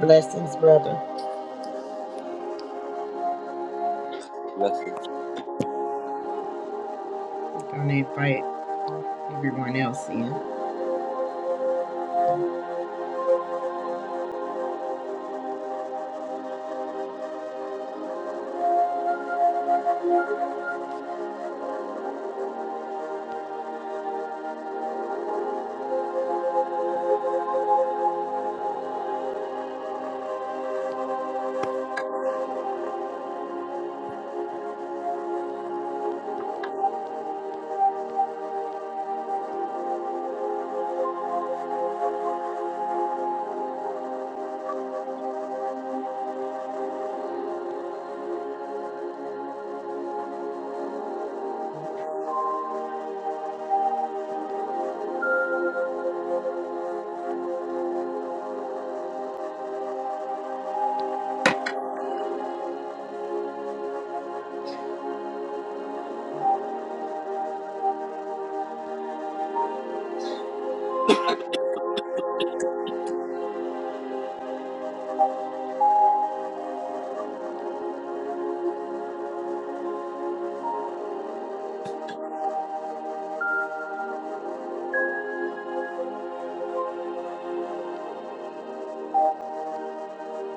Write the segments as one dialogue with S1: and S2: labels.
S1: Blessings, brother.
S2: Blessings.
S1: Don't invite everyone else in.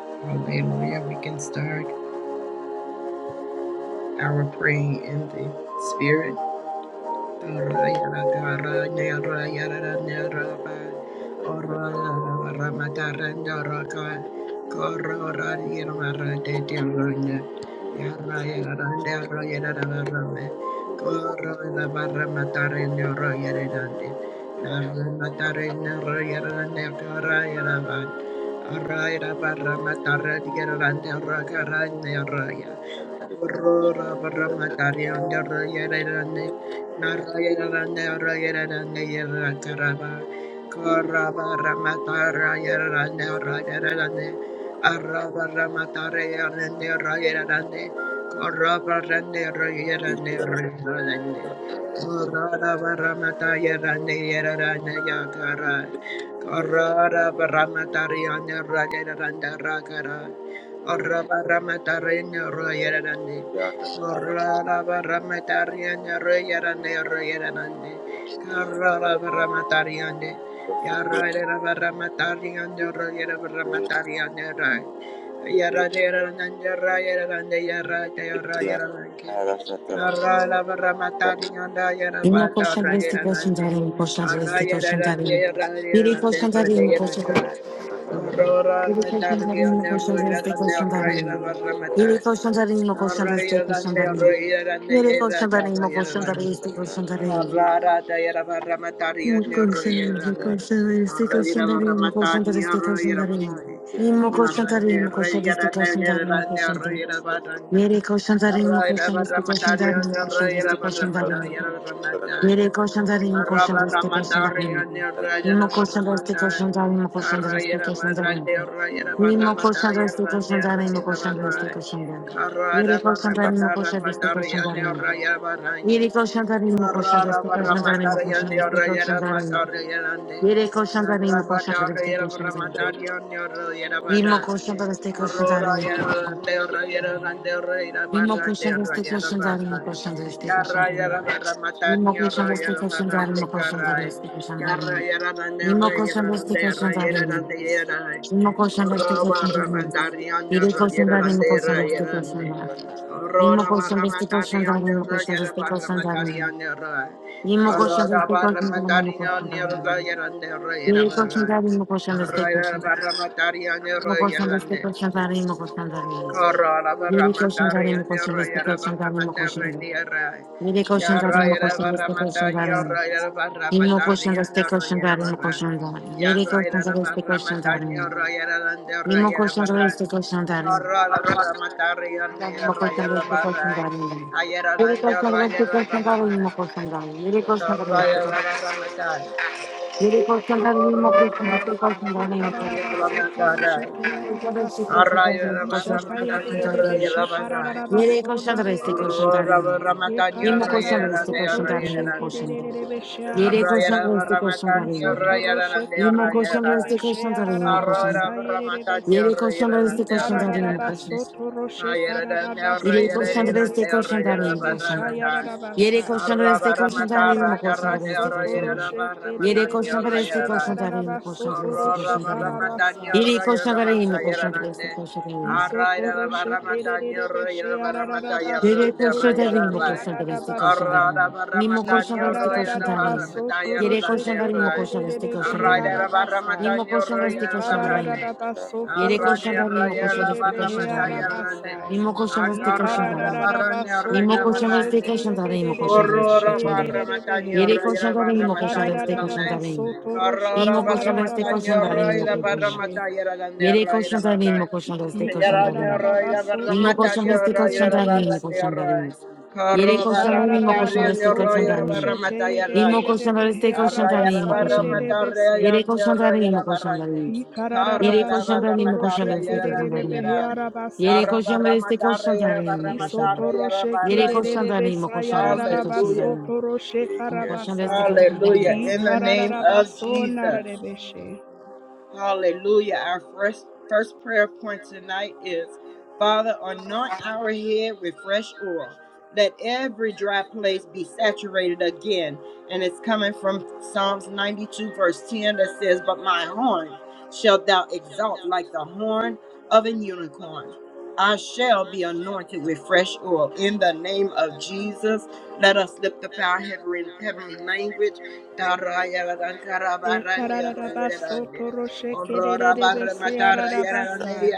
S1: Hallelujah. We can start our praying in the spirit. Araya Barramatara Yarande Ragarande Araya Aurora Barramataria and Yarande Naraya Rande Araya Rande Yarakaraba Koraba Ramatara Yarande Araya Rande Araba Ramatara Yarande Araya Rande Koraba Rande Araya Rande Araya Rande Karada Varamataya Ranira Ranaya Kara Karada Varamatariyana Rajara Randara Kara Arabaramatarinya Royara Randi Karada Varamatariyana Royara Royara Randi Karada Varamatariyande Yarra,
S3: Imo koshan resti koshan dari imo koshan resti koshan dari iri koshan dari imo koshan iri koshan dari imo koshan resti koshan dari iri koshan dari imo koshan resti koshan dari iri koshan dari imo koshan dari resti koshan dari imo
S1: Barada yara barra matari yande
S3: koshan
S1: ro
S3: resti
S1: yande.
S3: koshan resti
S1: Ro
S3: koshan
S1: yara
S3: dari
S1: barra
S3: imo koshan
S1: matari
S3: resti
S1: ro
S3: koshan
S1: yara
S3: dari
S1: barra.
S3: imo koshan
S1: Yara
S3: dari
S1: ne
S3: imo
S1: ro
S3: koshan resti
S1: yara ne
S3: koshan dari imo
S1: yara ne
S3: koshan
S1: ro
S3: dari
S1: yara barra ne.
S3: iri koshan dari imo
S1: Ro yara
S3: koshan
S1: barra
S3: resti koshan
S1: matari
S3: dari imo
S1: yande ro
S3: koshan resti
S1: barra
S3: koshan dari
S1: matari
S3: Yere koşan zarin mi koşan reste koşan zarin Imo question the stick question down, imo question the stick question down. Imo question the stick question down, imo question the stick question down. Yere question down, imo question the stick question down. Yere question down, imo question the stick question down, imo question the stick question down. Yere question down, imo question the stick question down. Imo question
S1: Rabba
S3: the stick question down.
S1: Aurora, Yarra, Terra, Yarra, Terra, Ira,
S3: Imo
S1: Barra,
S3: question the
S1: Terra,
S3: stick
S1: Yarra,
S3: question down, imo
S1: Barra.
S3: question the stick question down. Imo question the
S1: eh.
S3: stick
S1: Yarra,
S3: question down,
S1: Yarra, Barra, Matani, Yarra, Yarra, Barra,
S3: imo question
S1: Nicarai.
S3: the stick question
S1: Yarra,
S3: down.
S1: Yarra,
S3: Imo
S1: Nerra,
S3: koşan
S1: Yarra,
S3: destek koşan
S1: Terra, Yarra,
S3: zareyim.
S1: Yarra.
S3: Imo koşan destek
S1: Aurora,
S3: koşan
S1: Barra,
S3: zareyim.
S1: Matani,
S3: Biri
S1: Yarra,
S3: koşan zareyim,
S1: Yarra,
S3: imo koşan
S1: Terra,
S3: destek koşan zareyim.
S1: Yarra.
S3: Imo
S1: Corona
S3: koşan
S1: barra
S3: destek koşan
S1: matari on
S3: zareyim, imo
S1: the
S3: koşan
S1: roger
S3: destek
S1: barra
S3: koşan
S1: matari
S3: zareyim.
S1: on the roy.
S3: Imo koşan
S1: Corona
S3: destek koşan
S1: barra
S3: zareyim, imo
S1: matari
S3: koşan
S1: on the
S3: zareyim.
S1: roger on the roger
S3: Biri koşan
S1: barra.
S3: zareyim, imo koşan destek
S1: Corona
S3: koşan
S1: barra matari on
S3: zareyim.
S1: the
S3: Imo koşan destek
S1: roger
S3: koşan zareyim, imo koşan zareyim.
S1: Corona barra
S3: Biri koşan zareyim,
S1: mataria
S3: imo koşan
S1: nero
S3: destek
S1: yara
S3: koşan
S1: barra
S3: zareyim, imo koşan
S1: matarra
S3: zareyim.
S1: nera
S3: Biri koşan zareyim,
S1: yara
S3: imo
S1: yara
S3: koşan
S1: barra
S3: destek koşan
S1: mataria
S3: zareyim.
S1: yara yara barra
S3: Imo koşan
S1: mataria
S3: destek
S1: nero
S3: koşan
S1: yara
S3: zareyim, imo
S1: barra
S3: koşan zareyim. Yeri
S1: yara yara
S3: koşan destek koşan zareyim.
S1: yara yara nero
S3: Mismo colchón de este colchón de arena.
S1: Corona barra
S3: El mismo colchón de
S1: yara
S3: este
S1: barra
S3: colchón de arena.
S1: ayara
S3: Yere colchón
S1: nero
S3: de este
S1: yara
S3: colchón de
S1: barra
S3: arena, mismo colchón de arena. Yere
S2: Yeah.
S3: colchón de
S1: Corona
S3: este colchón.
S1: yara
S3: Yere colchón de arena, mismo
S1: Corona
S3: colchón de
S1: barra
S3: este colchón de
S2: There are
S3: arena.
S1: yara yara barra
S4: Ekararabasotoroshete
S1: mataria
S3: Colchón de este
S4: yararabasai.
S3: colchón de arena, mismo colchón de este
S1: yara barra
S3: colchón de arena.
S4: Ishatayadededebeshe
S3: Yere
S4: karararabaso
S3: colchón de este colchón de
S4: narededebeshe.
S1: Corro,
S3: arena.
S1: Ramatan, your
S3: Mismo colchón de
S1: Ramatan,
S3: este colchón de arena, mismo
S4: Yekarararabasotorosheke
S3: colchón de arena.
S4: dedededebeshe
S2: characteristics that are
S3: Yere colchón de
S4: yararabasai.
S3: este colchón de
S1: your
S3: arena.
S4: Isotorosheke
S3: Mismo colchón de este
S4: dedededebeshe
S3: colchón de arena, mismo colchón de
S4: yararabasai
S3: arena.
S4: yedededebese.
S3: Yere colchón este
S4: Ikarararabasotorosheke
S3: Iré coxando deste
S4: karararabasotorosheke
S3: coxando a mim,
S4: dedededebeshe
S3: coxando. Iré
S4: yararabasai.
S3: coxando deste coxando a mim, coxando deste coxando.
S4: Ikararabasotoroche
S3: Iré coxando
S4: kedededebeshe
S3: deste coxando a mim, coxando deste
S4: yararabasotoroche
S3: coxando a mim.
S4: kararasai.
S3: Iré coxando a mim, coxando
S1: Ramatan,
S3: deste coxando a mim.
S1: Arrayara
S4: Isotoroche
S1: barramata ñorro
S4: kedededebeshe
S1: yara barramata
S3: Iré
S1: yarrande
S3: coxando a
S4: yararabasotoroche
S1: arrayara
S3: mim,
S4: te
S1: ray.
S3: coxando deste coxando
S4: yadadabasai.
S3: a
S1: Arrada
S3: mí, Mimo
S1: barramata
S3: coxando deste
S1: ñorro yara
S3: coxando a mim.
S1: barramata
S4: Ikarararabasoto
S3: Iré coxando
S1: yarrande
S3: a
S4: rosheke
S3: mim,
S4: de
S1: ray.
S4: de de
S3: coxando
S4: de
S3: deste
S4: de
S3: coxando
S4: behe
S3: a mim.
S1: Arrayara
S4: arabasa.
S1: barramata
S3: Mimo coxando
S1: ñorro
S3: deste
S1: yara
S3: coxando
S4: Ikara
S3: a
S4: da da
S1: barrande.
S3: mim.
S4: da baso
S3: Iré
S4: toro
S1: Arrade
S3: coxando a mim,
S4: sheke de de
S3: coxando
S1: arrayara
S4: de
S3: deste
S4: behe
S3: coxando a
S1: barramata
S3: mim.
S1: yarrande.
S4: arabasa.
S3: Mimo coxando deste coxando
S4: Ikara
S3: a
S4: da
S1: Akarrada
S3: mí
S4: da da
S1: barrande
S4: baso
S3: Imo
S1: arrayara
S4: toro
S3: colchão da este
S4: shete
S1: barrande.
S3: colchão
S4: de
S3: da areia,
S4: de
S3: imo
S4: de de
S3: colchão da este
S1: Corro
S4: beshe
S3: colchão da
S4: de
S3: areia.
S4: de de
S1: barramata
S4: behe.
S3: Yere
S1: ñorro
S3: colchão
S1: yara
S3: da areia, imo colchão
S1: barramata
S4: Ikara
S3: da
S1: y
S4: da
S3: este
S4: da da
S3: colchão da
S1: arrande.
S4: baso
S3: areia.
S4: toro
S1: Carrara
S3: Imo
S4: shekara
S1: barra
S3: colchão
S4: da
S3: da
S4: da
S3: este colchão
S1: matanya
S3: da
S4: basa
S3: areia,
S4: de
S3: imo
S1: roida
S4: de
S3: colchão
S1: barra
S3: da.
S4: beshe.
S1: matanya ragande
S3: Yere
S1: roida
S3: colchão da areia,
S1: barra.
S3: imo colchão da este colchão da
S4: Ikara da da
S1: Yaranya
S3: areia.
S4: da
S1: roida
S4: baso
S1: barra
S3: Imo
S4: toro
S3: colchão da
S1: matanya
S3: este
S4: sheke de
S3: colchão
S4: de
S3: da
S1: roida
S4: de
S3: areia,
S1: barra
S3: imo
S1: de
S4: bese.
S3: colchão da
S1: roi.
S3: areia. Yere
S1: Carro
S3: colchão
S1: barra
S3: da areia, imo colchão da este
S1: matanya
S3: colchão
S4: Ikarararabasoto
S3: da
S1: roida barra
S3: areia.
S4: roshete
S1: matanya
S3: Imo
S1: ragande.
S4: yedededede
S3: colchão da
S4: behe
S3: este colchão da
S1: Arraya
S3: areia,
S4: arabasa
S3: imo
S1: barra
S3: colchão da.
S4: yedede
S1: matanya
S4: se.
S3: Yere
S1: yanya
S3: colchão da areia,
S1: roida
S3: imo
S1: barra
S3: colchão da
S1: de.
S3: areia. Yere
S1: Carrara
S3: colchão da
S1: barra
S3: areia,
S4: Ikarararabasoto
S3: imo colchão
S4: roshe
S1: matanya
S3: da este colchão da
S4: kededede
S1: yarande
S3: areia.
S4: behe
S1: yarai.
S3: Yere
S4: arabasa.
S1: Yarra
S3: koşan da
S1: barra
S3: destek koşan
S1: matanya yarra
S3: tanrıyım
S1: barra
S3: mı
S1: matanya
S4: Isoto
S3: koşandan?
S1: yarra
S4: roshe
S3: Yere
S1: barra de.
S3: koşan
S4: kededede
S3: tanrıyım mı
S4: besa
S3: koşan da destek koşan
S1: Hallelujah.
S3: tanrıyım
S4: yarararabasoto roshe
S3: mı koşan da destek
S4: karabasa.
S3: koşan
S1: Hallelujah. In the name of
S4: Ikarararabaso
S1: Jesus.
S4: narebeshe.
S1: Hallelujah. Our first, first prayer point tonight is Father, anoint our head with fresh oil. Let every dry place be saturated again. And it's coming from Psalms 92, verse 10, that says, But my horn shalt thou exalt like the horn of an unicorn. I shall be anointed with fresh oil. In the name of Jesus, let us lift up our heavenly, heavenly
S4: Ekararabaso toroshe kererese ararabasai.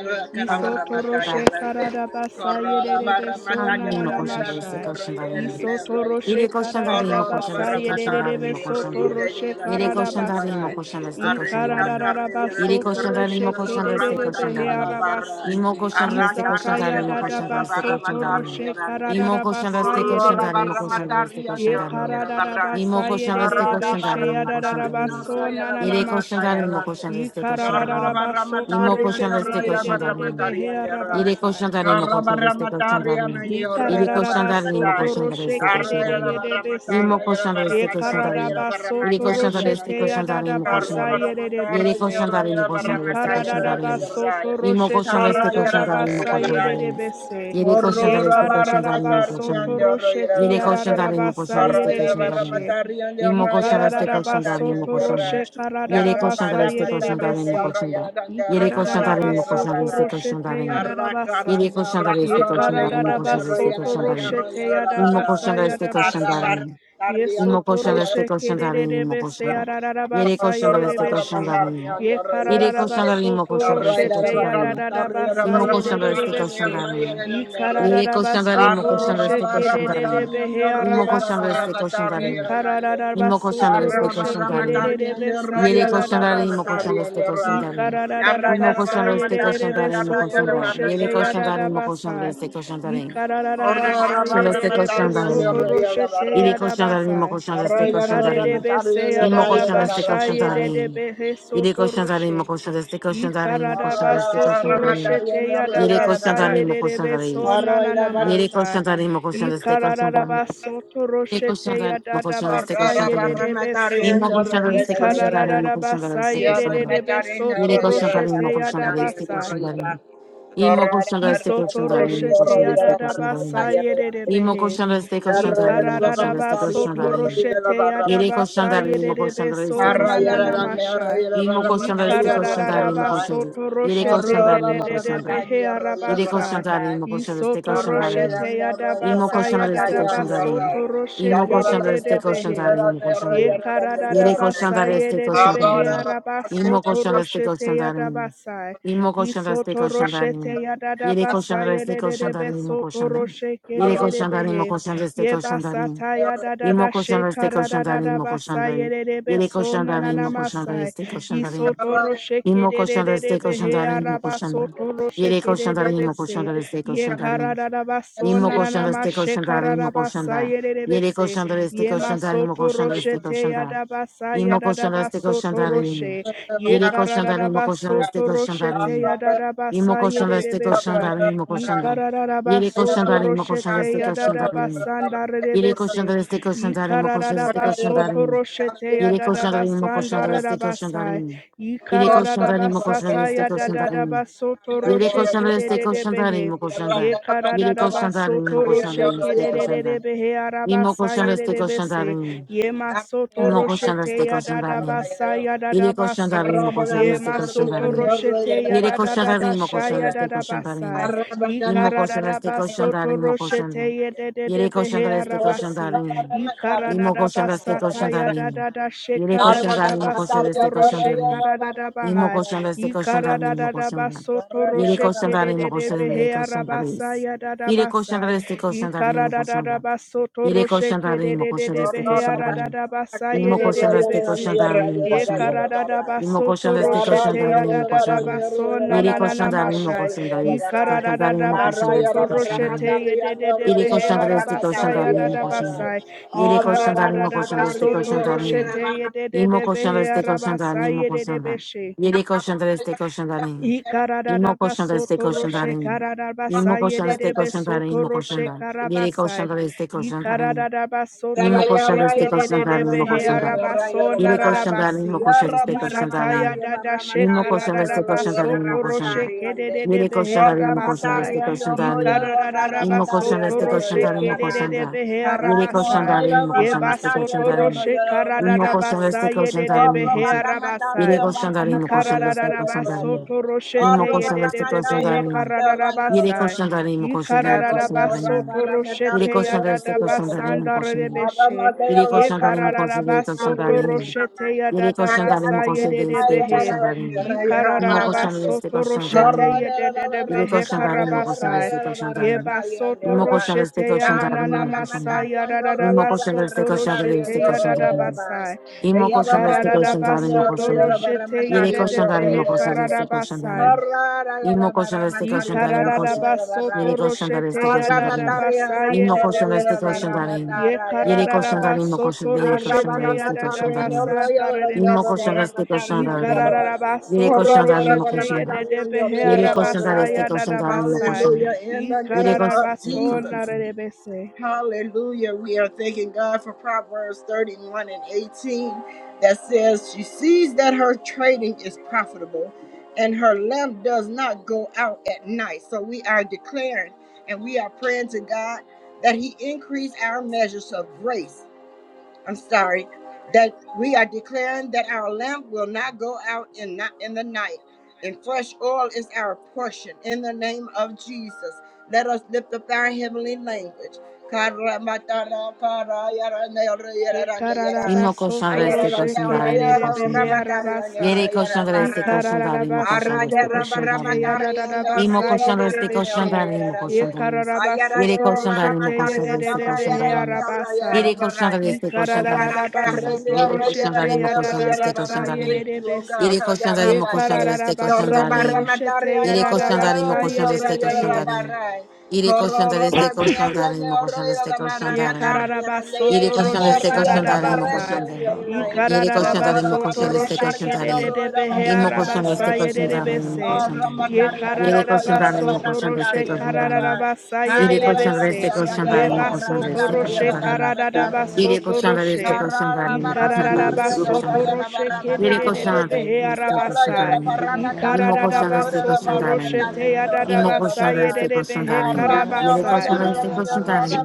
S4: Iso
S3: tanrıyım?
S4: toroshe kararabasai yererebeso
S3: Animo koşan da
S4: nananamasha.
S3: destek koşan da rimo.
S4: Iso toroshe
S3: Yere koşan da rimo koşan
S4: kararabasai
S3: destek koşan da rimo
S4: yererebeso
S3: koşan da.
S4: toroshe
S3: Yere koşan da rimo
S4: kararabasai.
S3: koşan destek koşan da rimo.
S4: Ikararabaso
S3: Yere koşan da
S1: language.
S4: toroshe
S3: rimo
S1: Arra,
S3: koşan destek koşan da
S4: kererebehe
S3: rimo.
S4: arabasi.
S3: İmo koşan da destek koşan da
S4: Isataya
S3: rimo koşan da destek
S4: dadabaso
S3: koşan da rimo.
S4: toroshe
S3: İmo koşan da
S4: kararabasai
S3: destek koşan da rimo
S4: yererebese.
S3: koşan da destek koşan
S4: Ye
S3: da rimo.
S4: karada da
S3: İmo
S4: basa ye
S3: koşan da
S4: de de
S3: destek
S4: de be
S3: koşan da
S4: ya
S3: rimo
S4: da da
S3: koşan
S4: da
S3: da rimo.
S4: baso na na na
S3: Yere koşan da
S4: mashai.
S3: rimo koşan
S4: Ye
S3: destek koşan
S4: karada
S3: da rimo.
S4: baso
S3: İmo
S4: toro
S3: koşan da destek
S4: ye de
S3: koşan
S4: de
S3: da
S4: de be
S3: rimo. Yere
S4: arabasai.
S3: koşanlar imo koşanlar este koşanlar imo. Yere koşanlar imo koşanlar
S4: Ikararabasotoroshe
S3: este koşanlar imo. Imo
S4: kedededebese.
S3: koşanlar este koşanlar imo. Yere koşanlar
S4: Yekararabasotoroshe
S3: este koşanlar imo
S1: Yarra
S4: teyadadabasa
S3: koşanlar.
S1: barra
S3: Yere
S1: matarra,
S4: yededebese.
S3: koşanlar
S1: yarra
S3: imo
S1: yarra barra
S3: koşanlar este
S1: matarra,
S3: koşanlar
S1: yarra
S3: imo.
S1: yarra yarra.
S3: Imo
S4: Ikararabasotoroshe
S3: koşanlar
S1: Sharra
S3: este koşanlar
S1: yarra
S3: imo
S4: teyadadabasa
S1: yarra barra.
S3: koşanlar imo.
S4: yededebese.
S3: Yere koşanlar
S1: Morro ra
S3: este
S1: barra
S3: koşanlar imo
S1: matarra,
S3: koşanlar.
S1: yarra
S4: Yekararabasotoroshe
S1: yarra
S3: Yere
S1: matarra.
S3: koşanlar imo
S4: teyararabasa
S3: koşanlar este
S1: Yarra yarra
S3: koşanlar
S1: barra
S3: imo.
S4: yededebeshe.
S1: matarra,
S3: Imo
S1: yarra
S3: koşanlar
S1: yarra
S3: este
S1: barra
S3: koşanlar
S1: matarra, yarra.
S3: koşanlar.
S4: Ikararabasotoroshe
S3: Yere
S1: Yarra
S3: koşanlar
S4: kararabasa
S1: barra
S3: este
S1: matarra,
S3: koşanlar imo
S4: yededebese.
S1: yarra
S3: koşanlar.
S1: yarra
S3: Yere
S1: yarra kara
S3: koşanlar imo
S1: yarra
S3: koşanlar
S1: barra.
S3: este
S4: Ikararabasotoroshe
S3: koşanlar
S1: Arra kara
S4: teyararabasa.
S3: Yedi koşan
S1: yarra
S3: da
S4: Ye
S3: destek
S1: kara
S3: koşan da imo
S1: yarra
S4: karadadaba
S3: koşan da
S1: yarra
S3: destek
S4: soto
S3: koşan
S1: yarra
S3: da imo.
S1: yarra
S4: roshete
S1: yarra
S3: İmo
S1: barra.
S3: koşan
S4: yadabasa
S3: da destek koşan
S1: Arra
S3: da
S4: yadabasa.
S1: barra
S3: imo.
S4: Ye
S1: matarra,
S3: İmo
S4: soto
S3: koşan da
S1: yarra
S3: destek
S4: roshe
S3: koşan da imo
S4: kedededebe se
S3: koşan da. Yedi
S4: yadadabasa
S1: Arroyo
S3: koşan
S1: de
S3: da
S1: la
S3: destek
S1: barra
S3: koşan
S4: yedebeshe.
S3: da
S1: matar, y
S3: imo.
S1: en
S4: Ye
S1: el
S3: Yedi
S4: karadadaba
S3: koşan da imo
S4: soto
S3: koşan da destek
S4: roshete
S3: koşan da imo.
S4: yadadabasa
S3: İmo koşan da destek koşan da
S4: yedebese.
S3: imo.
S4: Ye
S3: Yedi
S4: karadadaba
S3: koşan da imo
S4: soto
S3: koşan da
S4: roshe
S3: destek koşan da imo.
S4: kedededebe he
S3: İmo
S1: rayo
S3: koşan da
S4: arabasa.
S3: destek koşan da
S4: Ye
S3: imo.
S4: karadadaba
S3: İmo koşan da
S4: soto
S3: destek
S4: roshe
S3: koşan da imo.
S4: kedededebe
S3: Yere koşan darayım, o
S4: yadadabasa.
S3: koşan destek koşan darayım.
S1: de
S3: Mo
S4: Ikararabasa
S3: koşan destek koşan
S4: yererebe
S3: darayım, mo
S4: soto
S3: koşan Yere
S4: roshete
S3: koşan darayım, mo koşan
S4: yadabasa.
S3: destek koşan darayım.
S4: Ikararabasa
S3: Koşan
S4: yererebe soto roshete
S3: Yere koşan darayım, mo
S4: yadabasa.
S3: koşan destek koşan
S1: la barra
S3: darayım.
S4: Ikarerebe se
S3: İmo koşan destek
S4: yadabasha
S3: koşan
S1: matar.
S4: yererebe he
S3: Yere
S4: soto
S3: koşan darayım, mo
S4: roshe.
S3: koşan destek koşan darayım, mo koşan
S1: Arroyo,
S3: destek
S1: la
S4: Ikararabaso
S3: koşan
S1: barra
S3: darayım.
S1: mataría,
S4: toroshete
S1: arroyo,
S3: Yere
S1: la
S3: koşan
S4: yadabasa
S1: barra.
S3: darayım, mo koşan
S4: yederebe
S3: darayım.
S4: so
S1: Arroyo, la barra.
S3: Yere
S4: nananamasa.
S3: koşan darayım, mo koşan destek
S4: Ikararabaso
S3: Yere koşan
S4: toroshete
S3: darayım, mo koşan destek
S4: yadadabasa
S1: Horrora
S3: koşan
S1: barra
S4: yederebe so.
S3: Imo
S1: matariendo
S3: koshanda reste
S1: royera na
S3: koshanda re
S1: yerra.
S3: imo koshanda
S4: Ikarararabasa
S3: reste
S1: Yerra
S3: koshanda ni
S4: yerere
S3: re.
S1: matariendo
S4: besoto
S3: Mire
S1: royera
S3: koshanda re
S4: roshete
S3: imo
S1: barra
S3: koshanda reste
S1: matariendo
S4: yadabasa.
S3: koshanda
S1: royera.
S3: re. Imo
S1: Horrora
S3: koshanda reste
S1: barra
S4: Isoto
S3: koshanda re imo
S1: matariendo
S4: roshete
S3: koshanda
S1: royera
S3: reste
S1: barra
S4: yadadaba
S3: koshanda re.
S1: matariendo royera.
S3: Imo
S4: sayedebehe.
S3: koshanda reste
S1: Yerra
S3: koshanda re
S1: yerra
S3: imo
S1: barra
S3: koshanda
S4: Ikararaba
S3: reste
S1: matariendo
S3: koshanda
S4: soto
S3: ni ni re.
S1: royera
S4: roshete
S1: barra
S4: yadaba
S1: matariendo
S3: koshanda re imo
S1: royera.
S4: sayedebe
S3: koshanda reste
S4: so
S1: Horrora
S3: koshanda
S1: yerra
S3: re.
S1: dande
S4: nananamasha.
S1: royera
S3: Imo
S1: barra
S3: koshanda reste
S1: matariendo
S3: koshanda re imo
S4: Ikararaba
S1: royera.
S3: koshanda.
S4: soto
S3: Mire
S4: roshete
S3: koshanda
S1: Horrora
S3: re imo
S1: barra
S3: koshanda.
S4: yedebehe
S1: matariendo royera
S3: Mire
S1: barra
S4: arabasa.
S3: koshanda ni re imo
S1: matariendo.
S3: koshanda reste
S4: Isoto
S3: koshanda
S1: Arroyo,
S4: roshete yadaba
S3: Imo koşan reste
S4: sayadaba
S3: koşan darin.
S4: soto
S3: Imo
S4: rosheke
S3: koşan reste koşan
S4: dedebehe.
S3: darin. Imo koşan darin. Yere
S4: Yekaradaba
S3: koşan da reste koşan
S4: sayedebehe
S3: darin.
S4: araba
S3: Imo
S4: soto
S3: koşan reste
S4: roshete
S3: koşan darin.
S4: yadabasa.
S3: Imo koşan reste
S4: Isoto
S3: koşan darin.
S4: roshete ya dada
S3: Yere
S4: basa
S3: koşan reste
S4: yedede
S3: koşan darin. Imo
S4: besoto
S3: koşan darin.
S4: roshe
S3: Yere
S4: kedede
S3: koşan darin. Imo
S4: behe.
S3: koşan reste koşan darin.
S4: Yebasata ya dada
S3: Imo
S4: da
S3: koşan reste
S4: shekara
S3: koşan darin.
S4: dada
S3: Imo koşan
S4: basa
S3: darin.
S4: yedede
S3: Yere
S4: beso
S3: koşan darin.
S4: nanana
S3: Imo koşan
S4: masai.
S3: reste koşan darin.
S4: Isoto roshe
S3: Imo koşan
S4: kedede
S3: reste koşan
S4: behe
S3: darin. Imo
S4: araba
S3: koşan darin.
S4: soto roshe
S3: Yere koşan
S4: kedede
S3: darin. Imo koşan
S4: bese.
S3: reste
S4: Ye
S3: koşan
S4: kara
S3: darin.
S4: dada baso
S3: Mismo colchón
S4: nanana
S3: de este colchón de
S4: mashekara
S3: arena,
S4: dada
S3: mismo colchón
S4: basa
S3: de
S4: yedede
S3: Yere
S4: bese.
S3: colchón de este
S4: Yema
S3: colchón de arena, mismo
S4: soto
S3: colchón de este
S4: roshete
S3: colchón de arena.
S4: yadabasa
S3: Mismo colchón de este colchón de
S4: yadadabasoto
S1: Corro,
S3: arena.
S4: roshe. Ye
S3: Yere colchón de arena, mismo colchón de este
S4: karararabasoto
S3: colchón de
S4: roshete
S3: arena. Mismo
S4: yadadabasa
S3: colchón de este colchón de
S4: yedebesha.
S3: arena, mismo
S4: Ye
S3: colchón de Yere colchón de
S4: karararabasoto
S3: arena, mismo colchón de
S4: roshete
S3: este colchón de arena.
S4: yadadabasanda
S3: Yere colchón
S4: redebese.
S3: de este colchón
S4: Ye
S3: de arena, mismo colchón de este colchón de
S4: karararabasoto
S3: arena.
S4: roshete
S3: Yere colchón de arena, mismo colchón
S4: yadadabasanda
S3: de este colchón de
S4: redabasa.
S3: arena.
S4: Ye
S3: Yere colchón de arena, mismo colchón de
S4: karararabasata
S3: este colchón de arena.
S4: yadadabasoto
S3: Yere
S4: roshe
S3: koşanlar este koşanlar
S4: kededebehe.
S3: imo koşanlar.
S4: Ye
S3: Yere
S4: kararaba
S3: koşanlar imo
S4: soto
S3: koşanlar
S4: roshe
S3: este koşanlar.
S4: kererebe behe
S1: Arra
S3: İmo
S4: arabasa
S3: koşanlar este koşanlar
S4: yerebese.
S3: imo.
S4: Ye masoto
S3: İmo
S4: roche
S3: koşanlar
S4: te
S3: este
S4: ya
S3: koşanlar imo.
S4: dadabasa ya
S3: Yere koşanlar
S4: dadabaso.
S3: imo koşanlar
S4: Ye
S3: este koşanlar
S4: masoto
S3: imo.
S4: roche te ya
S3: Yere koşanlar imo
S4: dadabasha
S3: koşanlar
S4: ya
S3: este koşanlar imo.
S4: dadabasa. Ye
S3: İmo koşanlar este
S4: kararaba
S3: koşanlar
S4: soto
S3: imo koşanlar.
S4: roshete ye
S3: Yere
S4: dedebe he
S3: koşanlar este koşanlar
S4: arabasi.
S3: imo.
S4: Ye
S3: İmo
S4: kararaba
S3: koşanlar este
S4: sata
S3: koşanlar
S4: ya
S3: imo.
S4: dadada
S3: Yere
S4: sheka
S3: koşanlar imo
S4: dadaba
S3: koşanlar
S4: soto
S3: este
S4: roshe
S3: koşanlar imo. Imo
S4: karadaba
S3: koşan
S4: da da da da da da da da da
S3: da este koşan da imo
S4: da da
S3: koşan da. Yeri koşan da imo koşan da yeri
S4: da
S3: koşan da reis.
S4: da da
S3: Yeri koşan
S4: basa.
S3: da este koşan da
S4: Ikara
S3: imo
S4: da da
S3: koşan
S4: da
S3: da.
S4: baso baso baso baso baso toro toro toro toro
S3: Yeri koşan
S4: sheke sheke
S3: da
S4: de
S3: imo
S4: de
S1: Arra
S4: de
S3: koşan da
S4: de
S3: este koşan da imo. Imo
S4: de de de de de de
S3: koşan da este
S4: de de
S3: koşan da imo koşan da. Imo koşan da este koşan
S4: de
S3: da
S4: ya da
S3: imo
S4: da da
S3: koşan da.
S4: baso na
S3: Yeri
S4: na na
S3: koşan da
S4: na
S3: imo koşan da reis. Koşan da imo koşan da
S4: Ikaradadabasoto
S3: este koşan da imo. Yeri
S4: roshekedededebe
S3: koşan da este koşan da
S4: da da Ikaradadabasoto roshekedededebe da da Yekaradadabasoto rosheteya dadadabaso nananamashai. Ikaradadabasoto de de arabasaya
S3: imo koşan da.
S4: dadabasai.
S3: Yeri koşan da imo koşan da este
S4: Ikaradadabasoto
S3: koşan da imo.
S4: rosheteye de de
S3: Imo koşan reste koşan da imo koşan da.
S4: dedebeshe.
S3: Yere koşan da reste koşan da imo. Imo
S4: Ikararaba
S3: koşan da reste
S4: soto
S3: koşan da
S4: roshe
S3: imo.
S4: kararaba
S3: Imo koşan reste
S4: sayerebe
S3: koşan da
S4: soto
S3: imo koşan
S4: roshe
S3: da. Yere
S4: karabasai.
S3: koşan reste koşan da
S4: Ikararaba soto
S3: Nimo question
S4: roshe
S3: that is the question that Nimo
S4: kedebe
S3: question that.
S4: hearaba so
S3: Yeri question that Nimo
S4: nararabasi.
S3: question that is the question that
S4: Isataya
S3: Nimo
S4: dada
S3: question that is the
S4: shekararaba
S3: question that Nimo
S4: soto
S3: question
S4: roshe
S3: that.
S4: kedebe
S3: Yeri question that Nimo question that is
S4: hearabasai.
S3: the
S4: Ikararaba soto
S3: question
S4: roshe
S3: that Nimo
S4: kedebe hearabasai. Yeba soto roshe kararaba
S3: question that is the question that Nimo
S4: sayerebe
S3: question that. Yeri
S4: hearabasai.
S3: question that Nimo question that is the question that Nimo question that is the
S4: Ikararabasoto roshete
S3: question that
S4: yededebehe
S3: Nimo question. Yeri
S4: kararabasai.
S3: question that Nimo question that is the question that Nimo question that is the question that Yeri question that Nimo question that is the question that Yeri question that is
S4: Ikararabasoto roshete
S3: the question that
S1: Arroyo,
S3: Nimo
S1: Horror,
S3: question that.
S4: yadadabasandarebeshe.
S3: Yeriko Shandarin Mokose Yeriko
S4: Yekararabasoto
S3: Shandarin
S4: roshete
S3: Yeriko Shandarin
S4: yadadabasa
S3: Mokose Yeriko
S4: yededebehe.
S3: Shandarin Imoko Shandarin
S4: Ikararabasoto
S3: Yeriko
S4: roshete
S3: Shandarin
S4: yededebehe
S3: Yeriko Shandarin Mokose
S4: karabasai.
S3: Yeriko Shandarin
S4: Yebasoto
S3: Imoko
S4: roshete yananamasa
S3: Shandarin Yeriko
S4: yadadabasoto
S3: Shandarin
S4: roshete
S3: Imoko Shandarin
S4: yadadabasai.
S3: Imoko Shandarin Yeriko Shandarin Yeriko Shandarin Imoko
S4: Ikararabasoto
S3: Shandarin
S4: roshete
S3: Yeriko Shandarin Mokose Shandarin Yeriko
S4: yedede
S3: Shandarin
S4: behe
S3: Mokose
S4: kararabasai.
S1: I got a
S3: Imo koşan ve istek koşan tarihim koşan.
S4: Ikararabasoto
S3: Yeri
S1: barramatario,
S3: koşan tarih istek
S4: roshete
S3: koşan
S4: yadada
S3: tarihim.
S1: Arramataria
S4: basai
S1: raño
S3: İmo
S4: yedede
S3: koşan ve
S1: rollo de
S3: istek
S4: bese.
S3: koşan tarihim.
S4: Ye
S1: barramatara
S3: Yeri koşan tarihim o koşan
S4: kararabasoto
S3: değil koşan
S4: roshete
S3: ve istek
S4: yadada
S3: koşan
S1: Arrabaramataria no
S3: tarihim.
S4: basai
S1: rollo de
S4: darede
S3: İmo
S1: ñorro
S3: koşan
S4: bese.
S3: ve istek koşan
S1: barramataria de
S3: tarihim.
S1: arroz.
S3: Yeri
S1: Corro
S4: Ikararabasoto
S3: koşan
S1: de la
S3: tarihim o
S4: roshete
S3: koşan da.
S1: barramataria
S4: yedede
S1: de
S4: behe
S3: Yeri koşan tarih
S4: arabasai
S3: istek koşan
S4: yadada
S3: tarihim o
S4: basai.
S3: koşan da.
S1: Hallelujah in the
S3: Yeri
S1: name
S3: koşan
S1: of
S3: istek
S4: Ikararabaso
S3: koşan.
S1: Jesus.
S4: narede bese.
S1: Hallelujah. We are thanking God for Proverbs 31 and 18 that says, She sees that her trading is profitable and her lamp does not go out at night. So we are declaring and we are praying to God that He increase our measures of grace. I'm sorry, that we are declaring that our lamp will not go out in, not in the night. And fresh oil is our portion in the name of Jesus. Let us lift up our heavenly language. Thank you, oh God. I got a render, render, render, render, render, render,
S3: İmo koşan
S4: Ikararabasoto
S3: ve istek
S4: roshe
S1: render, render,
S3: koşan
S1: render,
S3: tarihim
S4: kerere
S3: koşan
S4: behe
S3: da.
S4: arabasa.
S3: Yere koşan da destek koşan da imo koşan da
S4: Ikararabasoto
S3: destek
S4: roshe
S3: koşan da
S4: te
S3: imo. İmo
S4: yararabasa
S3: koşan da
S4: yerere
S3: destek koşan
S4: beshe.
S3: da imo koşan da destek. Yere
S4: Ikararabasoto
S3: koşan da
S4: roshe
S3: imo
S4: te
S3: koşan da destek
S4: yerere
S3: koşan da
S4: behe
S3: imo.
S4: arabasa.
S3: Yere koşan da destek koşan da imo.
S4: Ikararabasoto
S3: Yere
S4: roshe
S3: koşan da
S4: te
S3: imo koşan da
S1: render,
S3: destek
S1: render,
S3: koşan
S4: yararabasa
S3: da imo.
S4: yerere
S1: render,
S4: beshe.
S3: Yere koşan da imo koşan da
S1: render,
S3: destek koşan
S1: Torra
S3: da
S4: Ikararabasoto
S1: barra
S3: imo.
S4: roshe te
S1: mataria
S3: Yere
S1: ñorro
S3: koşan
S1: y
S3: da
S1: la
S3: imo
S4: yararabasa
S3: koşan da
S4: yerere
S1: ñorro y
S3: destek koşan
S4: behe.
S1: la
S3: da imo.
S1: barra.
S3: Yere koşan
S1: Corro
S3: da
S1: roba
S3: destek
S1: de
S3: koşan
S1: ñorro
S3: da imo
S1: ñorro
S3: koşan da
S1: y la
S3: destek koşan
S1: barra
S4: Ye
S3: da imo.
S1: mataria
S4: kararaba
S3: Yere
S1: y
S4: soto
S1: la
S3: koşan
S4: roshe
S1: ñorro
S3: destek koşan
S1: la
S3: tane imo
S1: barra en
S4: kararabasa.
S3: koşan tane.
S4: Ye
S3: Yere koşan
S4: kararaba
S3: tane
S1: la
S3: imo
S4: soto
S3: koşan
S1: barra
S3: destek
S4: roshe
S3: koşan
S1: mataria
S3: tane.
S1: ñorro
S4: kedede
S1: y la
S4: behe
S1: barra
S3: İmo koşan
S1: mataria la
S4: arabasa
S3: destek
S1: ñorro.
S3: koşan
S4: yedede
S3: tane imo
S4: bese.
S3: koşan
S1: Torra
S3: tane.
S4: Ye
S1: mataria
S3: Yere
S1: ñorro y
S3: koşan
S4: kararaba
S1: la
S3: tane imo
S1: barra
S4: soto
S3: koşan
S4: roshe
S3: destek
S1: mataria
S3: koşan
S1: ñorro.
S3: tane.
S4: kararabasa
S1: Ay,
S3: Yere
S1: y
S4: yedede
S3: koşan
S1: la
S4: bese.
S3: destek
S1: ñorro y
S3: koşan
S4: Ye
S3: tane
S1: la
S3: imo
S1: barra
S3: koşan
S4: basoto
S3: destek
S1: mataria y
S3: koşan
S4: roshe
S1: la barra
S3: tane.
S4: kararaba
S1: mataria la
S3: Yere
S1: ñorro.
S4: soto
S3: koşan tane destek
S4: roshe.
S1: Corro
S3: koşan
S1: la
S3: tane
S4: Ye
S3: imo
S1: barra
S3: koşan tane
S4: kararaba
S1: mataria
S3: destek
S1: ñorro
S3: koşan
S4: soto
S3: tane.
S1: y la
S4: roshe
S1: barra
S3: Yere
S1: mataria y la
S4: kedede
S3: koşan tane
S1: ñorro.
S4: behe
S1: Arra
S3: destek
S1: Corra
S3: koşan
S4: arabasa.
S3: tane.
S1: barra
S4: Ye
S1: matar
S3: İmo
S1: yo
S3: koşan
S4: kararaba
S3: destek koşan
S4: soto
S3: tane.
S4: roshe te
S3: İmo
S4: yadadabasa
S3: koşan destek
S4: yedede
S3: koşan
S4: behe
S3: tane. Yere
S4: karabasa.
S3: koşan destek koşan tane.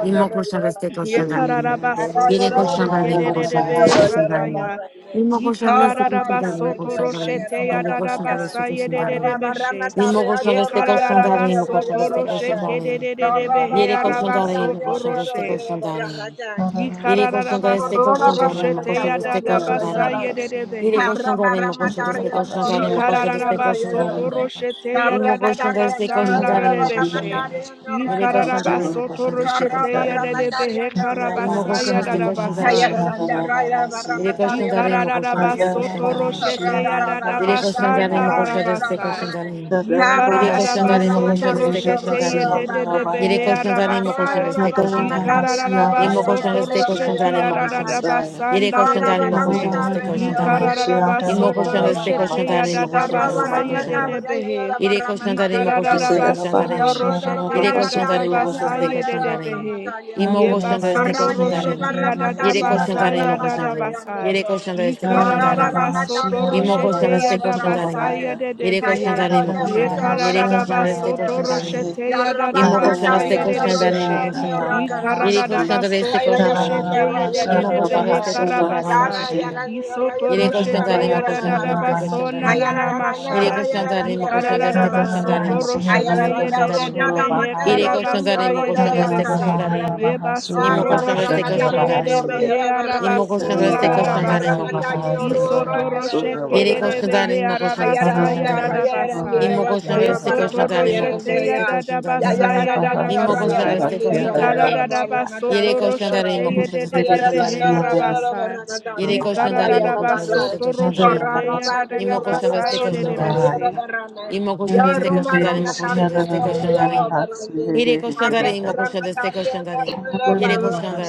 S3: Imo question reste
S4: Ye
S3: question darling.
S4: Yekararabasoto
S3: Dire
S5: Shira
S4: roshe
S3: question
S5: Bahasura
S3: darling imo question reste
S4: kedededebe
S3: question darling.
S4: sataya.
S3: Imo question reste question darling imo
S4: Yikararabasoto
S3: question
S4: roshe
S3: darling.
S4: te
S3: Dire question
S4: yadaraba
S3: reste
S4: saye
S3: question
S4: de
S3: darling.
S4: beshe.
S3: Imo question
S4: Ye yedededebeshe.
S3: reste question darling imo question
S4: Yekararabasoto
S3: reste
S4: roshe
S3: question darling.
S4: kedededebe
S3: Dire question darling imo
S4: heyarabasoto
S1: no
S3: question reste
S4: roshe.
S1: royo
S3: question
S1: barra
S3: darling.
S1: matar.
S3: Dire question reste
S4: Yikararabasoto
S1: Corona
S3: question
S1: barra
S3: darling
S4: roshe
S3: imo question
S1: mataria,
S3: reste
S1: yo
S3: question
S1: rollo de
S4: teyadadabasa
S3: darling.
S1: la de.
S3: Dire
S4: yededebehe.
S3: question
S1: Carra
S3: darling
S1: barra
S3: imo question reste
S1: mataria,
S3: question
S1: yo
S3: darling imo
S1: rollo de
S3: question
S1: mi, yo
S3: reste
S1: rollo
S3: question
S4: Ikararabaso
S1: de la
S3: darling.
S1: de.
S4: toroshete
S1: Carra
S3: Imo question
S1: mataria,
S3: reste
S1: yo
S3: question
S4: yadadabasanda
S1: rollo de
S3: darling imo
S1: barra
S3: question
S4: rebeshe.
S3: darling.
S1: mataria, yo
S3: Dire
S1: rollo de
S3: question
S1: barra.
S3: darling
S4: Ikararabaso
S3: imo question reste
S1: Carra
S4: toroshete
S3: question
S1: barra
S3: darling.
S4: yadebehe
S1: mataria, yo rollo de
S4: karabasa
S3: یمکوشان
S1: barra.
S3: دستکوشان
S1: Ay,
S4: yadadabasa.
S1: ara,
S5: Bahashia
S1: dan,
S3: داریمکوشان
S1: da, ra, ra, barra
S5: Bahasi
S3: داریمکوشان
S1: mataria, barra
S5: Bahaya.
S1: mataria,
S3: دستکوشان
S1: ye.
S3: داریمکوشان داریمکوشان دستکوشان
S4: Ikararabasoto
S1: Carra,
S4: roshete
S1: ra, ra, barra
S3: داریمکوشان
S1: mataria, yo rollo de la
S4: yadadabasandararabasa.
S1: barra. Carra, ra, ra, barra
S4: Ikararabasoto
S3: داریمکوشان
S1: mataria, yo
S3: دستکوشان
S4: roshete
S1: rollo de
S3: داریم
S1: la barra,
S3: Yere koşan zaten mi koşan
S4: yedededebehearabasa.
S1: ye.
S3: destek koşan zaten. Yimo koşan
S4: Ikararabasoto
S3: destek koşan
S4: roshete
S3: zaten mi koşan. Yere koşan zaten mi
S4: yadadabasandarebese.
S3: koşan destek koşan zaten. Yimo
S4: Ikararabasoto
S3: koşan destek
S4: roshete
S3: koşan zaten mi koşan zaten
S4: yadadabasa
S3: destek koşan zaten.
S4: yededebehe.
S3: Yere koşan zaten mi koşan destek koşan
S4: Ikararabasoto
S3: zaten.
S4: roshete
S3: Yere koşan zaten mi koşan
S4: yadadabasa
S3: destek koşan zaten.
S4: yededebehe.
S3: Yimo
S1: Yo
S4: Yeba
S3: koşan destek
S4: soto
S3: koşan
S1: Arradero
S3: zaten.
S4: rosheti yadada
S3: Yere
S1: barramataya
S3: koşan
S4: basa
S3: zaten mi koşan
S4: yadada
S3: zaten.
S1: barramatario
S4: basa.
S3: Yere
S1: nero.
S3: koşan destek koşan
S1: Tara
S4: Yikararara
S3: zaten.
S4: basoto
S1: barramatario
S3: Yimo
S1: nero
S3: koşan
S4: roshete
S1: yoro
S3: destek
S4: yada
S3: koşan
S4: basa
S3: zaten.
S1: barramataya.
S4: yadede
S3: Yere koşan
S1: Kayara
S4: behe.
S1: lo
S3: zaten mi
S5: Bahaya,
S1: nero
S3: koşan
S1: yoro
S3: zaten. Yere
S5: Bahaya,
S4: Yekararara
S3: koşan
S1: barramatario
S3: destek
S5: Bahaya,
S4: basoto
S3: koşan
S1: nero.
S3: zaten.
S5: Bahaya,
S4: roshete
S1: Yarra
S4: yadada
S3: Imo koshanda
S4: basa
S3: se
S1: barramatario
S4: yadede
S1: nero
S3: koshanda re imo
S5: Sadavahadavahasura
S4: beshe.
S1: yoro
S3: koshanda.
S1: nero kara
S3: Yere
S4: Yikararara
S1: barramay.
S3: koshanda re se
S4: basoto
S1: Kayara yara
S3: koshanda re.
S1: lo
S3: Imo
S4: roshete
S1: nero yara
S3: Imo
S4: yedede
S3: koshanda
S4: behe
S1: nero.
S3: se koshanda re imo
S1: Tara
S4: karabasa.
S5: Bahadavahasi,
S1: yara
S3: koshanda.
S1: nero
S4: Yisoto
S1: yara
S3: Yere koshanda
S1: nero
S3: re
S4: roshete
S5: Sadavahaya
S3: imo
S1: yara lo
S3: koshanda
S4: yadada
S3: se
S4: baso
S3: koshanda re. imo.
S1: Kayara
S4: nanana
S1: lo
S3: Yere
S1: nero
S4: masha.
S1: yara
S3: koshanda re imo
S1: nero
S3: koshanda
S1: yara
S4: Yikararara
S3: se
S1: lo
S3: koshanda re
S4: basoto
S3: imo
S5: Dharavahaya
S3: koshanda
S4: roshete
S3: se
S1: Ayararanda
S3: koshanda re. imo.
S4: yedede
S1: rota
S5: Dharavahasura
S1: da
S4: behe
S1: mata
S3: Yere
S5: Bahaya,
S1: todo ni
S3: koshanda re
S4: karabasa
S3: imo
S1: roya la
S4: yedede
S3: koshanda se
S1: bankara
S4: bese.
S3: koshanda re. Imo
S1: barame.
S5: Sadavahasura
S3: Imo
S1: Arra
S4: Yebasotoro
S3: koshanda se
S1: barramata
S3: koshanda re.
S4: shekerere
S1: riando
S3: Imo
S1: roya
S4: behe
S1: la
S3: Imo
S1: barrai.
S4: arabaso
S3: koshanda se
S1: Corora
S3: koshanda re imo
S4: nararabasi.
S1: barramata ni
S3: koshanda se
S1: orora
S3: koshanda.
S1: ni
S4: Isotoro
S1: rande
S3: Yere
S4: shekerere
S3: koshanda
S1: irata.
S3: re
S4: behe
S3: imo koshanda se
S4: arabasa
S3: koshanda
S1: Ayararanda
S3: re. imo.
S1: roya la rande
S4: yadadabasa.
S3: Imo koşan
S1: irata
S5: Bahasya
S3: da
S1: ra
S3: destek koşan da
S1: barramata
S4: Yesotoro
S5: Dharavahasi.
S3: imo koşan
S4: shete
S1: yarande
S3: destek
S1: ya.
S3: koşan da
S1: Ya
S4: yadadabasa
S5: Shandana
S1: yararanda
S5: Bahasi
S3: imo
S5: and
S1: roya
S3: koşan
S1: la
S4: yadadabasa.
S3: destek
S1: rande
S3: koşan da
S1: roya
S5: Mahashiyadana
S1: la barramata
S3: yere
S4: Ikaradadabasotoro
S3: koşan
S1: yarande
S3: da
S4: shete
S3: imo
S1: ra. Yarra
S3: koşan destek
S4: yedede
S3: koşan da
S4: behe
S3: imo koşan da
S4: arabasa.
S3: yere koşan da imo koşan destek
S4: Ikaradadabasotoro
S3: koşan da
S4: shete
S3: imo koşan
S4: yadadabasa
S3: destek
S4: yedede
S3: koşan da
S4: bese.
S3: imo koşan destek koşan da imo koşan destek koşan da yere koşan da imo koşan destek koşan da yere koşan da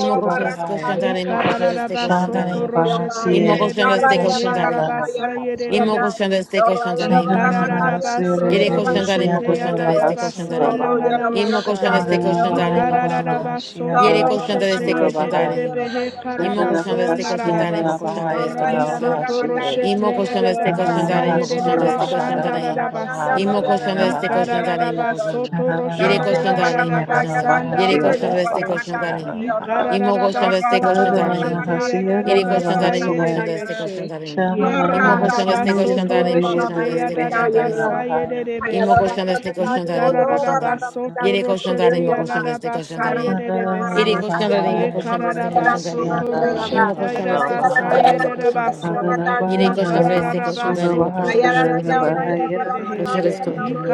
S3: imo koşan destek koşan da imo koşan destek koşan da
S4: Ikararabasoto roshete
S3: imo koşan destek
S4: yedededebe
S3: koşan
S4: he
S3: da
S4: arabasa
S5: Bahasaya.
S3: Imo koşanda
S4: yededebese.
S3: este koşanda imo
S5: Shadana
S3: koşanda.
S5: Bahasere
S3: Yere
S4: Ikararabasoto
S3: koşanda imo
S4: roshete
S5: Vehisiadana
S3: koşanda este koşanda.
S4: yadadabaso
S5: bahasura, Baha
S3: Imo
S4: nananamasha.
S3: koşanda este
S5: Adana
S3: koşanda imo
S5: Bahadana
S3: koşanda.
S1: Corra,
S4: Ikararabasoto
S3: Yere
S5: Bahashiadana
S3: koşanda
S4: roshete
S3: este
S5: bahasura,
S3: koşanda
S5: Baha
S4: yedededebe he
S3: imo
S5: Shadana
S3: koşanda
S4: karabaso
S3: este koşanda imo
S5: Bahasiadana
S4: nararabasi.
S3: koşanda este
S5: Bahayana
S3: koşanda.
S4: Isoto
S5: Bahashia
S3: Imo
S4: roshete
S3: koşanda este
S5: Adana
S3: koşanda
S4: yadadabasa
S3: imo koşanda
S5: bahasura,
S4: yededebe
S3: este koşanda.
S5: Bahadana
S4: shandararabasi.
S3: Imo koşanda
S5: Bahadana
S3: este
S5: bahaya,
S3: koşanda imo koşanda.
S4: Ikararabasoto
S5: Shara
S3: Yere
S4: roshete
S3: koşanda imo
S5: Bahasiya,
S3: koşanda.
S4: yadadabasa
S3: Yere koşanda este
S4: ndarebese.
S3: koşanda. Imo koşanda este
S4: Ikararabasoto
S3: koşanda.
S4: roshete
S3: Yere koşanda
S4: yadadabasa
S3: imo
S5: Bahasiya,
S3: koşanda este
S4: yedebeshe.
S3: koşanda.
S4: Ye
S3: Imo koşan este koşan
S4: kararabasoto
S3: tane imo
S4: roshete
S3: koşan este koşan tane imo.
S4: yadadabasa
S5: Bahaya.
S3: Imo
S4: yedebese.
S3: koşan este
S5: Shana
S3: koşan tane imo koşan tane.
S5: Mahasya
S4: Ikararabasoto
S3: Yere koşan tane
S4: roshete
S3: imo koşan este koşan
S4: yadadabasa
S3: tane imo. Yere
S4: yedebese.
S3: koşan tane imo
S4: Ye
S3: koşan este koşan tane imo.
S4: kararabasoto
S3: Imo
S4: roshete
S3: koşan este koşan
S4: yadabasa
S3: tane imo koşan tane.
S4: yedebaso.
S3: Yere koşan tane este koşan tane imo
S4: Ikararabasoto
S3: koşan este
S4: roshete
S3: koşan tane.
S4: yedebehe.
S3: Koşan este koşan tane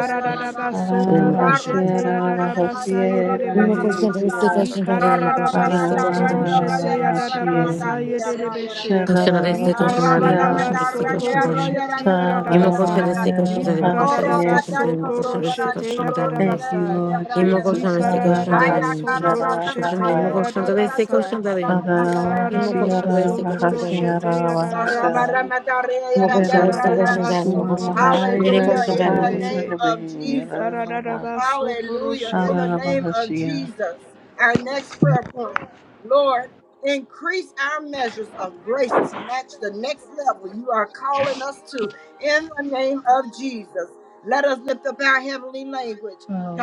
S3: soy imo koşan.
S4: roshete yadadabasa
S3: Imo
S4: yedebehe.
S3: koşan este koşan tane imo koşan
S4: Ikararaba
S3: este koşan
S4: toroshete
S3: tane. Koşan
S4: roshete yadadaba sayedebeshe.
S5: Shana
S3: este koşan tane imo
S4: Ikararaba
S3: koşan este
S4: soto
S3: koşan tane.
S4: roshete yadadaba
S3: Imo koşar
S4: say.
S3: este
S5: Mahaya
S3: koşar darim koşar este
S4: Ikararaba
S5: Mahasya
S3: koşar darim
S4: soto
S3: koşar este
S4: roshete
S3: koşar
S4: yadadaba
S3: darim.
S5: Thank you,
S4: say.
S5: Lord
S3: Imo koşar
S5: Jesus.
S3: este koşar
S4: Ikararaba
S1: Aya
S3: darim
S4: soto
S3: Jesus.
S1: karabara
S3: Koşar
S4: roshete
S3: imo
S1: matayo
S5: Arabahasiarabahaya.
S3: koşar
S1: roya
S4: yadadaba
S3: este
S1: dadero
S4: say.
S3: koşar darim.
S1: ramataya
S3: Imo
S4: Ikararaba
S3: koşar este
S4: soto
S3: koşar darim.
S4: roshete yadadaba
S5: Arabahasiarabahasiarabahasa.
S1: rabara
S4: si.
S1: matare
S3: Imo
S1: yarande
S3: koşar este koşar
S1: raya.
S4: Ikararaba
S3: darim
S4: soto
S3: koşar.
S4: roshete
S3: Bire
S1: Hallelujah
S3: koşar
S1: in
S3: darim
S1: the
S3: koşar.
S4: yedebehe.
S1: name of Jesus.
S5: Chedarabahasurabahayarabahayarabaha.
S4: Ikararaba soto
S1: Hallelujah. In
S4: roshete.
S1: the name of
S5: Arabahashia.
S1: Jesus, our next prayer point. Lord, increase our measures of grace to match the next level you are calling us to. In the name of Jesus, let us lift up our heavenly language. We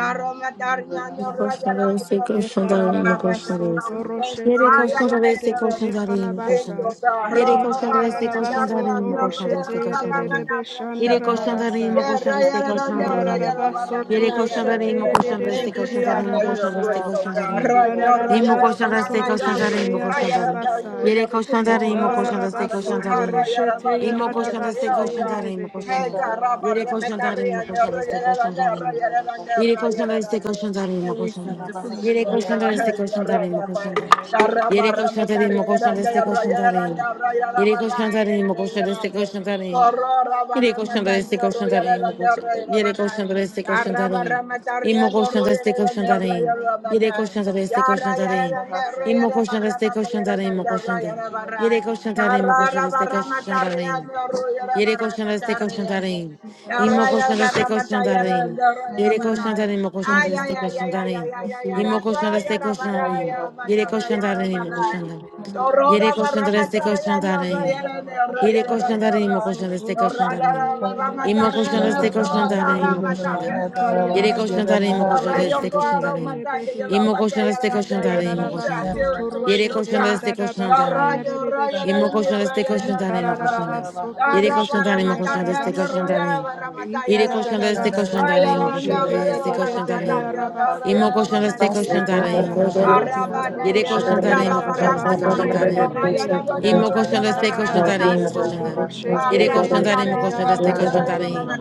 S3: Mokoshanda vese
S4: Ye
S3: koshanda re
S4: kararabaso
S3: mokoshanda vese.
S1: thank
S3: Yere
S4: toroshete ye de
S3: koshanda
S4: de de
S3: vese
S4: be he
S1: you.
S3: koshanda re
S1: Thank
S4: karabasa.
S3: mokoshanda.
S1: you, God.
S3: Yere
S4: Ye
S1: Roro
S3: koshanda vese
S1: barana
S4: kararabaso
S3: koshanda re
S1: yarra, norro
S3: mokoshanda
S4: toroshete
S3: vese
S1: yarra
S4: ye
S5: Arabahasirabahasirabahaya.
S4: de
S3: koshanda
S4: de
S1: barana
S3: re.
S4: be
S1: yarra,
S3: Yere
S1: yarra.
S3: koshanda re
S4: shandarabasa.
S1: Yarra,
S3: mokoshanda vese
S4: Ye
S1: yarra,
S3: koshanda
S1: norro
S3: re.
S1: yarra
S4: kararabaso
S1: barana
S3: Yere
S1: yarra,
S3: koshanda
S4: toroshete
S3: re
S4: ye
S1: yarra.
S4: de
S3: mokoshanda
S4: de de
S5: Arabahasirabahasirabahaya.
S3: vese
S1: Increase
S3: koshanda
S1: our
S3: re
S1: measure
S3: mokoshanda
S1: of
S3: vese
S4: arabasa.
S1: grace, oh
S5: Rababa
S3: koshanda
S1: God.
S4: Ye
S3: re.
S1: Ra, norro
S5: Suraba
S3: Imo
S1: yarra
S4: kararabaso
S3: koshanda vese
S1: barana
S5: Yanaba Shia
S3: koshanda
S1: yarra.
S3: re
S4: toroshete ye da
S3: mokoshanda
S5: Rababa
S1: Higher
S3: re.
S1: than you,
S5: Sia
S1: you
S4: basa.
S1: will
S3: Yere
S1: never
S3: koshanda
S4: Ye
S3: re
S1: promote us, oh
S5: Sarababa
S3: mokoshanda vese
S1: Father
S4: kararabaso
S1: God.
S3: koshanda
S5: Suraba
S3: re.
S1: Higher
S4: toroshete ye
S1: than
S3: Imo
S4: da
S1: we can
S3: koshanda
S5: Yanaba
S3: vese
S4: basa
S1: feel,
S4: ye
S5: Sia
S4: de
S3: koshanda
S4: de
S1: God.
S3: re
S1: Hey,
S3: mokoshanda.
S1: caramba,
S3: Yere koshanda
S5: Sarababa
S3: re
S1: remetaria,
S3: mokoshanda
S5: Sia
S3: vese
S1: nerayera,
S5: Rababa
S3: koshanda re.
S1: nerayera, nerayera,
S5: Yanaba
S3: Yere koşanda
S1: nerayera.
S3: destek
S5: Suraba
S3: koşanda arayma
S1: And we
S3: koşanda.
S1: seek to
S5: Rababa
S1: please you,
S3: Yere
S5: Sia
S1: O
S3: koşanda
S1: God.
S3: destek
S1: Hey,
S5: Rababa
S3: koşanda
S1: nerayera,
S3: arayma
S5: Suraba
S3: koşanda.
S5: Yanaba
S1: caramba,
S3: Yere
S5: Sia
S3: koşanda arayma
S1: remetaria,
S3: koşanda destek
S5: Sarababa
S3: koşanda
S1: nerayera,
S3: arayma.
S1: nerayera,
S5: Sarababa
S3: Yere koşanda arayma
S5: Sia
S3: koşanda destek
S1: nerayera.
S5: Rababa
S3: koşanda arayma.
S1: Corora,
S3: Yere
S5: Sia Rababa
S3: koşanda destek
S1: remetaria,
S5: Sarababa Sia Rababa
S3: koşanda
S5: Sia
S1: nerayera,
S3: arayma
S5: Rababa Sia Rababa Sia Rababa
S3: koşanda.
S1: nerayera,
S3: Yere
S5: Sia
S3: koşanda
S1: nerayera.
S3: destek koşanda
S1: Caramba,
S3: arayma.
S5: Rababa
S1: remetaria,
S3: İmmo koşanda destek
S1: nerayera,
S3: koşanda arayma.
S1: nerayera,
S3: Yere
S1: nerayera.
S3: koşanda destek
S1: Yarra
S5: Sia
S3: koşanda
S1: yara
S3: arayma.
S1: yara
S5: Rababa
S1: yara
S3: İmmo
S1: yara
S5: Sia
S3: koşanda
S1: barra
S3: destek
S1: mata
S3: koşanda
S1: yara
S3: arayma
S1: yara
S3: koşanda.
S1: yara
S5: Thank
S1: barra.
S3: Yere koşanda arayma
S1: Yarra
S5: you.
S1: yara
S3: koşanda destek
S1: barra mata
S3: koşanda
S1: yara
S3: arayma.
S1: yara yara
S3: Yere
S1: barra
S3: koşan
S1: mata
S3: destek koşan
S1: yara.
S3: tarayın.
S1: Yarra
S3: İmo
S1: yara
S3: koşan destek
S1: barra mata
S3: koşan
S1: yara
S3: tarayın.
S1: yara yara
S3: Yere
S1: barra.
S3: koşan tarayın, imo koşan
S1: Ay ay
S3: destek
S1: ay
S3: koşan
S1: ay ay ay
S3: tarayın.
S1: ay ay yara
S3: İmo
S1: so
S3: koşan destek
S1: yara
S3: koşan
S1: barra
S3: tarayın.
S1: yara mata
S3: Yere koşan
S1: yara
S3: tarayın, imo
S1: barra.
S3: koşan da.
S1: Torora
S3: Yere
S1: barra
S3: koşan
S1: mata
S3: destek
S1: yara
S3: koşan
S1: yara
S3: tarayın.
S1: yara yara
S3: Yere
S1: yara
S3: koşan da
S1: yara.
S3: reyim,
S4: Ekararabaso
S3: koşan destek
S4: toro
S1: Torra
S3: koşan da
S4: shete
S1: yara
S3: reyim.
S1: barra mata
S4: yedededebe
S3: İmo
S1: yara
S3: koşan
S1: yara
S3: destek koşan da
S4: sheyararabasa.
S1: yara
S3: reyim,
S1: mata
S3: koşan da.
S1: yara
S3: Yere koşan
S1: yara.
S3: da
S4: Ikararabaso
S3: reyim, koşan
S4: toro
S1: Lord, your
S3: destek koşan
S1: God,
S3: da
S1: oh my
S3: reyim.
S1: God, give your
S4: shekedededebehe.
S1: love
S3: İmo
S1: back,
S3: koşan
S1: yeah,
S3: destek
S1: yeah,
S3: koşan da
S1: yeah,
S3: reyim,
S1: increase
S3: koşan
S1: our
S3: da.
S4: Ikararabaso toro
S1: territories,
S3: Yere
S1: oh
S4: shete
S3: koşan
S1: God.
S3: destek koşan da
S4: yadadabasa
S1: Lord,
S3: reyim.
S1: your Lord, your
S5: Thank you,
S4: yadedebeshe.
S3: İmo
S1: Lord, your
S3: koşan
S1: Lord,
S3: destek
S1: your
S5: Jesus.
S3: koşan
S1: Lord,
S3: da reyim,
S1: your
S3: koşan da.
S1: Lord.
S4: Ikararabaso
S1: Lord,
S3: Yere
S4: toro
S3: koşan
S1: para
S4: shete
S1: matar, yeah,
S3: destek
S1: your
S3: koşan
S1: Lord,
S4: yadadabasa.
S1: your Lord, para matar, yeah,
S3: Iri
S1: your Lord.
S3: koşanda
S1: they.
S3: este
S4: Ikararabaso
S1: Ay,
S3: koşanda
S1: your
S4: toro
S3: imo
S1: Lord, your
S3: koşanda
S1: Lord, your
S3: este
S1: Lord, para
S3: koşanda
S4: shekedededebehe
S1: matar, your Lord, your
S3: imo
S4: arabasa.
S1: Lord,
S3: koşanda
S1: para
S3: este
S1: matar,
S6: Thank
S1: yeah,
S3: koşanda
S1: yeah.
S3: imo koşanda.
S1: Araba,
S4: Ikararabaso
S1: yeah,
S4: toro
S3: Iri
S1: yeah, yeah,
S4: shete
S3: koşanda imo
S1: para
S3: koşanda este
S4: yadadabasa
S1: matar, yeah,
S3: koşanda
S1: your Lord, your
S4: yededebehe.
S1: Lord,
S3: imo
S1: your
S3: koşanda
S1: Lord,
S3: este
S1: para
S3: koşanda
S6: you.
S4: Ikaradadaba
S1: matar,
S3: imo
S1: yeah,
S4: soto
S3: koşanda.
S1: yeah.
S4: roshe
S3: Iri
S1: Arroba,
S4: kererebe
S3: koşanda imo
S4: he
S3: koşanda este
S4: arabasa.
S3: koşanda imo.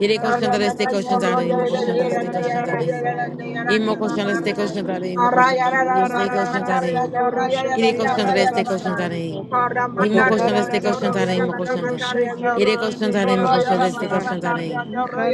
S3: Iri koşanda este koşanda
S4: soto
S3: imo
S4: roshe
S3: koşanda
S4: te
S3: este koşanda
S4: yadadabasa.
S3: Imo koshanda este
S5: Thank
S3: koshanda re
S5: you,
S3: imo koshanda
S5: Jesus. Thank you,
S3: este
S4: Ikaradadaba
S5: Rabbi.
S3: koshanda re
S4: soto roshe
S5: Surabaya.
S3: ire
S4: te
S3: koshanda re este koshanda
S4: yadadabasa.
S3: re imo koshanda este
S4: Ikaradadaba
S3: koshanda re imo
S4: soto
S3: koshanda
S4: roshe
S3: ire
S4: kererebe
S3: koshanda
S4: he
S3: re imo koshanda este
S4: arabasa.
S3: koshanda re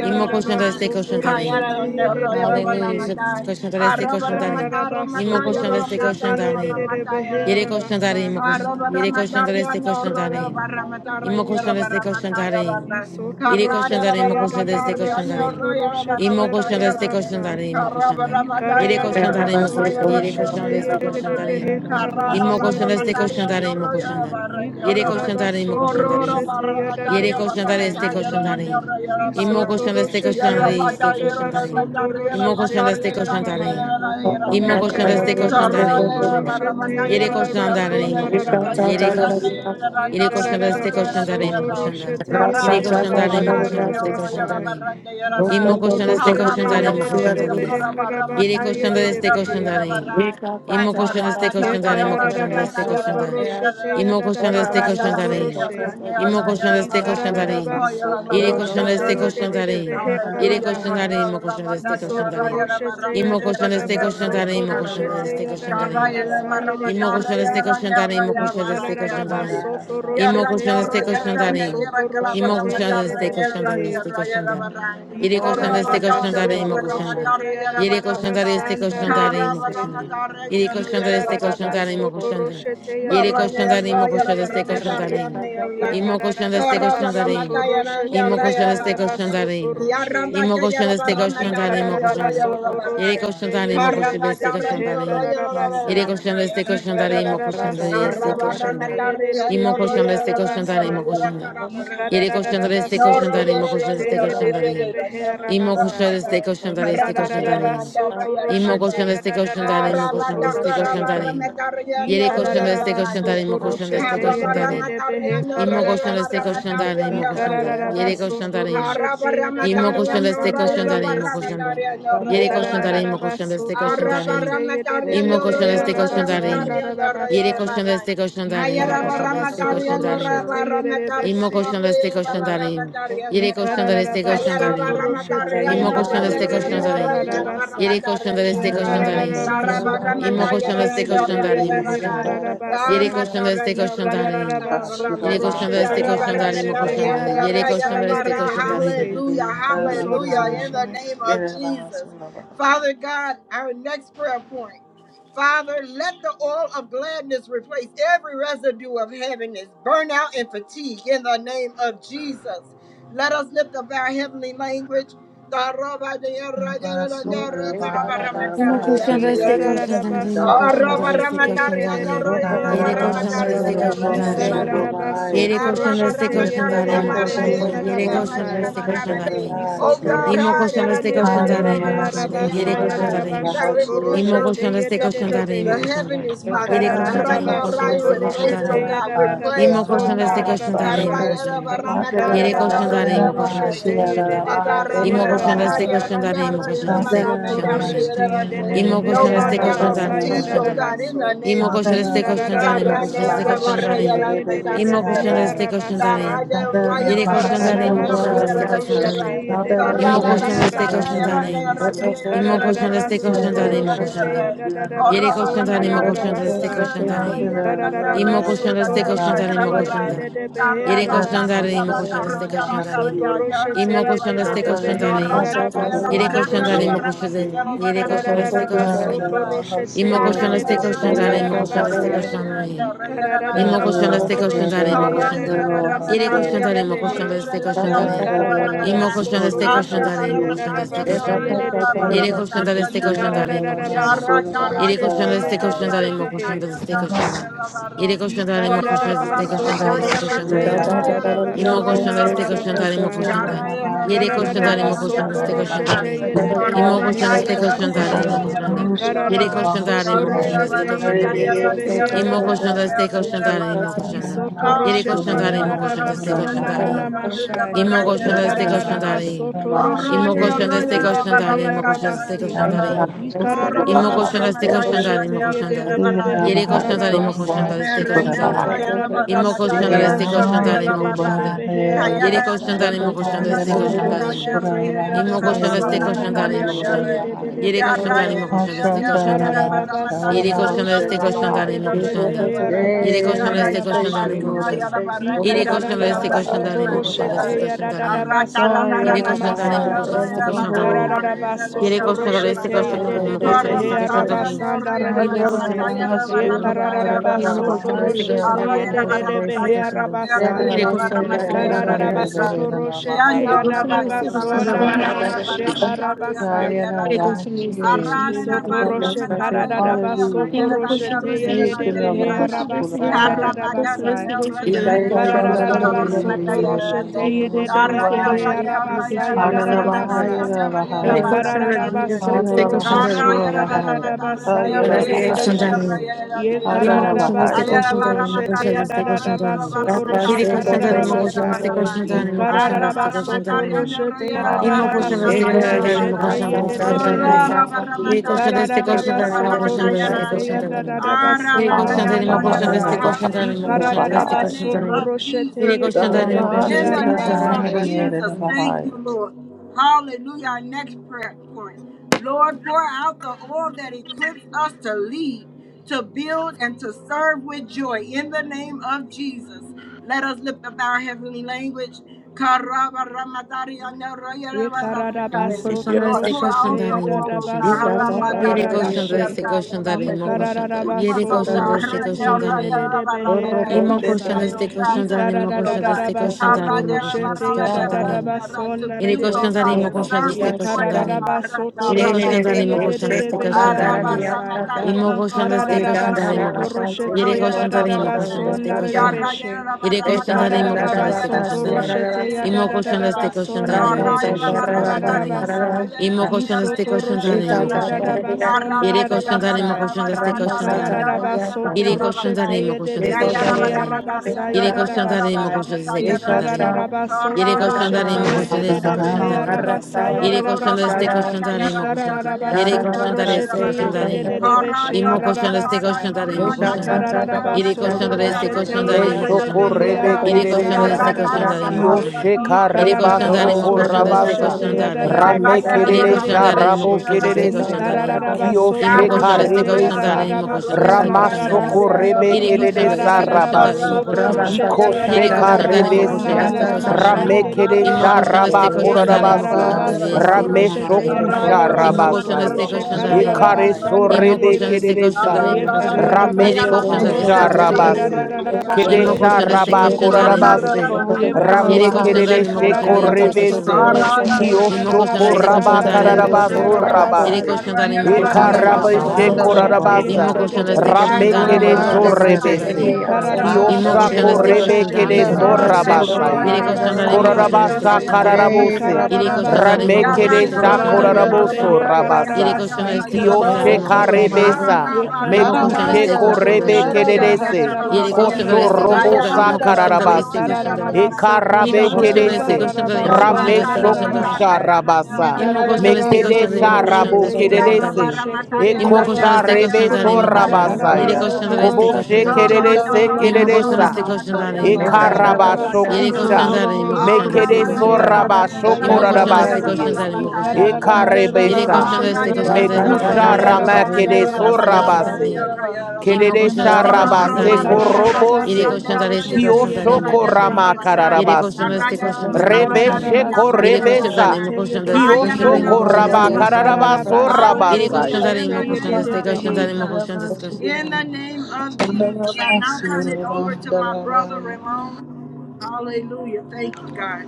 S3: imo koshanda este
S4: soto
S3: koshanda re
S4: roshe te yededebe
S3: hallelujah
S4: he.
S3: je koshanda re este
S5: Thank
S3: koshanda re
S4: Ikaradadaba
S3: imo
S4: soto
S3: koshanda este
S4: roshe te
S3: koshanda re
S4: yededebe he
S3: ire koshanda re
S4: arabasa.
S3: imo
S1: Carrara
S3: koshanda
S1: barra
S3: ire koshanda re
S1: mataria,
S3: este
S1: no
S3: koshanda
S1: roya
S3: re.
S1: barra, no
S3: Imo
S1: roya.
S3: koşan destek koşan
S1: rabarai
S3: tarayın.
S4: Isoto
S3: İri koşan tarayın,
S4: roshete
S3: imo
S4: ya da
S3: koşan destek koşan tarayın.
S4: soto roshete
S3: İmo
S4: ya da da
S3: koşan
S4: da
S3: destek koşan tarayın, imo koşan tarayın. Yere koşan tarayın, imo
S4: soto
S3: koşan, yere koşan
S4: roshete ye
S3: destek
S4: de de
S3: koşan
S4: de be
S3: tarayın.
S4: he
S1: karada
S4: karabasa
S3: İmo
S4: ye
S3: koşan
S4: de de
S3: destek
S4: be
S3: koşan tarayın,
S1: baramataryana
S3: imo
S1: roya
S3: koşan tarayın.
S1: rabarande
S3: Yere
S1: roya
S3: koşan tarayın, imo
S4: soto
S3: koşan
S1: Ororo
S3: tarayın.
S4: roshete
S1: barra
S4: ya
S3: Yere
S1: mataria
S3: koşan
S1: barra
S3: tarayın, destek
S1: mataria
S3: koşan
S1: rande
S3: tarayın.
S1: raya barra.
S3: İmo
S4: Isoto
S3: koşan destek koşan
S4: roshete
S1: Sierra
S4: ya
S3: tarayın, destek
S1: mataria
S3: koşan
S1: rande
S3: tarayın.
S4: soto
S1: mataria rande
S3: İmo koşan
S4: roshete ya
S3: destek
S4: da
S1: mataria
S4: da
S3: koşan
S4: ba
S1: rande
S3: tarayın.
S1: rande rande
S3: İmo koşan
S1: rande.
S3: destek koşan tarayın, imo
S4: soto
S1: Carra
S3: koşan tarayın.
S1: barra
S4: roshete ya
S1: mataria
S3: Yere
S4: da
S1: rande
S3: koşan
S1: raya
S3: tarayın, imo
S4: sonda da
S1: raya
S3: koşan tarayın.
S1: raya
S3: Yere koşan
S1: rande
S3: Yine
S4: Isotoroshete
S1: rande
S3: koşanda
S1: rande
S3: destek
S4: yadadadaba
S1: raya
S3: koşanda
S1: rande
S3: benim
S1: rande.
S3: koşanda.
S4: sotoroshete
S1: Carra
S3: Yine
S1: no
S3: koşanda benim
S1: robatare
S3: koşanda
S1: no
S3: destek
S1: roya la
S3: koşanda benim.
S1: barrande rande.
S3: İmmo koşanda destek
S1: Carra
S3: koşanda
S1: bada
S3: benim
S1: no
S3: koşanda reis.
S1: corra barra
S3: Yine
S1: mataria
S3: koşanda
S1: rande
S3: destek
S1: raya
S3: koşanda
S1: la
S3: benim.
S1: barra.
S6: Thank
S3: İmmo
S1: Ano
S3: koşanda destek
S1: rabata
S3: koşanda
S1: corra
S3: benim
S1: barra
S3: koşanda destek
S1: mataria
S3: koşanda.
S1: rande
S3: İmmo
S1: rande.
S3: koşanda destek koşanda benim. İmmo koşanda destek koşanda benim. Yine koşanda destek koşanda benim. Yine
S1: Hallelujah,
S3: koşanda
S1: Natal
S3: benim koşanda destek
S1: Ramatan,
S3: koşanda
S5: you.
S1: Raya
S3: benim.
S1: Ramatan,
S3: İmmo
S1: Raya
S3: koşanda
S5: Thank
S3: destek koşanda benim koşanda
S1: Ramatan,
S3: destek koşanda
S4: yadadadaba
S1: Raya
S3: Imo
S1: Ramatan,
S3: koshana
S4: sayedebese.
S1: Raya
S3: ste koshana ni imo koshana ste koshana
S4: Ikararaba
S3: ni
S4: soto
S3: imo
S4: roshete
S1: Yaranga
S3: koshana
S4: ya
S3: ste
S1: Raya
S3: koshana
S4: dadadaba
S3: ni
S4: soto
S1: Yarakaba
S3: imo
S4: roshete ye
S1: Ramata
S3: koshana ste
S1: Raya.
S3: koshana ni
S1: Raya
S4: dededebehe.
S1: Raya.
S3: ste
S1: O
S3: Yere koşanda este
S1: Rabata
S4: Ikararaba
S3: koşanda arayma
S4: soto
S1: Yaraba
S3: koşanda.
S1: Ramata
S4: roshete ya
S1: Raya
S3: Yere
S4: dadadaba
S3: koşanda
S1: Ramata.
S3: este koşanda arayma
S1: Karaba
S4: sandarebese.
S3: koşanda.
S1: Ramata
S3: Yere
S1: Raya
S3: koşanda
S1: Raya
S3: este
S4: Ikararaba
S3: koşanda
S1: Ramata.
S3: arayma
S4: soto
S3: koşanda.
S4: roshete ya
S3: Yere
S2: Yeah.
S4: dadaba
S3: koşanda
S1: Barraya
S3: arayma
S1: raya
S4: saye
S3: koşanda este koşanda
S4: dedebeshe.
S1: barramataria
S3: arayma.
S1: neogai.
S3: İmo koşanda este
S6: you.
S1: Corra
S4: Ikararaba
S3: koşanda arayma.
S4: soto
S1: barramataya nanda
S6: Thank
S4: roshete
S3: İmo
S4: ya
S6: you.
S3: koşanda
S1: raya
S3: este
S4: dadadaba
S3: koşanda
S1: barrane.
S4: soto
S3: arayma.
S4: roshe.
S1: Yarra
S3: İmo
S1: bataya
S3: koşanda este koşanda arayma
S1: barramataria
S3: koşanda.
S1: barai.
S3: Yere
S1: barrai.
S4: Ikararabasotoroshete
S3: koşanda arayma
S1: Corra
S3: koşanda este
S1: batara
S4: yedededebehe
S3: koşanda arayma.
S1: neoraya
S4: kararabasa.
S3: Yere koşanda
S1: barramataya
S3: este
S1: nanda
S3: koşanda arayma
S1: raya.
S3: koşanda
S1: Corra
S3: este koşanda.
S4: Ikararabasotoroshete
S1: barramataria
S3: İmo
S4: yedededebehe
S3: koşanda este
S1: neoraya
S3: koşanda
S4: arabasa.
S3: arayma
S5: you,
S1: neoraya
S3: koşanda.
S5: Lord.
S1: cara
S3: Yere
S1: barramete.
S5: Thank
S3: koşanda este
S5: you, Lord. Thank you,
S3: koşanda
S5: Lord.
S1: Neoraya
S3: arayma
S1: neoraya
S3: koşanda
S4: Ikararabasotoroshete
S3: este koşanda
S1: neoraya
S4: yedededebehe
S1: neoraya
S3: Imo
S4: arabasa.
S3: koshanda
S1: barramataria.
S3: steko shandare
S1: Corra
S3: steko
S1: bataya
S3: shandare.
S1: nanda raya
S3: Imo
S5: Thank
S4: Ikararabasotoroshete
S3: koshanda
S1: barramataria.
S3: steko shandare
S1: Arra
S3: imo koshanda steko
S4: yadadabasotoroshe.
S1: barra
S3: shandare.
S1: mataria no
S3: Yere
S1: roya
S3: koshanda
S4: Ikararaba
S3: steko shandare imo
S4: soto
S3: koshanda
S4: roshete
S3: steko
S5: you, Lord.
S3: shandare.
S4: yedede behe
S3: Imo koshanda steko
S4: kararabasa.
S5: Thank
S3: shandare imo
S5: you, Lord.
S3: koshanda.
S4: Ikararaba
S3: Yere
S4: soto
S3: koshandare.
S4: roshete
S3: Imo
S4: yedede
S3: koshanda steko
S4: sandare
S3: shandare imo
S4: bese.
S3: koshanda. Yere koshandare imo
S4: Ikararaba
S3: koshanda steko
S4: soto roshete
S3: shandare.
S4: yedede
S3: Imo
S4: behe
S3: koshanda steko
S1: barra
S3: shandare.
S1: mataria
S4: arabasandara
S1: no
S3: Yere
S1: roya
S4: rabasa.
S3: koshanda
S1: barra.
S3: steko shandare imo
S1: Ayaraba
S4: Ikararaba
S3: koshanda steko
S4: soto
S1: Ramatariano
S3: shandare.
S1: Raba
S4: roshete yedede
S3: Imo
S1: Ramatariano
S4: bese.
S3: colchão da este colchão
S1: Raba
S3: da areia.
S1: Ramatariano
S3: Ele colchão
S1: Rai.
S3: da este colchão da
S4: Ikararabaso
S1: Ayaraba
S3: areia.
S4: toroshete
S3: Imo
S1: Ramatariano
S3: colchão da
S4: yedede
S3: este
S4: behe
S3: colchão
S1: Rayarano
S3: da areia.
S1: Rai
S5: Surabaya,
S1: Karaba
S3: Ele
S4: kararabasa.
S3: colchão da
S5: Shadarabashi,
S3: este
S1: Ramatariano
S3: colchão
S1: Rai.
S3: da areia.
S6: Thank
S1: Karaba
S4: Ikararabaso
S3: Imo colchão da
S4: toroshete
S3: este
S1: Ramatariano
S3: colchão da
S4: yedede
S3: areia. Imo
S1: Rayarano
S4: behe
S3: colchão da.
S1: Rai.
S3: Ele
S4: kararabasa.
S3: colchão da este
S1: Ramatarano
S3: colchão da
S1: Rayarano
S3: areia.
S1: Karaba
S4: Ikararabaso
S3: Ele colchão da
S4: toroshete
S3: este
S1: Yaraba
S3: colchão da areia. Imo
S4: yedede behe
S3: colchão da.
S1: Ramatariano
S3: Ele
S4: arabasa
S3: colchão da
S1: Rayaraba
S3: este
S1: Rai.
S4: yedede
S3: colchão da areia.
S4: bese.
S1: Hallelujah,
S3: Imo
S1: hallelujah, in
S3: colchão.
S1: the
S4: Isotorosha.
S1: name of Jesus. Father God, our next prayer point. Father, let the oil of gladness replace every residue of heaviness, burnout, and fatigue in the name of Jesus. Let us lift up our heavenly language. Oh God,
S3: Imo koşanlar este koşanlar imo
S4: Ikararabaso
S3: koşanlar este
S4: toroshete
S5: Shadarabashi,
S3: koşanlar
S4: yedede behe
S3: yere koşanlar
S4: arabasa.
S3: este koşanlar
S4: Ikararabaso
S3: yere koşanlar este
S4: toroshete
S3: koşanlar
S4: yedede
S3: imo
S4: behe
S3: koşanlar yere koşanlar
S4: karabasa.
S3: este koşanlar
S4: Isoto
S3: imo
S4: roshete
S3: koşanlar este
S4: yedede de
S3: koşanlar imo
S4: behe
S3: koşanlar yere
S4: arabasa
S3: koşanlar
S4: yararaba
S1: I
S4: soto
S5: Harabasukurubaharabahashi,
S1: remove
S3: imo
S1: the
S4: roshete
S3: koşanlar este
S1: the,
S4: yedede de
S1: the,
S3: koşanlar
S1: the
S3: imo
S4: behe.
S1: heaven
S3: koşanlar
S1: is, Father
S3: yere
S1: God.
S3: koşanlar
S1: Right
S3: imo
S4: Ikarararaba
S1: now,
S3: koşanlar
S1: right,
S4: soto
S3: este
S1: replace
S3: koşanlar
S1: it,
S4: roshete
S1: oh
S3: imo
S1: God, with
S5: Madarabahasukurubaharabahashi,
S4: yedadadaba
S1: praise, oh
S4: son
S3: koşanlar este
S1: God.
S5: Anarabahasa,
S3: koşanlar imo koşanlar yere koşanlar imo koşanlar este koşanlar imo koşanlar este koşanlar imo
S4: narararabasha. Ikarararaba soto
S5: Sadarabaharabahashi,
S4: roshete yedede de behe
S5: Adarabahasurabaha,
S4: arabasa.
S3: koşanlar este
S4: Isoto
S3: koşanlar
S5: Sadarabahashi,
S4: roshete ya de de de
S3: Imo
S5: Rebehe
S1: No
S3: koşan
S4: behe
S3: destek
S1: burnout
S3: koşan
S1: or
S3: tane
S4: arabasa
S3: imo
S4: ya
S1: fatigue,
S4: da
S3: koşan
S5: Sadarabahara,
S4: da
S1: oh
S3: tane.
S1: God,
S6: you.
S1: in the
S4: baso.
S1: name
S3: İmo koşan
S1: of
S3: destek koşan tane imo koşan
S4: Ikararabaso
S6: Thank
S3: destek
S4: to
S3: koşan
S5: Sadarabahasukurabahashi,
S3: tane.
S4: roshete ya de
S5: Rebehe
S4: de de
S3: İmo koşan
S4: behe
S5: Siyadaya,
S3: destek
S1: Jesus.
S3: koşan
S4: arabasa.
S3: tane. Yere koşan tane imo koşan
S4: Ikararabaso
S5: Sadarabahasukurubahaya,
S4: to
S3: destek koşan tane.
S4: roshete ya de de de
S3: İmo
S4: behe
S3: koşan
S5: Sadarabahasi,
S3: destek koşan
S4: arabasa.
S3: tane.
S5: Rebehe
S3: İmo koşan destek
S4: Ikararabaso
S5: Yeah.
S3: koşan
S4: to
S3: tane imo koşan
S4: roshete
S3: tane.
S4: ya da da da
S3: Yere
S4: baso
S3: koşan tane imo koşan destek
S4: nararabasa.
S3: koşan tane. İmo
S4: Ikararabaso
S3: koşan
S4: to
S3: destek koşan tane imo
S4: roshete ya
S3: koşan
S4: de de
S3: tane.
S4: de behe
S3: Yere koşan tane
S4: arabasi.
S3: imo koşan destek koşan tane.
S4: Isoto roshete
S3: İmo koşan
S4: yedede
S3: destek
S4: de
S3: koşan
S4: behe
S3: tane.
S4: kararaba
S3: Yere
S4: soto
S3: koşan tane imo
S4: roshe.
S3: koşan yere koşan destek
S4: Ikarararaba
S3: koşan tane.
S4: soto roshete
S3: Imo koşan este koşan dar
S4: behe
S3: imo koşan este
S4: arabasa.
S3: koşan dar imo
S4: Ikarararaba
S3: koşan este
S4: soto
S1: Yarra,
S3: koşan dar imo koşan dar
S1: Arrayera
S3: yere
S4: yadadabasa
S3: koşan
S1: barramataria
S3: dar
S4: yedede
S3: imo koşan
S4: behe.
S1: venderrayera
S3: este koşan dar
S1: venderrayera
S4: Ikarararaba
S3: imo
S1: barramatai.
S3: koşan
S4: soto
S3: este koşan
S1: Arra
S3: dar imo koşan
S1: barramataria
S3: este
S4: yadadabasa
S3: koşan dar
S1: venderrayera
S4: yedede
S3: yere
S4: behe.
S3: koşan dar
S1: barramataria
S3: este koşan
S1: venderray.
S3: dar imo koşan
S4: Ikarararaba
S3: dar
S1: Yarra
S4: soto
S3: yere koşan este
S1: tarrayera
S3: koşan dar
S4: yedede
S3: imo koşan
S4: behe.
S3: dar
S1: barramataria
S3: este koşan dar
S1: venderrayera
S3: yere
S1: barray.
S3: koşan dar imo
S1: Orra
S3: koşan este
S5: Sukura
S4: Ikararabaso
S3: koşan dar
S5: Bahaya.
S3: este
S1: barramataria
S3: koşan
S4: toroshete
S5: Sukura
S3: dar
S1: venderrayera
S3: Imo
S4: yadadabaso
S3: koşan da
S1: venderrayera
S3: destek koşan
S1: barray.
S3: tane imo
S4: nararabasa.
S3: koşan
S6: you.
S3: da.
S1: Yarrayera
S3: Yere koşan tane
S1: barramataria
S3: imo
S4: Ikararabaso
S3: koşan destek
S1: venderrayera
S3: koşan
S4: toroshete
S1: barray.
S3: tane.
S6: Thank
S1: Orra
S3: İmo koşan
S1: mataria
S3: destek koşan
S4: yedededebeheyarabasa.
S3: tane imo
S1: venderrayera
S3: koşan
S1: venderrayera
S3: Yere
S1: barray.
S3: koşan
S4: Ikararabaso
S5: Bahaya.
S3: imo koşan
S1: Arriba
S4: toroshete
S3: destek
S1: para
S3: koşan tane.
S1: Mataya, donde arriba
S3: İmo
S1: de
S3: koşanda
S4: yedededebeheyarabasa.
S1: donde
S3: destek
S1: arriba
S3: koşan
S1: de
S3: imo
S1: Barray.
S3: koşan
S4: Isoto
S1: Ah,
S3: Yere koşan
S4: roshete ya
S3: tane
S1: Ramata,
S3: imo
S4: dada
S3: koşan
S1: Caramba,
S3: destek
S5: Sukura
S3: koşan
S1: Ramata,
S4: basona na
S3: tane.
S4: na
S1: donde arriba de
S4: mashai.
S3: İmo
S1: Barray,
S3: koşanda
S1: era
S4: Ikara
S3: destek
S1: de
S3: koşan
S4: dada
S3: tane.
S1: Barray.
S4: basoto
S1: Oh,
S3: İmo
S4: roshete
S1: Roya,
S4: ye
S3: koşanda
S4: de
S1: Roya,
S4: de
S3: destek
S4: de
S3: koşan
S4: behe
S3: imo koşan
S1: Barramataya,
S3: destek
S4: arabasi.
S1: donde
S3: koşan tane.
S1: Array.
S4: Ikara dada
S3: İmo
S1: Corrora,
S3: koşan da destek
S4: basoto
S1: Barramataya,
S3: koşan tane
S4: roshete
S3: imo
S1: donde
S4: ye
S3: koşan
S4: de
S1: arriba de
S4: de de
S1: Barray.
S4: behe
S3: Yere koşan imo koşan da
S4: kararabasai.
S3: destek koşan tane.
S5: Bahaya.
S4: Ikara dada
S3: İmo koşanda
S4: basoto
S3: destek
S4: roshete
S3: koşan
S4: ye
S3: imo
S4: de de
S3: koşan Yere koşanlar imo koşanlar destek
S4: Isoto
S5: Ayaravaha
S3: koşanlar in.
S4: roshete ya
S5: Sukuravaha
S3: İmo koşanlar destek
S4: basona na
S3: koşanlar
S5: Sayaravaha
S3: imo
S4: mashai ye
S3: koşanlar.
S5: Duravahaya
S3: Yere
S4: behe.
S3: koşanlar imo koşanlar
S5: Hasha
S3: destek koşanlar in.
S5: Saravaha
S3: Yere
S4: Ikararabasoto
S5: Saravaha
S3: koşanlar destek
S4: roshete
S3: koşanlar
S5: Saravahaya
S3: imo
S4: yedede
S3: koşanlar. Yere
S4: beherabasa
S3: koşanlar
S5: Yay!
S3: destek
S5: Thank
S3: koşanlar
S4: yadadabashe.
S5: you,
S3: imo
S5: Lord. I
S3: koşanlar.
S5: Thank you,
S3: Yere
S5: Jesus.
S3: koşanlar destek
S5: Saravaha
S3: koşanlar
S4: Ikararabasoto
S6: you.
S3: imo koşanlar
S4: roshete
S3: destek
S5: Sukuravahaya
S1: Right,
S3: koşanlar in.
S1: Arraya,
S4: yadadabaso
S3: Yere koşanlar
S4: nananamasa.
S3: imo
S5: Sayaravahaya
S3: koşanlar destek koşanlar in.
S5: Ravaho
S3: Yere
S4: Ikararabasoto
S3: koşanlar,
S5: Oh
S3: este
S4: roshete
S3: koşanlar,
S5: Yaravaha
S3: immo
S4: yedede
S3: koşanlar, este
S5: Say
S3: koşanlar, immo
S4: beherabasandarebese.
S3: koşanlar, este
S5: Sadaravaha
S3: koşanlar,
S5: Sukuravaha
S3: immo
S4: Ikararabasoto
S3: koşanlar, este
S5: Daravahaya
S4: roshete
S3: koşanlar, immo
S4: yedede
S5: Ravahaya
S3: koşanlar, este koşanlar.
S4: beherabasa.
S5: Dere
S3: Yere
S5: Behe
S3: koşanlar,
S5: Dere
S3: este
S5: Behe
S3: koşanlar,
S5: Dere
S3: immo
S4: Ikararabasoto
S3: koşanlar.
S5: Behe Dere Behe Dere
S4: roshete
S5: Behe
S3: Yere koşanlar, este koşanlar, yere
S5: Dere
S3: koşanlar, este
S5: Behe
S4: yadadabaso
S3: koşanlar,
S5: Dere
S4: nananamashe karabasa.
S3: immo koşanlar, este koşanlar. Immo koşanlar, este
S5: Sayarabahashe.
S3: koşanlar,
S4: Isotoroshe
S6: Thank
S4: karadadaba
S5: Hallelujah.
S3: immo
S4: sotoroshe
S3: koşanlar,
S4: teye
S3: este koşanlar, immo koşanlar, este koşanlar, immo
S4: dedebehe
S3: koşanlar, este koşanlar.
S4: arabasa
S1: Arra
S5: Sayarabahasukurabahai.
S3: Immo koşanlar,
S4: yadadabasa.
S3: este koşanlar,
S4: Ikaradadaba sotoroshe teye dedebehe
S5: Sayarabahasukurabahai.
S3: immo
S4: arabasa
S3: koşanlar, este koşanlar.
S4: yadadabasa.
S3: Yere
S5: Hadarabahayarabahai.
S1: barra
S3: koşanlar, immo
S4: Ikaradadaba
S3: koşanlar, este
S4: sotoroshe
S3: koşanlar.
S4: teye
S5: Hadarabahasurabahai.
S4: dadadabasa
S3: este question
S5: Hayarabahai.
S4: yededebeshe.
S3: time.
S4: Ye
S3: Imo question
S4: karadadaba
S3: este
S5: Hadarabahai.
S3: question time. Imo
S4: sotoroshe
S3: question
S4: teye
S3: este question
S4: dadadaba
S3: time.
S4: sotoroshe
S3: Hiri question time.
S5: Hallelujah,
S3: Imo question
S5: Jesus.
S4: karadadabasa.
S3: este
S5: Thank
S3: question time. Imo
S5: you,
S3: question
S5: God.
S4: Ikaradadaba
S3: este question time.
S4: sotoroshe
S3: Imo
S4: teye dadadaba
S3: question
S5: Hallelujah,
S3: este question time.
S4: sotoroshe
S3: Imo
S5: hallelujah,
S3: question
S1: matarian,
S4: teye
S3: este question
S5: hallelujah,
S1: Orra
S3: time.
S4: dedebehe.
S1: rabara
S3: Hiri
S5: hallelujah,
S3: question
S1: matari
S3: este
S1: anda
S3: question
S1: roya
S4: Ikaradadaba
S3: time. Imo
S1: rabara
S4: soto
S3: question
S1: mataya
S3: este
S5: hallelujah.
S4: roshete
S3: question
S1: rande.
S3: time.
S4: yadadadaba so
S1: Ara
S3: Hiri question
S1: mataya
S3: time.
S4: nananana
S3: Imo
S5: Hallelujah,
S1: raya
S3: question este
S4: masai.
S1: rabara.
S3: question
S5: hallelujah,
S3: time. Imo
S1: Hallelujah.
S3: question
S1: In
S3: este
S4: Ikaradadaba
S1: the
S5: hallelujah.
S3: question
S1: name
S4: soto
S3: time.
S1: of
S4: roshete
S3: Hiri
S1: Jesus.
S3: question time. Imo
S4: yedededebe he
S3: question
S1: In
S5: Bahaya.
S1: the
S3: este question
S1: name
S3: time. Imo
S4: arabasai.
S1: of Jesus,
S3: question.
S1: thank you, Lord. Hallelujah. Our next prayer point. Lord, pour out the oil that equips us to lead, to build, and to serve with joy. In the name of Jesus, let us lift up our heavenly language. Lord, pour
S4: Ye kararabaso
S3: Koşanda destek
S4: toroshete
S1: out
S3: koşanda
S1: the
S4: ya
S3: reyim
S1: oil,
S3: koşanda.
S4: dadabaso
S3: Yere koşanda
S4: nararabashe.
S1: oh
S3: destek koşanda
S4: Ye
S3: reyim
S1: God.
S3: koşanda.
S1: Equip us,
S3: Yere
S4: kararabaso
S1: oh
S3: koşanda
S1: God,
S3: destek
S1: right
S6: you.
S4: toroshete
S1: now,
S4: ye
S3: koşanda
S1: right
S3: reyim.
S1: now, right now, right
S6: Rakasa
S1: now. we
S3: İmo
S4: arabasa.
S3: koşanda
S1: desire, oh
S3: destek
S1: God,
S4: Ye
S1: to
S3: koşanda reyim
S1: lead, oh
S3: koşanda
S1: God,
S3: destek
S4: kararabaso
S1: Ah,
S3: koşanda
S1: right
S3: reyim
S1: now, right
S3: koşanda
S1: now,
S4: toroshete
S3: destek
S4: ya
S3: koşanda
S1: right
S3: reyim.
S1: now, right now, right, now. to
S3: Yere
S1: build, oh
S3: koşan
S4: naredebese.
S1: God,
S3: darim,
S1: and
S3: koşan
S1: serve
S4: Ye
S1: with
S3: destek
S1: joy,
S3: koşan
S1: oh
S3: darim.
S1: God,
S4: kararabaso
S1: right now,
S3: Yere
S1: right now, right
S3: koşan
S4: toroshete
S1: now,
S3: darim,
S4: ye
S1: right
S3: koşan
S1: now.
S3: destek
S1: Ah,
S3: koşan
S1: rabba,
S3: darim.
S4: arabasa.
S1: rama ta, ya,
S3: İmo
S1: ra, ko,
S3: koşan
S1: ro,
S3: destek
S1: ya,
S3: koşan
S1: rabba,
S3: darim,
S4: Ikararabaso
S1: rabba, Do
S3: koşan.
S1: it, Lord.
S4: toroshete
S1: Ah,
S3: Yere
S1: ya,
S3: koşan
S1: rabba,
S3: darim,
S1: rabba.
S3: koşan
S4: yadadabaso
S3: destek koşan
S1: Ya, ra,
S3: darim.
S1: ya,
S4: narebeshe.
S1: rabba,
S3: Yere
S1: rabba,
S3: koşan
S1: ta,
S3: darim,
S1: ya,
S3: koşan
S1: ra, ya,
S3: destek
S1: ra,
S4: Ikararabaso
S3: koşan
S1: Ya ra, ya, ra, ya, ya,
S3: darim.
S4: toroshete
S3: İmo
S1: ya, ya, ya,
S3: koşan
S1: ra.
S3: destek
S4: yadadabaso
S3: koşan
S1: Ko,
S3: darim,
S1: ya,
S3: koşan
S4: narebeshe
S1: rabba,
S3: destek
S1: rabba,
S3: koşan
S1: ta,
S3: darim.
S1: ya, ra, ya,
S4: kararabasa.
S3: İmo
S1: ra, ya,
S3: koşan
S1: ra,
S4: Iso
S3: destek koşan darim,
S4: toroshete
S3: koşan darim.
S1: Yarra
S4: yadadabaso
S3: Yere koşan darim,
S4: narabasa.
S3: koşan destek koşan darim.
S4: Ikararabaso
S3: Iri
S4: toroshete
S3: koshandarim, koshandeste
S4: yededebehe
S3: koshandarim.
S4: arabasa
S3: Iri koshandarim,
S4: yadadabasa.
S3: koshandeste koshandarim.
S6: Mikasa,
S4: Ikararabaso
S3: Iri
S4: toroshete
S3: koshandarim,
S6: Yadamas,
S3: koshandeste
S4: yededebehe
S3: koshandarim.
S4: arabasa
S6: Arasa,
S3: Iri koshandeste
S4: yadadabaso.
S6: Yudadas,
S3: koshandarim, koshand.
S4: Ikararaba
S3: Iri
S4: soto
S6: Yadarabaka,
S3: koshandareste
S4: roshete
S6: Seti,
S3: koshandarim.
S6: Kaidariya,
S4: yedededebe
S3: Imo koshandeste
S4: sheyararabasa.
S3: koshandarim, koshand.
S6: Mikasa,
S4: Ikararaba
S3: Iri
S6: Sadarika,
S4: soto
S3: koshandareste
S4: roshete
S3: koshandarim,
S4: yedededebe
S3: koshand.
S7: Meshoko rebe
S3: Iri
S6: Uroko,
S4: heyarabasa
S7: kededesa.
S3: koshandareste
S6: Sotariya,
S3: koshandarim,
S4: yadadabasa.
S3: koshand.
S7: Kiyosheka
S3: Iri
S7: reba
S4: Ikararaba
S6: Roko,
S3: koshandarim,
S7: shoko
S4: soto
S6: Soto,
S3: koshandeste
S7: rabasa.
S4: roshete
S1: Ramatari,
S6: Sotariko,
S3: koshandarim.
S7: Rame
S4: yadadabasa
S3: Iri
S7: kededesha
S6: Sekadariya,
S4: yedededebe
S3: koshandarim,
S7: rabo
S4: she.
S3: koshandeste
S7: kededese.
S6: Mikasa,
S3: koshandarim.
S6: Sadariya,
S4: Ikararabaso
S3: Imo
S7: Kiyosheka
S3: koşanda
S6: Sasita,
S3: este
S4: toroshete
S3: koşanda
S7: rebesa.
S3: imo koşanda
S4: yadadabaso
S3: este
S7: Rama
S6: Rako,
S3: koşanda
S7: shoko
S6: Sito,
S4: nararabasa.
S7: rebe
S3: ire
S6: Soto,
S3: koşanda
S7: kededesa
S3: este koşanda
S7: rabasi.
S3: imo
S4: Ikararabaso
S3: koşanda
S6: Rabasa,
S7: Iko
S4: toroshete
S3: yere
S7: sheka
S3: koşanda
S6: Sotariya,
S3: imo
S4: yadadabaso
S3: koşanda
S7: rebese.
S3: este koşanda
S6: Yata,
S4: nananamasha
S7: Rame
S3: imo
S7: kedesha
S4: yederebeshe.
S6: Shake
S3: koşanda este
S7: raba
S3: koşanda imo
S7: korarabase.
S3: koşanda
S4: Yekararabaso
S3: este
S7: Rame
S4: toroshete
S3: koşanda
S7: shokusha
S3: imo
S4: yadadabaso
S3: koşanda este
S7: rabasaya.
S4: toroshe
S3: koşanda
S7: Ekare
S4: kararabasa
S3: imo
S7: shorebe
S3: koşanda este
S4: ndarebese.
S7: kededesa.
S3: koşanda imo koşanda yere
S4: Yekararabaso
S3: koşanda este
S7: Rameshokusha
S4: toroshete
S3: koşanda
S7: rabase,
S4: yadadabasha
S3: imo
S1: Arra
S7: Kedesha
S3: koşanda este
S7: rabakora
S3: koşanda imo
S4: bese.
S7: rabase,
S3: koşanda
S4: Yeba
S3: yere
S7: Rame
S4: soto
S3: koşanda
S4: roshe
S3: imo
S7: kedeshe
S3: koşanda
S4: kararaba
S3: este
S4: soto
S7: korebese,
S3: koşanda
S4: roshe te
S3: Imo koşan
S4: yadadaba
S7: Kiyoshoko
S3: destek koşan
S4: sandare
S3: tare
S7: rabakara
S3: imo
S4: bese
S3: koşan.
S4: rarabasa.
S3: Yere
S7: rabase,
S3: koşan tare imo koşan
S7: Eka
S3: destek
S4: Ikararaba
S3: koşan
S4: soto
S7: rabeshe
S3: tare.
S4: roshe te
S5: Shandarabhahandarabahu.
S3: Imo
S7: korarabasa,
S3: koşan
S4: yedede
S3: destek koşan
S7: Rame
S3: tare imo
S4: beshandaraba
S3: koşan
S7: kedesho
S3: destek
S4: sa.
S3: koşan tare.
S7: rebese,
S5: Buramandararahe
S4: Ikararaba
S3: Imo
S5: araramashe.
S3: koşan
S4: soto
S7: Kiyoshako
S3: destek
S4: roshe
S7: rebe
S3: koşan
S4: te
S3: tare imo
S7: kedeso
S4: yedede
S3: koşan.
S4: beshe
S3: Yere
S7: rabasaye,
S3: koşan
S4: yarabasa
S3: tare imo
S5: Shandarabhasugurabhayararabaha.
S3: koşan
S4: yedede
S3: destek
S7: Korarabasha
S4: bese.
S3: koşan tare.
S5: Yay,
S7: kararabose,
S3: Yere
S4: Ikararaba
S3: koşan tare imo
S7: Rame
S4: soto
S5: Ramandarabha,
S3: koşan
S4: roshe
S3: destek
S4: te
S7: kedesha
S3: koşan tare
S5: Surabaya,
S3: imo
S4: yedede
S7: koraraboso
S4: behe
S3: koşan.
S5: Rabaya.
S3: Yere
S4: kararaba
S7: rabasa,
S3: koşan
S4: sa.
S5: Thank you,
S3: destek koşan tare
S5: Rabaho
S7: Kioshe
S3: imo
S1: Yarra
S3: koşan tare.
S5: Surama.
S1: Yarra
S7: karebesa,
S4: Ye
S3: Imo koşan
S7: mekushe
S3: destek
S4: kararabaso
S5: Saramaya,
S3: koşan tare
S7: korebe
S3: imo
S4: toroshete
S3: koşan
S4: ya
S3: tare.
S5: Sharabaha
S7: kedese,
S3: Yere
S4: dadarabaso
S5: Sukurabaha,
S3: koşan tare
S7: kosho
S3: destek
S7: robo
S3: koşan tare
S4: nararabashe.
S5: Suramana
S3: imo koşan tare
S4: Ye
S5: Darabaha,
S3: destek
S7: sakarabasi,
S3: koşan tare.
S4: kararabaso
S7: ekarabe
S3: Imo
S4: toroshete
S3: koşan
S4: ya
S3: destek
S5: Shandarabaha
S7: kedese,
S3: koşan tare imo
S4: dadarabaso
S3: koşan
S5: Sukurabaha,
S3: destek
S7: ramesho
S3: koşan tare.
S7: kusha
S4: naranamasha.
S5: Darabaya,
S4: Ye
S5: and
S7: rabasa,
S3: Imo koşan este
S5: Darabe,
S4: kararabaso
S3: koşan da imo
S7: mekedesha
S6: Rasa
S5: Niribe,
S3: koşan da
S7: rabo
S4: toroshete
S3: este
S4: ye
S3: koşan da
S5: Suramaya.
S3: mı?
S7: kedese,
S4: dedebeshe
S3: Imo
S5: Shandara
S3: koşan
S7: ekosha
S4: kededebehe
S3: este koşan da
S5: Bahasukura
S3: ni
S4: ye
S7: rebeso
S3: imo koşan da.
S5: Mahayara
S4: karararaba
S3: Yere
S7: rabasaya,
S3: koşan
S4: soto
S3: da este
S5: Mahashiyanda
S4: roshete
S3: koşan
S7: koboshe
S3: da
S4: ye
S3: mı?
S4: dedebe
S5: Shandara
S7: kedese
S4: he
S3: Imo koşan
S5: Bahasura
S7: kedesa,
S3: este
S4: karabasa
S3: koşan da ni
S5: Mandara
S4: Ye
S3: imo koşan da.
S4: karararaba
S5: Bahashi
S7: ekarabasho
S3: Yere
S4: soto
S3: koşan
S5: Shandara
S7: kusha,
S3: da ni
S4: roshete
S3: imo
S4: ye
S3: koşan da
S5: Bahasukura
S1: Arra
S3: este
S4: dedebe
S1: barra
S7: mekedeso
S3: koşan
S4: he
S3: da
S5: Mahayara
S3: mı?
S1: matarra y
S7: rabasho
S4: arabasa ye
S5: Bahasura
S3: Imo
S1: lande,
S3: koşan
S1: arra
S4: dedebe
S1: y
S3: este
S5: Mandara
S4: so
S3: koşan
S7: korabasie,
S3: da
S1: barra
S3: ni
S4: Ye
S3: imo
S5: Baho
S1: matar y
S3: koşan da.
S1: lande.
S4: karararaba
S5: Nandara
S3: Yere
S4: soto
S7: ekarebesa.
S3: koşan
S4: roshete
S1: Arra y
S3: destek
S5: Bandara
S4: ye
S3: koşan da
S1: barra
S3: imo
S5: Bandara
S4: dedebe
S3: koşan
S7: Mekusha
S4: he
S1: matar y
S3: destek
S5: Bandara
S7: rama
S3: koşan da imo
S4: arabasa
S7: kede
S4: ye
S5: Bandara
S3: koşan
S1: barra
S3: destek
S5: Bandara
S1: matar
S3: koşan
S1: y
S4: arabasa
S3: da
S7: sorabase.
S1: la
S5: Bandara Bandara
S3: imo
S1: barra.
S7: Kedede
S3: koşan
S5: Shandara
S3: destek
S1: Corro
S3: koşan
S4: ye
S3: da
S7: sharabase
S5: Mahashiye
S1: barra
S3: imo
S1: matar y
S4: karararaba
S3: yere
S7: korobose.
S1: lande,
S4: soto
S3: koşan
S5: Shandara
S3: da
S1: arra y
S3: destek
S4: roshete
S3: koşan
S4: ye
S1: lande,
S3: da
S5: Bahashiye
S1: arra
S3: imo
S1: y
S7: Kiyoshoko
S4: dedebe
S3: koşan
S7: rama
S1: barra
S4: he
S1: matar.
S3: yere koşan
S7: kararabasi.
S4: karabaso
S5: Shandara
S1: Arra y
S3: destek koşan
S4: Ye
S3: da
S1: barra
S3: imo
S1: matar y
S3: koşan
S7: Rebeshe
S4: karararaba
S1: la
S3: yere
S4: soto
S3: koşan
S1: barra
S3: da
S5: Bahashiye
S7: korebesa.
S1: matar.
S3: imo
S4: roshete ye
S3: koşan destek
S1: Ay,
S4: dedebe
S1: arra
S3: koşan da
S4: he
S5: Nandara
S3: imo
S7: Kiyoshoko
S3: koşan
S7: raba
S3: destek
S5: Bahaya
S4: Ye
S1: barra.
S3: koşan da
S4: karararaba
S7: kararabaso
S4: soto
S3: yere
S1: Hallelujah,
S3: koşan
S7: rabasaya.
S3: da
S1: in
S4: roshete
S3: imo
S1: the
S4: ye
S3: koşan
S1: name
S3: destek
S1: of
S4: dedebe
S3: koşan
S4: he
S3: da imo
S1: Jesus.
S3: koşan destek koşan
S1: In the name of Jesus, I now turn it over to my brother
S5: Shandarabasurabandarabai,
S1: Ramon. Hallelujah. Thank you, God.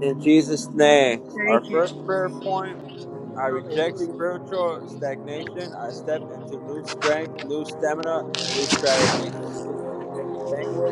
S2: In Jesus' name, our
S1: Thank you,
S2: first
S1: Jesus.
S2: prayer point I reject spiritual stagnation. I step into new strength, new stamina, and new strategies. Speaking in heavenly language.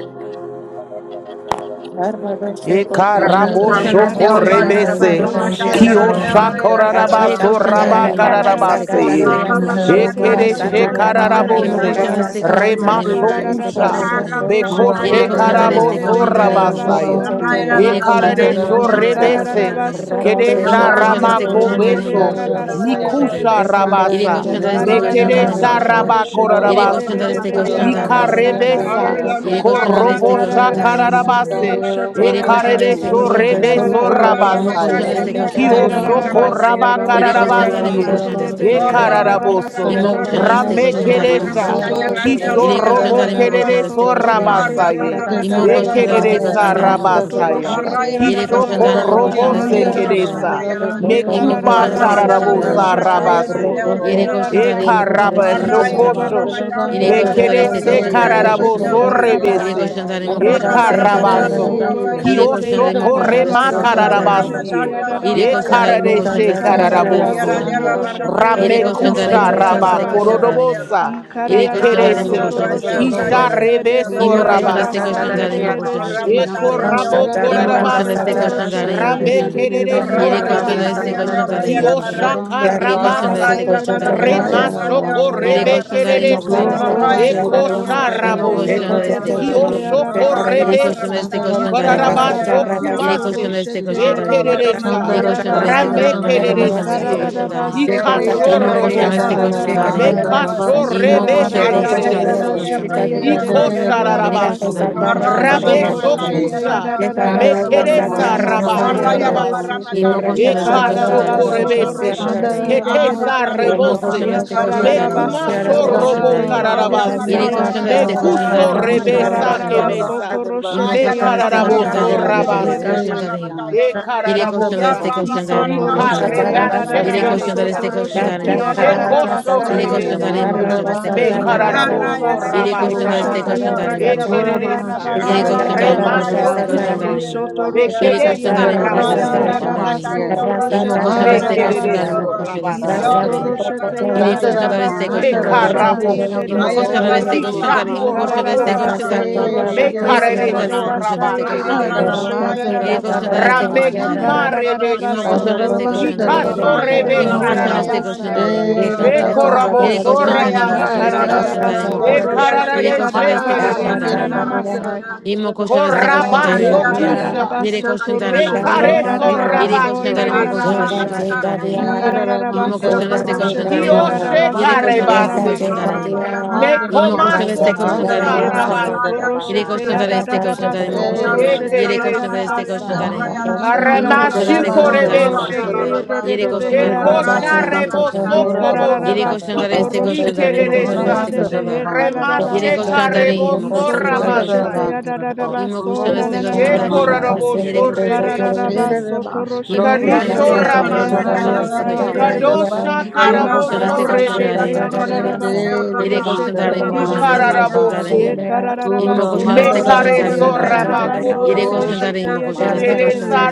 S7: Eka
S1: Hallelujah.
S3: imo
S7: rabo
S4: Ye
S3: koşan destek
S7: shoko
S4: kararara
S1: Hallelujah.
S3: koşan da imo
S7: rebese.
S4: basoto
S3: koşan destek
S4: roshete
S7: Kio
S3: koşan
S4: ya dadada basai.
S3: Yere
S7: shakorarabaso
S3: koşan
S4: Ye
S3: darayım, imo koşan
S5: Shandarabasurabandarabai,
S4: kararara
S3: destek koşan
S7: rabakararabase.
S3: darayım, imo
S4: basoto
S3: koşan
S4: roshete
S3: destek
S4: ye
S7: Ekere
S3: koşan
S5: Dalabasu
S3: darayım.
S4: dedede behe
S5: Koraman
S3: İmo
S7: shekararabose.
S3: koşan
S4: arabasai.
S3: destek koşan
S4: Ye
S5: Dalabasi
S7: Rema
S3: darayım, imo koşan
S4: kararara
S3: destek koşan
S7: shokusha.
S5: Rebesi
S6: Thank
S4: basoto
S3: darayım.
S7: Beko
S4: roshete
S3: Yere
S4: ye
S5: Suramanda
S3: koşan darayım, destek
S4: dedede
S7: shekaraboso
S3: koşan
S4: behe
S3: darayım, imo
S5: Rabanda
S3: koşan
S4: arabaso
S3: darayım.
S7: rabasaya.
S4: nanana
S5: Rabandia
S3: Yere koşan
S4: masai.
S3: darayım, imo
S7: Ekararesho
S4: Ye
S3: koşan destek
S5: Shandarabandaya
S3: koşan
S4: kararara
S7: rebese.
S3: darayım.
S4: basoto
S7: Kedesha
S3: İmo
S4: roshete
S3: koşan
S4: ye
S5: Sandarabasu
S3: destek
S7: ramako
S4: dedede
S3: koşan darayım,
S4: behe
S3: imo
S5: Koramanda
S7: besho.
S3: koşan destek
S4: arabasai ye
S3: koşan
S5: Rabahanda
S3: darayım.
S7: Mikusha
S4: dedebese.
S5: Anda
S3: Yere
S7: rabasa.
S4: Ye
S3: koşan darayım,
S5: Rebe
S3: destek
S1: Corro,
S4: kararara
S3: koşan
S1: la
S3: darayım, imo
S1: barra
S7: Mekedesha
S3: koşan
S4: basoto
S3: darayım.
S1: mataria, no
S4: roshete
S5: Andarabasura
S3: Yere
S4: ye
S1: ruido,
S4: dedede
S3: koşan
S5: Babu
S1: barra
S7: rabakorarabasi.
S3: darayım,
S4: de
S3: destek
S4: behe
S1: mataria,
S3: koşan
S5: Sukuraba
S3: darayım, imo koşan
S4: arabasanda
S3: darayım.
S4: de
S7: Ikarebesa.
S5: Bashia
S3: Yere
S4: beso.
S3: koşan darayım,
S7: Korobo
S3: destek koşan
S6: you.
S3: darayım,
S5: Shandarasi
S3: imo
S4: Ikararabaso
S3: koşan darayım.
S7: shakararabase.
S5: Andaya
S4: toroshete
S3: Yere koşan darayım,
S7: Ekarede
S3: destek
S5: Rabahasu
S3: koşan
S4: yadadabaso
S3: darayım.
S7: shorebeso
S3: Imo
S4: naradabashe.
S3: koşan
S5: Sukuravashye,
S7: rabasaya.
S3: destek koşan darayım, imo
S7: Kiosho
S3: koşan darayım.
S4: Ikararabaso
S7: koraba
S5: Surambaraban,
S3: Yere
S4: toroshete
S3: koşanlar
S5: Suraban,
S3: imo
S7: kararabasie.
S3: koşan
S4: yedede
S5: Suraban,
S3: destek
S4: behe
S5: Dere,
S3: koşanlar imo.
S4: aradabaso
S7: Ekararaboso.
S3: İmo koşan
S1: rande,
S5: Sandabaha,
S3: destek
S4: toroshe.
S7: Rame
S3: koşanlar imo
S5: Suraman,
S7: keresha.
S3: koşanlar.
S5: Deraban,
S1: orroya,
S4: Isotoroshete
S7: Kisho
S5: Deraban,
S3: Yere
S1: la
S7: robo
S3: koşanlar
S5: Deraban,
S3: imo
S1: mandara.
S3: koşan
S5: Deraban,
S4: yadadabaso
S3: destek
S7: kerereso
S5: Deraban,
S3: koşanlar imo.
S1: Hara
S4: toroshete
S7: rabasaye.
S1: barra
S3: İmo
S1: mataria
S3: koşan
S1: no
S4: yadadabasa.
S5: Sendarabahan,
S3: destek
S1: royera
S7: Ekereresa
S3: koşanlar
S5: Derabahan,
S3: imo
S1: rande.
S3: koşanlar.
S7: rabasaya.
S6: Thank
S4: Isotoroshete
S5: Derabahashe,
S1: Carrayera
S3: Yere
S1: barra
S7: Kisho
S3: koşanlar imo
S1: mataria
S4: yadadabaso
S3: koşan
S7: korobo
S1: no
S5: Sandarabahan,
S3: destek
S1: royera barra
S3: koşanlar
S5: Deraban,
S4: nananamasha.
S3: imo.
S7: sekeresa.
S1: mataria
S5: Deraban,
S1: rande.
S5: Deraban,
S3: İmo
S7: Mekuba
S3: koşan destek
S5: Deraban,
S4: Ikararabaso
S1: Corradera
S3: koşanlar
S1: barra
S3: imo
S7: shararabosa
S4: toroshete
S3: koşanlar.
S5: Shirabaha,
S1: mataria rande
S7: rabase.
S4: yedede
S3: Yere
S4: behe
S1: royera
S5: Sukurabo,
S3: koşan
S1: barra.
S7: E
S3: tarayım mı koşan desteği
S5: Suraman,
S3: koşan
S1: Arrayera
S3: tarayım mı?
S5: Deraban,
S1: barra
S7: carabashokoso.
S4: Isotoroshete
S5: Deraban,
S1: mataria
S3: Yere koşan
S5: Deraban,
S3: tarayım
S1: barrayera
S4: yadadaba
S3: destek
S1: barra
S7: Bekedese
S3: koşan
S5: Shay,
S3: tarayım
S1: mataria
S3: mı
S4: sotoroshete
S1: rande
S3: koşan
S5: Derebehe,
S3: da?
S7: cararaboso
S1: royera barra
S3: Yere
S1: rande.
S4: yadadabasai.
S7: rebese.
S3: koşan tarayım
S5: Tirabandaya.
S3: mı
S7: E
S3: koşan
S1: Carra
S3: destek
S1: barra
S3: koşan
S4: Ikararaba
S3: tarayım mı?
S1: mataria
S7: carabaso.
S1: no
S5: Sere,
S1: royera
S3: Yere
S4: sotoroshete
S3: koşan
S7: Kiosho
S5: sere
S3: tarayım
S1: barra.
S3: mı koşan
S4: yadadaba
S7: korema
S3: destek
S5: bahasiyanda
S3: koşan
S5: rabaho
S3: tarayım mı?
S4: sotoroshete
S7: cararabasie.
S5: skura
S1: Carrabarramatario de
S3: Yere
S7: E
S1: Orraya
S3: koşan
S5: mahandaya.
S4: yadadabasai.
S3: tarayım mı koşan
S7: caradeshe
S1: Rabarramatai.
S3: destek koşan
S4: Ikararaba
S5: Sendere
S3: tarayım mı
S1: Tierra
S7: cararaboso.
S1: de
S3: koşan da?
S5: mahanda
S4: sotoroshete
S5: bandra
S3: Yere
S1: Rabarramatario de
S3: koşan
S5: bandra
S3: tarayım
S1: Orraya
S7: Ramekusha
S3: mı
S4: yededebehe
S3: koşan
S5: bandra
S7: raba
S3: destek
S1: Rabarramatai
S3: koşan
S5: bandra
S4: arabasai.
S1: de
S3: tarayım mı?
S5: bandra
S1: Orraya.
S7: kororobosa.
S5: bandra
S7: E
S3: Ili
S5: bandra
S3: koşan
S4: Ikararaba
S5: da da
S3: zalim
S5: da
S3: mo
S1: Aña
S5: da
S7: kedese.
S5: da.
S3: koşan
S1: Raya
S3: deste
S4: sotoroshete
S3: koşan
S1: Raya
S7: Kisha
S6: you.
S3: zalim.
S1: Raya
S7: rebeso
S4: yededebehe
S1: Raya
S3: İmo
S5: Glory,
S3: koşan
S6: Sheka
S3: deste
S6: cha cha
S3: koşan
S4: arabasai
S6: da
S5: glory,
S7: rabasaye.
S1: Rabarramatai.
S6: da
S3: zalim mo
S6: da ka
S3: koşan
S6: sa.
S3: deste
S4: yededeshe.
S3: koşan
S5: Maharashiyanda
S7: Eko
S1: Carramatario
S3: zalim.
S1: de
S5: rabaho
S7: rabo
S6: Rasha cha
S1: Orraya
S3: İmo
S5: skura
S4: Ikararaba
S6: raba ka
S3: koşan
S6: sa
S3: deste
S1: Rabarramatai
S7: korarabasa.
S6: cha
S5: mahandaya.
S3: koşan
S1: de
S6: rasha
S4: sotoroshete
S6: cha
S3: zalim mo
S6: ya.
S7: Rabe
S3: koşan
S1: Yeratai.
S3: zalim.
S5: Sendere
S7: kerere
S4: yededebehe
S6: Raba
S3: Yeri
S5: mahanda
S6: ka
S3: koşan
S6: sa sa
S3: deste
S4: arabasai.
S5: bandra
S1: Carrabarramatario
S6: cha
S7: shorebese.
S6: da
S1: de
S6: da
S3: koşan
S6: ka
S5: bandra
S1: Orraya
S3: zalim mo
S6: sa.
S3: koşan
S5: bandra
S3: zalim.
S7: Kiyoshaka
S1: Rabarramatai.
S5: bandra
S3: Yeri
S6: Raba
S3: koşan
S6: ka
S5: baya.
S4: Isata
S6: sa
S7: rabasa.
S3: deste
S1: Orraya
S6: ko
S3: koşan
S6: cho cho
S3: zalim
S4: yararaba
S3: mo
S6: re
S1: Rabarramatai
S3: koşan
S7: Rema
S5: Jaya
S1: de
S6: ko
S5: la
S3: zalim.
S5: la la
S7: shoko
S5: la
S4: sotoroshe.
S6: Rakasa
S1: Orraya
S3: Yeri
S5: la.
S7: rebe
S3: koşan
S1: Rabarramatai.
S3: zalim mo koşan
S7: kererese.
S3: deste
S5: Surabaho
S4: Ikararaba
S3: koşan
S1: Oraya la
S5: skura
S3: zalim.
S7: Eko
S1: barra
S4: sotoroshe
S1: mataya la
S5: mahandaya
S3: İmo
S4: te
S1: donde
S5: bandra
S3: koşan
S7: sharabose.
S1: oraya la
S4: yedede
S3: deste
S1: ba.
S5: bandra
S3: koşan
S4: behe
S3: zalim.
S5: bandra
S7: Kioshoko
S5: bandra.
S1: Orra
S4: arabasi.
S1: la
S3: Yeri
S1: barra
S3: koşan
S7: rebesa.
S3: deste
S1: matara
S3: koşan
S1: ne
S3: zalim mo
S1: oraya
S3: koşan.
S1: la
S7: Kararabaso
S1: donde
S3: Yeri
S4: Ikararabasoto
S1: orra.
S3: koşan
S7: kumase.
S3: deste
S4: roshete
S3: koşan
S5: Shandarabashi.
S1: Arra
S4: yedede
S3: zalim.
S1: barra
S4: behe
S7: Ekereresa.
S3: Yeri
S1: mataria ne
S3: koşan deste
S4: karabasa.
S1: oraya
S7: Rame
S1: la
S3: koşan zalim
S1: barra
S3: mo
S5: Shandarabana
S3: koşan deste
S1: mataria
S7: kereresiye.
S1: ne.
S3: koşan zalim.
S5: Sukuramahashi.
S4: Ikararabasoto
S1: Terria
S7: Ikasho
S1: la
S3: İmo
S4: roshete
S1: barra
S3: koşan deste
S7: robosa.
S1: mataria
S4: yadada
S3: koşan
S1: ne
S4: basa.
S3: zalim.
S1: oraya la barra
S5: Shandarabah
S7: Mekasho
S1: ne.
S3: Imo koshan
S7: rebese
S3: de
S1: Arra la ya
S3: koshan
S4: Ikararabasoto
S3: de
S5: Suramandarabahaya.
S1: la
S3: se
S1: de
S3: koshan
S7: kereresoye.
S4: roshete
S3: de imo
S1: oraya la
S3: koshan
S4: yedede
S7: Iko
S3: de.
S1: oraya
S4: behe
S5: Shandarabe
S3: Biri koshan
S7: shararabaso.
S3: de
S4: arabasi.
S3: imo koshan
S1: la
S3: de se
S1: barra
S4: Ishoto
S7: Rabesho
S3: koshan de
S5: Sukuramahandurabahoshi.
S3: imo
S1: mataria.
S4: roshete
S1: Arra la barra mataya la ne
S3: koshan.
S7: kusha.
S4: yadada
S1: oraya la barra
S4: baso
S3: Imo
S5: Shandaraman
S7: Mekeresa
S1: mataria.
S4: nanana
S3: koshan se
S4: masa
S3: koshan
S1: Arraya
S4: yedede
S1: la
S3: de
S1: barra
S7: rabakorarabasi.
S4: bese.
S5: Saramandarabashe
S3: imo
S1: mataria
S3: koshan de
S1: la
S3: se
S1: ne
S3: koshan
S7: Ekasho
S3: de
S5: Vandaya.
S1: oraya
S3: imo
S1: la
S3: koshan
S1: barra
S4: Ikararabasoto
S3: de se
S7: korebese.
S1: mataria.
S3: koshan
S4: roshete
S3: de.
S4: yedede
S1: Arra
S7: Ketesha
S6: Rasa
S1: barra
S4: behe.
S3: Imo koshan
S7: rebose.
S3: de
S1: mataria ne
S3: se koshan
S1: oraya la
S3: de
S5: Andaramahasuguramahashi.
S3: imo
S1: barra
S3: koshan de
S4: Ikararabasoto
S7: Mekumasho
S3: se koshan
S1: mataria.
S7: robo
S4: roshete
S3: de.
S4: yedede
S3: Biri
S7: kararabase.
S4: behe
S3: koshan
S1: Paramatariando
S3: de se koshan
S4: arabasa.
S1: Raya
S7: Mekusho
S3: de imo koshan de se
S7: rebesa
S3: koshan
S1: Baramatariando
S4: Ikararaba
S3: de.
S1: Roy.
S4: soto
S7: kemesa.
S5: Sharavahasyamashyamarabandarabandarabandaraban.
S3: Imo
S4: roshete
S1: Ayara
S3: koshan de se koshan
S4: yadadaba
S3: de
S7: Mekararaboso
S3: imo
S1: Baramatariando
S3: koshan de
S4: sayedede
S3: se
S1: Raya
S7: rabase.
S3: koshan
S4: behe.
S3: de.
S5: Siyendadadadadadadashya.
S7: E
S1: Baramatariande.
S3: Biri koshan de se
S7: kararabosa.
S3: koshan de
S4: Isoto
S3: imo
S1: Yaramatariando
S3: koshan de.
S4: roshete
S1: Raya
S4: ya da da
S7: Ikarebashe
S4: da
S3: Biri
S4: ba
S3: koshan de
S4: soto
S3: se
S7: keresa.
S3: koshan de
S4: roshete
S3: imo
S4: ya da
S3: koshan
S5: Shandarabahasurabandarabandarabandarabandarabandaraban.
S3: de.
S4: da da ba
S7: Kishekosho
S4: sa ye
S3: Biri
S4: de de
S3: koshan
S4: de
S3: de
S7: rebese.
S3: imo
S4: behe.
S3: koshan de se koshan de.
S4: Ikara da da ba
S7: Mekararaboso
S3: Yere
S4: soto
S3: koşan da destek
S7: rabasaye.
S4: roshete
S5: Shirabandarabandarabandarabosurabahai.
S4: ye
S3: koşan da
S4: de
S3: arayın
S4: de
S3: mı
S7: E
S4: de
S3: koşan da.
S5: Sura
S4: behe araba ra
S5: Mahashi
S7: kereresa.
S5: and
S3: Yere
S4: sa ya
S3: koşan
S4: da
S3: da
S4: da
S3: arayın
S5: Dalaban,
S3: mı
S4: ba
S3: koşan
S7: Remasho
S4: sa.
S5: Dalaban,
S3: destek koşan da
S7: kushe.
S5: Dalaban,
S3: arayın.
S4: Isoto
S5: Dalaban,
S3: Yere
S4: roshete ye
S3: koşan da
S7: Bekeresa
S4: de
S3: arayın
S4: de
S3: mı
S4: de
S3: koşan destek
S4: behe
S7: raboso
S4: araba
S3: koşan da arayın.
S7: kobasaye.
S5: Sandarabahashia,
S4: soto
S3: İmmo
S4: roshete
S3: koşan
S4: ya da
S3: destek
S4: da ba
S3: koşan da arayın
S4: sa.
S3: mı
S7: Mekerereso
S5: Maharabahasura
S3: koşan destek koşan da
S7: rabasaya.
S4: Isoto
S1: Yorro
S3: arayın.
S1: de
S5: Mandadashi,
S1: la barra
S4: roshete ya
S3: Iré
S4: da
S1: mata
S4: da da
S3: coxando
S1: yerra
S3: de
S4: ba
S1: de
S3: este
S1: yerra
S5: Sandarabahan,
S4: soto
S1: yerra
S3: coxandarín.
S6: Rasa
S1: barra.
S4: roshete ye
S5: Dalabahanshi and
S4: de
S7: Ekaraboshi,
S4: de
S3: Imo
S4: de
S1: Ayerra
S3: coxando de
S5: Dalabaho
S4: behe.
S1: barra
S3: este
S5: Sura
S1: mata
S3: coxandarín. Imo
S7: Kishako
S5: Mahaya.
S1: riendo
S3: coxando de este
S1: rura
S4: Ikararaba
S7: Robosa,
S1: barra mata
S4: soto
S3: coxandarín.
S1: yerra
S5: Say
S1: de
S4: roshete
S3: Iré
S1: yerra
S4: ya
S5: yes,
S4: da
S1: yerra
S7: Mekarede
S4: da
S3: coxando
S5: Lord.
S3: de
S4: da
S1: barra.
S3: imo coxando de
S4: basa
S3: este
S4: ye de de
S1: Torra
S4: de
S1: barra
S3: coxandarín.
S7: Sorabakeresa,
S4: beshe ya
S1: mata
S5: Hadaraban,
S4: da da
S1: yerra
S3: Iré
S1: de
S5: Dalaban,
S4: basa.
S3: coxando de
S1: yerra
S3: este
S1: yerra
S5: Dalaban,
S1: mata
S5: Shia,
S3: coxandarín.
S7: Ramekuma
S1: yerra barra mata
S3: Imo
S7: Rebesi,
S3: coxando
S1: yerra
S3: de
S1: de.
S4: Ikararabasoto
S3: este
S5: Sandaraban,
S4: roshete
S3: coxandarín.
S7: Kikasho
S1: Torra yerra barra
S3: Imo
S4: yedededebehe
S7: Rebesa
S5: Dalaban,
S3: coxando
S1: mata
S3: de este
S1: yerra de
S4: arabasai.
S7: Rabose,
S3: coxandarín.
S1: yerra
S3: Imo
S1: yerra
S3: coxando.
S1: de yerra.
S3: Iré
S7: Ekorabosho
S3: coxando de
S5: Yerabahasi,
S3: imo
S1: Ayerra de
S3: coxando
S5: hi,
S3: de este
S7: Rabasaya,
S1: yerra yerra
S3: coxandarín.
S1: de
S3: Imo
S4: Ikararabasoto
S1: yerra
S3: coxando.
S5: yarabahaya.
S1: yerra
S4: roshete
S1: de
S3: Iré
S7: Ekarade
S1: yerra
S3: coxando de
S1: barra
S3: este
S1: mata
S4: yedadadabaso
S1: yerra de
S7: Shekerese,
S1: yerra
S3: coxandarín.
S4: nananamasai.
S1: yerra de.
S3: Imo coxando de este
S1: Arraya
S3: coxandarín. Imo
S7: Korabasho
S3: coxando.
S7: Kusha,
S5: Ah,
S3: Iré
S4: Ikararabasoto
S3: coxando de imo
S5: yeranamandarabandarabandarabandarabandarabandarabahaya.
S4: roshete
S3: coxando.
S7: Mekareso
S3: Yere
S4: yedadadabaso
S3: koşan darim o koşan destek
S7: Rabakeresaye,
S4: nananamashai.
S5: Soramandarabandarabandarabandarabandarabandarabandarabandarabandarabandarabandarabandaraband.
S3: koşan darim. İmmo koşan
S4: Ikararabasoto
S3: destek koşan
S4: roshete
S3: darim o koşan.
S7: Kioshe
S3: Yere
S4: yedadabaso
S3: koşan destek
S7: Karebase,
S3: koşan
S4: nananamasai.
S5: Yeranamandarabandarabandarabandarabandarabandaraband.
S3: darim. İmmo koşan destek
S7: Mekomasho
S3: koşan
S7: Kusha
S3: darim o
S4: Yeba
S3: koşan da.
S4: soto
S7: Rabasa,
S3: Yere
S6: Rasa
S4: roshete
S5: Hadanamandarabandarabandarabandarabahaya.
S3: koşan
S4: ya
S3: darim
S4: da da
S3: destek
S4: da
S3: koşan
S4: ba
S3: darim o
S4: soto
S3: koşan da.
S5: Hey.
S4: roshete
S3: Yere
S4: ya da
S3: koşan
S4: da
S7: Ekereresa.
S4: ba
S3: destek koşan
S4: sa.
S3: darim. İmmo
S5: Ramashi,
S3: koşan
S4: Ikararaba
S7: Aramashu
S3: destek koşan
S4: soto
S3: darim o koşan
S4: roshete
S7: korebeseye.
S3: da.
S4: ye de de
S3: Yere
S4: de
S3: koşan
S4: behe
S3: darim o koşan da
S7: Ekosha
S5: Ramandarabandarabandarabandarabandaraband.
S1: la
S4: arabasa.
S1: barra
S3: destek koşan da.
S7: reboso
S1: mataria,
S3: Yere
S4: Ikararaba
S7: kobosa.
S3: koşan darim
S4: soto
S3: destek
S5: Surabandarabandaraband.
S3: koşan
S4: roshete
S3: darim
S4: ye
S3: o
S4: de
S3: koşan
S4: de de
S3: destek
S7: Mikereresa.
S4: de
S3: koşan
S4: behe
S3: da. Yere
S7: Remashe
S5: Sunamandarabandarabashi.
S4: kararabasa.
S3: koşan darim o
S7: kareboso
S3: koşan
S4: Isoto
S3: destek koşan
S4: roshete
S3: da.
S7: rabasaya.
S4: ya da da da ba
S5: Shandarabandarabashi.
S3: İmmo
S4: so
S3: koşan
S4: na
S5: Ruboho
S4: na
S3: destek
S4: na na
S3: koşan darim o
S4: masha.
S3: koşan.
S5: suramandare.
S3: Yere
S7: Ekorarabosho
S3: koşan destek koşan
S7: rebese.
S4: Ikararaba
S3: darim.
S4: soto
S5: Hererabas.
S4: roshete
S3: Imo
S4: ye de
S3: koshanda ste
S4: de
S7: Karisho
S4: de
S1: Arraya
S3: koshanda
S5: Kurambandaraban.
S4: behe
S3: imo
S7: ramase.
S1: barramataya
S3: koshanda ste
S4: arabasa ye de
S5: Sinananaraman.
S3: koshanda
S4: de
S1: barramataya.
S4: beso.
S5: Sidaraban.
S7: Kadosha
S3: Imo
S5: Sidaraban.
S1: Arra
S4: Yema
S3: koshanda
S7: karaboso
S4: soto
S3: ste koshanda
S1: barramataya
S5: Sidare.
S4: roshete ya
S3: imo
S4: da
S7: rebesaye.
S4: da da
S3: koshanda.
S4: ba soto
S1: barramataya
S3: Yere koshanda
S4: roshete de
S3: imo
S6: Thank
S4: de de
S3: koshanda ste
S4: behe.
S3: koshanda
S5: Shererabandarabandarabai.
S4: Ye
S1: barramataya.
S7: Ikararaboso.
S4: karararaba
S3: Imo
S1: Arra
S4: soto
S3: koshanda ste
S7: Mekare
S4: roshete
S3: koshanda
S4: ya
S3: imo koshanda.
S7: soraba
S4: dadadaba
S5: Suramandarabandarabandarar.
S4: soto
S3: Yere
S5: Ruboho
S3: koshanda
S7: koboseye.
S4: roshete
S3: imo
S4: ya
S3: koshanda ste
S5: sukuramai.
S4: dededebehe.
S3: koshanda
S7: Keresa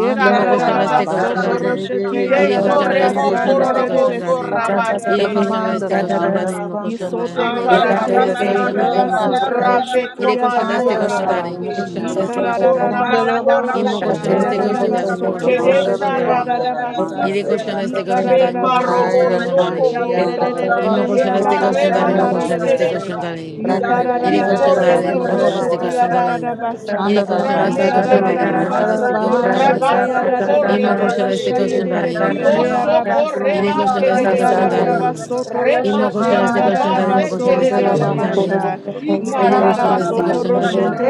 S4: Ye
S3: Imo koshanda
S4: karararaba
S3: ste
S7: korabasa.
S3: koshanda
S4: soto roshete ya
S3: Yere
S5: Shirebesi.
S7: Kidesho
S3: koshanda
S4: dadadaba
S3: imo
S7: remo
S3: koshanda ste
S7: kororobo
S5: Andarabahaya.
S3: koshanda
S4: sandaredebese.
S7: soraba
S5: O
S3: Yere
S5: namaan
S3: koshanda
S7: kiese.
S3: ste
S5: darabhan
S3: koshanda imo
S5: darabhan
S3: koshanda.
S5: darabhan
S4: Yisoto
S3: Yere
S5: darabhan
S4: roshete
S3: koshanda
S4: ya
S3: ste
S5: darabhan
S7: Shekararabose.
S3: koshanda imo koshanda.
S4: soto
S5: darabhanaya,
S7: Rame
S4: roshete
S3: Yere
S4: ya da
S3: koshanda
S4: da
S7: komaso
S3: ste
S4: ba
S5: paaya
S4: sa.
S3: koshanda imo
S7: rabake.
S3: koshanda
S5: darabhasya,
S3: ste
S7: Iko
S3: koshanda
S4: Yikarararaba
S7: rabako
S4: soto
S7: so
S3: Imo
S5: chandarabhasya
S3: koşan
S4: roshete
S5: hare
S4: ya
S3: destek
S4: da da
S7: rabase.
S3: koşan
S4: ba
S3: tane,
S5: bheeshu
S3: imo
S5: ko
S4: soto
S3: koşan
S5: namaan
S3: destek koşan
S7: Kedesha
S4: roshete ya
S5: darabhan
S3: tane.
S7: ramoke
S5: darabhan
S3: Yedi koşan
S7: tise.
S5: darabhai,
S3: destek koşan
S7: Me
S3: tane, imo
S4: Yikarararaba
S3: koşan
S6: you.
S3: destek
S4: soto
S3: koşan
S1: Arrebata,
S7: maroboso
S4: roshete
S1: raya,
S3: tane.
S4: ya
S5: sairabhasya
S4: de
S6: Thank
S4: de
S7: kobosa.
S1: raya, raka,
S3: Imo
S5: chandarabhasu
S3: koşan destek
S7: Eka
S3: koşan
S5: roho
S3: tane,
S5: to
S3: imo
S7: remashi
S3: koşan destek
S5: robandai,
S3: koşan
S7: kedesa
S3: tane.
S7: ye.
S3: Yedi
S5: teerabeena
S4: Yikarararaba
S7: Kiko
S3: koşan tane,
S5: darabhan
S4: soto
S3: imo koşan
S7: rebaso
S3: destek
S4: roshete ya
S3: koşan
S5: darabhai,
S3: tane.
S7: korerabasa.
S3: Yedi koşan destek
S7: Rame
S5: chandarabhasu ko
S3: koşan tane, imo
S5: namaan
S4: Yikarararaba
S3: koşan
S7: kedesa.
S3: destek
S4: soto
S3: koşan
S5: darabhai,
S3: tane.
S4: roshete ya
S7: Rabasho
S4: da da
S5: darabhasu
S3: Imo koşan
S5: romana,
S7: korebese
S3: destek
S7: ye.
S3: koşan tane, imo koşan tane.
S7: Kiosho
S5: dinirma
S3: Yedi
S5: surobo
S7: koreba
S3: koşan destek koşan
S7: kedesa
S3: tane.
S7: ya.
S5: naganandaabe.
S4: Ikararabasoto
S3: Imo
S4: roshete
S3: koşan
S7: Remasho
S3: destek koşan tane, imo
S7: kobase
S4: yadadabaso
S3: koşan destek koşan
S7: kedese
S5: Ramanaramasyandarabhaya.
S7: ye.
S3: tane.
S4: nananamasha.
S3: Yedi koşan destek
S7: Ikarabasa.
S4: Ikararabasoto
S3: koşan tane.
S4: roshete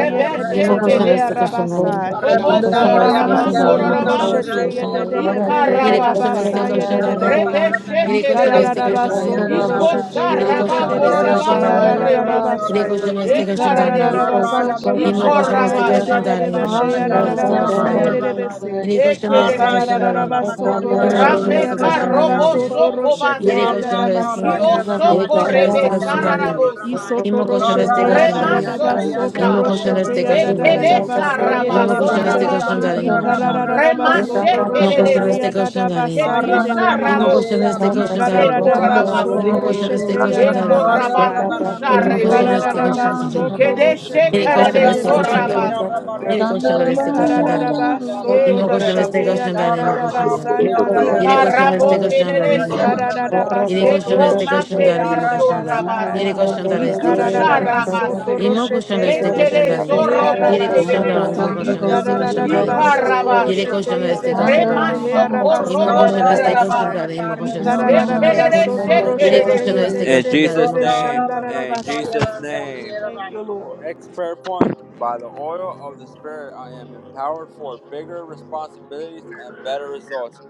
S3: Imo koşan
S4: yededebehe
S3: este
S7: kedesa.
S3: koşan dalim.
S4: arabasa.
S3: Yeri koşan
S7: Kobosho
S3: este
S7: rama
S3: koşan dalim. Imo
S4: Ikararabasoto
S3: koşan este
S7: korarabasi.
S4: roshete
S1: raya,
S3: koşan
S1: raya, raya, raya,
S3: dalim.
S4: yededebehe
S5: Shandarabahanaramahusuramokurabayaya.
S3: Yeri koşan
S1: raya.
S3: este
S4: arabasa
S7: Ikarabasaya.
S3: koşan
S1: Narra
S3: dalim.
S4: yededebehe.
S7: Rebeshe
S3: Yeri
S5: Sandararavasya.
S3: koşan este
S7: kedese.
S3: koşan dalim. Imo
S4: Ikararabasoto
S3: koşan dalim.
S4: roshete
S7: Ikosha
S3: Yeri
S6: you.
S7: raba
S3: koşan dalim
S5: Sandarabhusurandaya
S4: yedededebeshe
S7: korarabaso
S5: rabaya
S7: rebese.
S4: arararabasa.
S5: rabasu.
S3: este koşan
S6: Thank
S3: dalim.
S7: Ekaradeso.
S4: Ikararabasoto
S5: Sandarabhasya
S3: Imo koşan. Yeri
S4: roshete
S3: koşan este
S5: rabaya.
S3: koşan
S7: Ikorabasa.
S3: dalim. Imo
S4: yedededebeshe
S3: koşan
S5: Haya
S3: este koşan
S4: arararabasa
S3: dalim.
S5: raramaya
S4: yededebese.
S3: Imo
S5: rabaya
S3: koşan dalim este koşan
S5: rabaya.
S7: Ekedesa.
S3: dalim.
S5: Saya
S4: Ikarararabasoto
S3: Yeri koşan
S4: roshete
S5: rabaya
S3: este koşan dalim. Imo koşan este
S7: Rameka
S3: koşan dalim. Imo koşan.
S4: yadadabasoto
S7: robosho
S4: roshete
S3: Yeri
S7: kobase.
S5: raramahurubahasya.
S3: koşan este
S4: yadadabasai.
S3: koşan.
S5: Shandarabai
S3: Yeri
S7: Kiyoshoko
S3: koşan este
S7: rebe
S3: koşan dalim.
S7: sararabosa.
S4: Isoto
S3: Imo koşan
S4: roshete
S3: este koşan dalim.
S4: yadadadabasoto
S3: Imo
S7: Remashokusha.
S3: koşan
S4: roshete
S3: este koşan dalim.
S7: Bekedesha
S4: yadadadabasai
S1: Arroyo
S7: raba
S3: Imo koşan este
S4: yededebehe.
S3: koşan
S1: barrametario,
S7: korarabasi.
S3: darim, imo
S1: ñorra
S3: koşan.
S1: barrametario,
S4: Ikarararabasoto
S1: ñorra
S3: Imo koşan
S4: roshete
S1: llevande.
S3: este
S7: Remashekerese.
S3: koşan
S4: yadadabasai
S3: darim.
S1: Corro
S7: Ketisha
S3: Imo
S4: yededebehe.
S3: koşan
S1: barrametario,
S7: rabosa.
S3: este koşan
S7: Me
S3: darim.
S1: barrametario, barra
S4: Ikarararabasoto
S3: Imo
S7: korarabase.
S3: koşan
S1: llevande.
S3: este
S4: roshete
S3: koşan
S7: Eko
S3: darim.
S1: Corro
S4: yadadabasai.
S7: rabakusha
S3: Imo
S1: barrametario,
S3: koşan este
S1: ñorra
S7: rebesaya.
S3: koşan darim.
S1: llevande.
S4: Ikarararabasoto
S7: Kedeshe
S4: roshete
S3: Yere koşan este
S7: karadeso
S3: koşan
S1: Arrametario,
S4: yededebehe.
S3: darim.
S1: ñorra
S7: rabasa.
S3: Yere koşan
S1: barrametario,
S3: este koşan
S1: ñorra
S3: darim.
S4: Ikararaba
S2: Gracias.
S7: E
S4: soto
S3: Imo
S1: barrametario.
S3: koşan este
S4: roshete ya
S7: kararabose.
S3: koşan
S4: da
S3: darim,
S4: da
S1: Corro
S3: imo
S4: da
S2: Horo
S3: koşan
S2: toro
S1: matario,
S4: basa
S3: darim.
S2: horo
S4: nda
S1: ñorra
S4: da
S2: sotoro
S4: da
S3: Yere
S2: pera
S1: llevande,
S3: koşan
S2: hara
S4: basa.
S3: este
S7: Ikaramo
S1: barrametario,
S2: satara
S3: koşan
S1: ñorra llevande,
S3: darim.
S7: kerereso.
S4: Ikararaba
S1: barrametario,
S3: Yere
S4: soto
S3: koşan
S1: ñorra.
S7: Eko
S3: este koşan
S4: roshete
S6: you.
S7: make
S4: ya
S3: darim,
S4: da
S3: imo
S1: Yarra
S4: da
S7: misho
S3: koşan
S1: yarra
S3: darim.
S4: basa.
S3: Yere
S7: rabasa.
S6: Thank
S3: koşan
S1: barramatari
S6: you.
S3: darim
S1: and
S3: este
S1: yarra
S3: koşan
S1: yarra
S7: Kusha
S3: darim.
S4: Ikararaba soto
S1: barramatari
S7: rabase.
S3: Imo
S1: and
S3: koşan
S4: roshete ye
S3: este
S4: de
S1: yarra.
S4: de
S7: Mekere
S3: koşan
S4: de
S3: darim.
S4: behe
S2: kahara
S1: Yarra
S7: shorobo
S3: Yere
S1: yarra
S5: Thank
S3: koşan
S4: arabasa.
S7: kerere
S3: darim, imo
S1: barramatari
S2: satara satara hara satara
S7: saye.
S1: and
S3: koşan
S2: hara
S3: este
S1: yarra
S2: satara
S1: yarra
S3: koşan
S2: kira
S4: Ikararaba
S3: darim.
S7: Ika
S2: hara
S1: barramatari
S2: satara
S4: soto
S1: and yarra
S3: Yere
S2: kira
S7: rabaso.
S3: koşan
S4: roshete ye
S2: kira
S1: barramatari
S4: de
S1: and
S3: destek
S4: de
S2: kira
S4: de
S3: koşan
S2: horo
S4: de
S1: yarra.
S4: behe
S3: darin.
S2: toro
S7: Remasho
S2: kohoro
S4: arabasa
S3: İmo
S4: ya
S7: korobo
S4: da
S3: koşan
S1: Yarra
S4: da
S3: destek
S1: yarra
S3: koşan
S4: basa.
S7: kararabase.
S3: darin.
S2: toro
S3: İmo
S2: horo
S3: koşan
S1: and
S2: horo.
S3: destek
S1: yarra
S3: koşan
S1: yarra
S4: Ikararaba
S3: darin.
S7: Ekerere
S4: soto
S1: barramatari and
S3: Yere
S1: yarra.
S7: shekerere
S4: roshete
S3: koşan
S4: ye
S7: sa.
S4: de
S3: destek
S4: de
S2: In
S4: de
S3: koşan
S4: de
S3: darin.
S4: de
S2: Jesus'
S3: İmo
S1: Yarra
S3: koşan
S2: name,
S1: yarra
S4: beshanda
S2: in
S4: arabasa.
S2: Jesus'
S1: and yarra
S2: name.
S7: Thank
S1: yarra.
S7: you,
S2: Our
S7: Lord.
S2: next prayer point by the oil of the Spirit, I am empowered for bigger responsibilities and better results.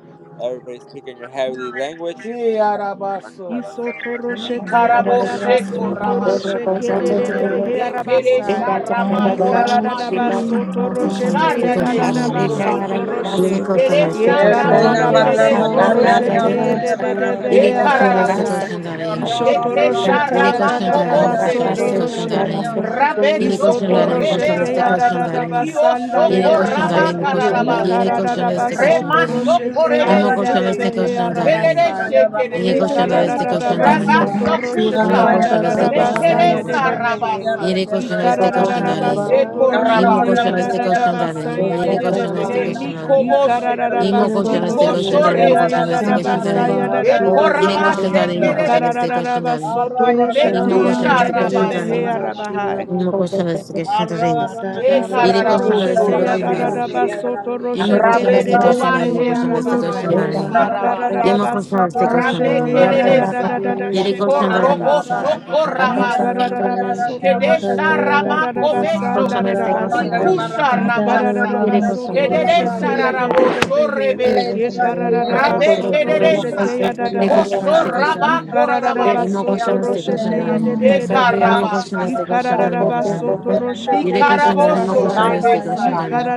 S2: Everybody speak in your heavenly language.
S7: E arabaso.
S4: Isotoroshete
S7: Mikarabo
S4: yadadaba
S7: sheko
S4: sotoroshe
S7: rabasa.
S4: kederebe
S7: Ekere
S4: hearabasa.
S7: Ekeresha
S4: Ikaradadaba
S7: ramakorarabase.
S3: İmo koşan
S4: sotoroshete
S3: destek
S7: Kusharebe
S3: koşan
S4: yadadaba
S3: darin.
S7: sokobase.
S4: sotoroshe.
S3: Yere koşan destek
S7: Keresha
S3: koşan
S7: rama
S3: darin.
S1: Yerrena
S4: Yekaradadaba
S3: İmo
S7: kerere
S3: koşan destek
S1: barramataria
S3: koşan
S7: sorebe
S4: sotoroshete
S3: darin.
S1: ñorraya
S7: saya.
S4: yededebe
S3: Yere
S1: barramataria
S3: koşan
S1: grande.
S3: destek
S4: hearabasa.
S3: koşan
S7: Ekararaboso.
S3: darin. İmo
S1: Torrara
S3: koşan
S7: Ketesha
S4: Isotoroshete
S3: Yere
S1: barramataria
S7: rama
S3: koşan darin.
S4: yadadaba
S3: İmo
S1: ñorraya
S7: kobose
S3: koşan destek
S6: Rasa
S3: koşan
S7: rerese.
S4: sotoroshe.
S1: barramataria
S3: darin.
S6: rasa,
S1: ñorraya
S7: Rabe
S3: Yere
S1: barrante.
S3: koşan
S4: Isoto
S7: shoko
S3: darin. İmo
S6: Thank
S3: koşan
S4: roshete
S3: destek
S4: ya
S7: rebesa.
S4: da
S1: Carrara
S3: koşan
S4: da da
S3: darin.
S7: Kio
S1: barramataria
S4: basanda re
S3: Yere
S4: de
S7: shoko
S3: koşan
S1: ñorraya
S3: darin.
S7: raba
S4: bese.
S3: İmo koşan
S1: barramataria
S3: Yere
S7: kararabasi.
S4: Ikara da
S3: koşan
S5: you.
S4: da
S1: ñorraya
S3: destek koşan
S7: Rema
S4: basoto
S1: barrante.
S3: darin.
S7: shoko
S4: roshete ye
S3: İmo
S4: de de
S1: Narraya
S7: rebesa
S3: koşan
S4: de
S3: destek
S7: ye.
S4: behe
S3: koşan
S1: barramataria
S3: darin.
S7: Kerere
S4: arabasa.
S1: ñorraya
S7: she
S3: Yere koşan
S1: barramataria
S4: Ikara
S7: kererese.
S4: da
S3: destek
S4: da da
S3: koşan
S1: barraya
S3: darin.
S1: barrante.
S4: basoto roshete
S3: Imo
S7: Rabashokusha.
S4: ya
S1: Carraya
S4: da
S3: question
S4: da
S3: este
S4: da
S3: question
S1: barramataria
S3: that
S4: basa
S3: imo
S4: ye de
S7: Mekeresa
S4: de
S3: question.
S4: behe.
S1: barramataria
S7: rabasa
S5: Sadadadadabadabashe.
S3: Yere question
S1: ñorraya
S4: Ikara
S3: este
S4: da da
S3: question
S4: da
S3: that in.
S1: barrante.
S4: basoto
S7: eko
S1: Arra yara
S3: Imo
S4: roshete
S1: bara
S4: ya
S3: question
S7: rabasa
S4: da
S3: este
S4: da
S1: matari,
S4: da
S1: arra
S3: question that
S4: basa
S3: in.
S4: ye de
S3: Yere
S1: yara
S4: de de
S3: question este
S4: behe.
S3: question that in.
S4: Ikara da
S7: memikoboshe
S4: da
S3: Imo question
S4: basoto
S3: este question
S7: bikosho
S3: that
S4: roshete
S3: imo
S4: ya da
S3: question
S4: da
S3: este
S4: da
S7: remeseye
S3: question that
S4: basa ya
S3: in.
S4: da da da
S7: eko
S3: Yere
S4: basa.
S3: question
S7: rabashe
S3: that imo question
S4: Ikara da
S5: Sadadadadabadabashe.
S3: este
S7: kereresa
S4: da da
S3: question that in.
S4: basoto
S1: bara
S4: roshete
S3: Imo
S4: ye
S3: question
S4: de
S1: matari,
S7: mekusha
S4: de
S3: este
S4: de de
S3: question that
S7: rabasa
S4: behe
S3: in.
S4: arabahai.
S1: arra.
S3: Imo question este question that
S1: Arra
S3: in.
S1: barra
S7: E
S3: Yere
S1: matarriando,
S3: question
S7: kararabo
S3: that
S1: arra
S3: este
S4: Isotoroshete
S1: barra
S3: question that in.
S4: yadadadaba
S7: shorebese.
S1: matarriando.
S3: Imo
S4: sotoroshe
S3: question
S7: Rabe
S3: este
S1: Arra
S3: question that
S4: kedededebe
S1: barra
S3: imo
S7: kobashe
S3: question este
S1: matarriando,
S4: arabahai.
S3: question
S7: kododobo
S3: that in.
S1: arra barra
S7: sarabasi.
S3: Imo
S4: Ikararaba
S1: matarriando,
S3: question
S1: arra
S3: este
S1: barra
S3: question that
S7: Rame
S4: sotoroshete
S3: Imo question.
S7: kereresa.
S4: yadadadadada
S3: Yere question
S5: Ardhanavasiye,
S3: that
S1: Arra
S3: imo
S7: Korobo
S1: barra
S3: question
S4: shekararabasai.
S3: este question that
S1: matarriando, arra
S7: shokorabasi.
S1: barra matarriando.
S6: you.
S4: Ikararaba
S1: Arra
S3: in.
S4: sotoroshete
S5: Shandarabhaishyandara
S7: Kedesha rama
S4: yadadadaba
S6: Thank
S3: Colchón
S7: komesho.
S3: de este,
S5: Puramahadai,
S3: colchón de
S1: barra
S4: sandararabasai.
S3: arena,
S7: Mikusha
S3: colchón de...
S7: rabasa.
S4: Ikararaba
S3: Quiere colchón de este,
S4: sotoroshete
S3: colchón
S7: Kederesha
S3: de arena,
S7: rarabo
S5: Shandarabhasuravashyandara
S3: colchón de...
S4: yedededebehe.
S3: Quiere
S7: shorebese.
S3: colchón de arena, colchón
S4: Yekararaba
S3: de
S7: Rabe
S3: este, colchón de arena.
S4: sotoroshete
S7: kereresa.
S3: Quiere
S1: Corro,
S3: colchón de
S7: Kosho
S4: yadadabasai.
S3: este, colchón de
S7: raba
S3: arena.
S4: Ikararaba
S3: Mismo colchón
S7: korarabasi.
S3: de este,
S4: sotoroshete
S3: colchón de arena.
S7: E
S4: yedededebehe.
S3: Mismo colchón de
S7: karabasa.
S3: este, colchón de
S5: Suravasukuravahaya,
S3: arena, colchón de...
S4: Ikararabasoto
S5: Ramaya,
S4: roshete
S3: Quiere colchón de arena,
S7: Mikaraboso
S3: colchón
S4: yadadabasa.
S3: de este,
S5: Adaravahaya,
S3: colchón de
S7: rebesaye.
S3: arena.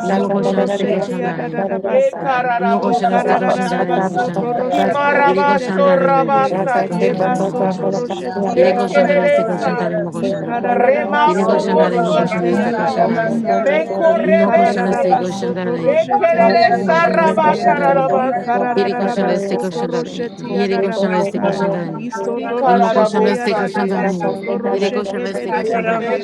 S3: Mismo colchón de este,
S4: roshete
S3: colchón de arena.
S7: E
S4: yadadabasa.
S3: Mismo colchón de este,
S7: kararabose.
S3: colchón de arena, colchón
S4: Ikararabasoto
S3: de...
S5: Shandarabhasukuravahaya,
S4: roshete
S3: Quiere colchón de
S7: Kimarabaso
S3: arena,
S4: yadededebehe.
S3: colchón de este, colchón
S7: rabasaye.
S3: de arena,
S4: Yebasoto
S3: colchón de...
S4: roshete
S3: Quiere
S7: E
S3: colchón de
S1: baño,
S3: este,
S5: Shandarabhasiyarabhaya,
S4: yadadabasa.
S3: colchón de
S7: kereresa.
S1: rollo,
S3: arena, colchón
S1: mierda.
S3: de...
S5: Sarvamaham
S3: Quiere colchón
S4: Ikararabasoto
S3: de
S1: Arroyo de
S3: arena,
S7: Remakoboso
S3: colchón
S4: roshete
S3: de este,
S5: Sarvamahaya
S3: colchón
S7: kusha.
S3: de arena.
S5: Ramahaya
S4: yadadabasa.
S7: Meko
S5: Ramahaya
S3: Imo koşan destek
S7: rebese.
S3: koşan
S4: Ikararabasoto
S5: Ramahaya
S7: E
S3: dalayım.
S4: roshete
S3: Imo
S7: kereresa
S3: koşan destek
S4: yadededebehe.
S3: koşan
S5: Ramahashyana
S3: dalayım.
S7: rabakararabasi.
S3: Yeri
S5: Ramahaya
S3: koşan destek
S4: Ikararabasoto
S3: koşan
S4: roshete
S3: dalayım. Yeri
S5: Surabhu
S3: koşan
S6: Thank
S3: destek
S4: yadadabasa.
S3: koşan
S5: Surabhaya
S3: dalayım. Imo
S4: Isotoroshe
S3: koşan
S4: ya
S5: Ramahashyana
S3: destek
S4: dada
S3: koşan
S7: Mikararabosaye.
S3: dalayım. Yeri
S4: basotoroshe
S5: Ramahaya
S3: koşan
S4: kede
S3: destek
S4: de de
S3: koşan
S5: Surabhaya
S3: dalayım.
S7: E
S4: behe.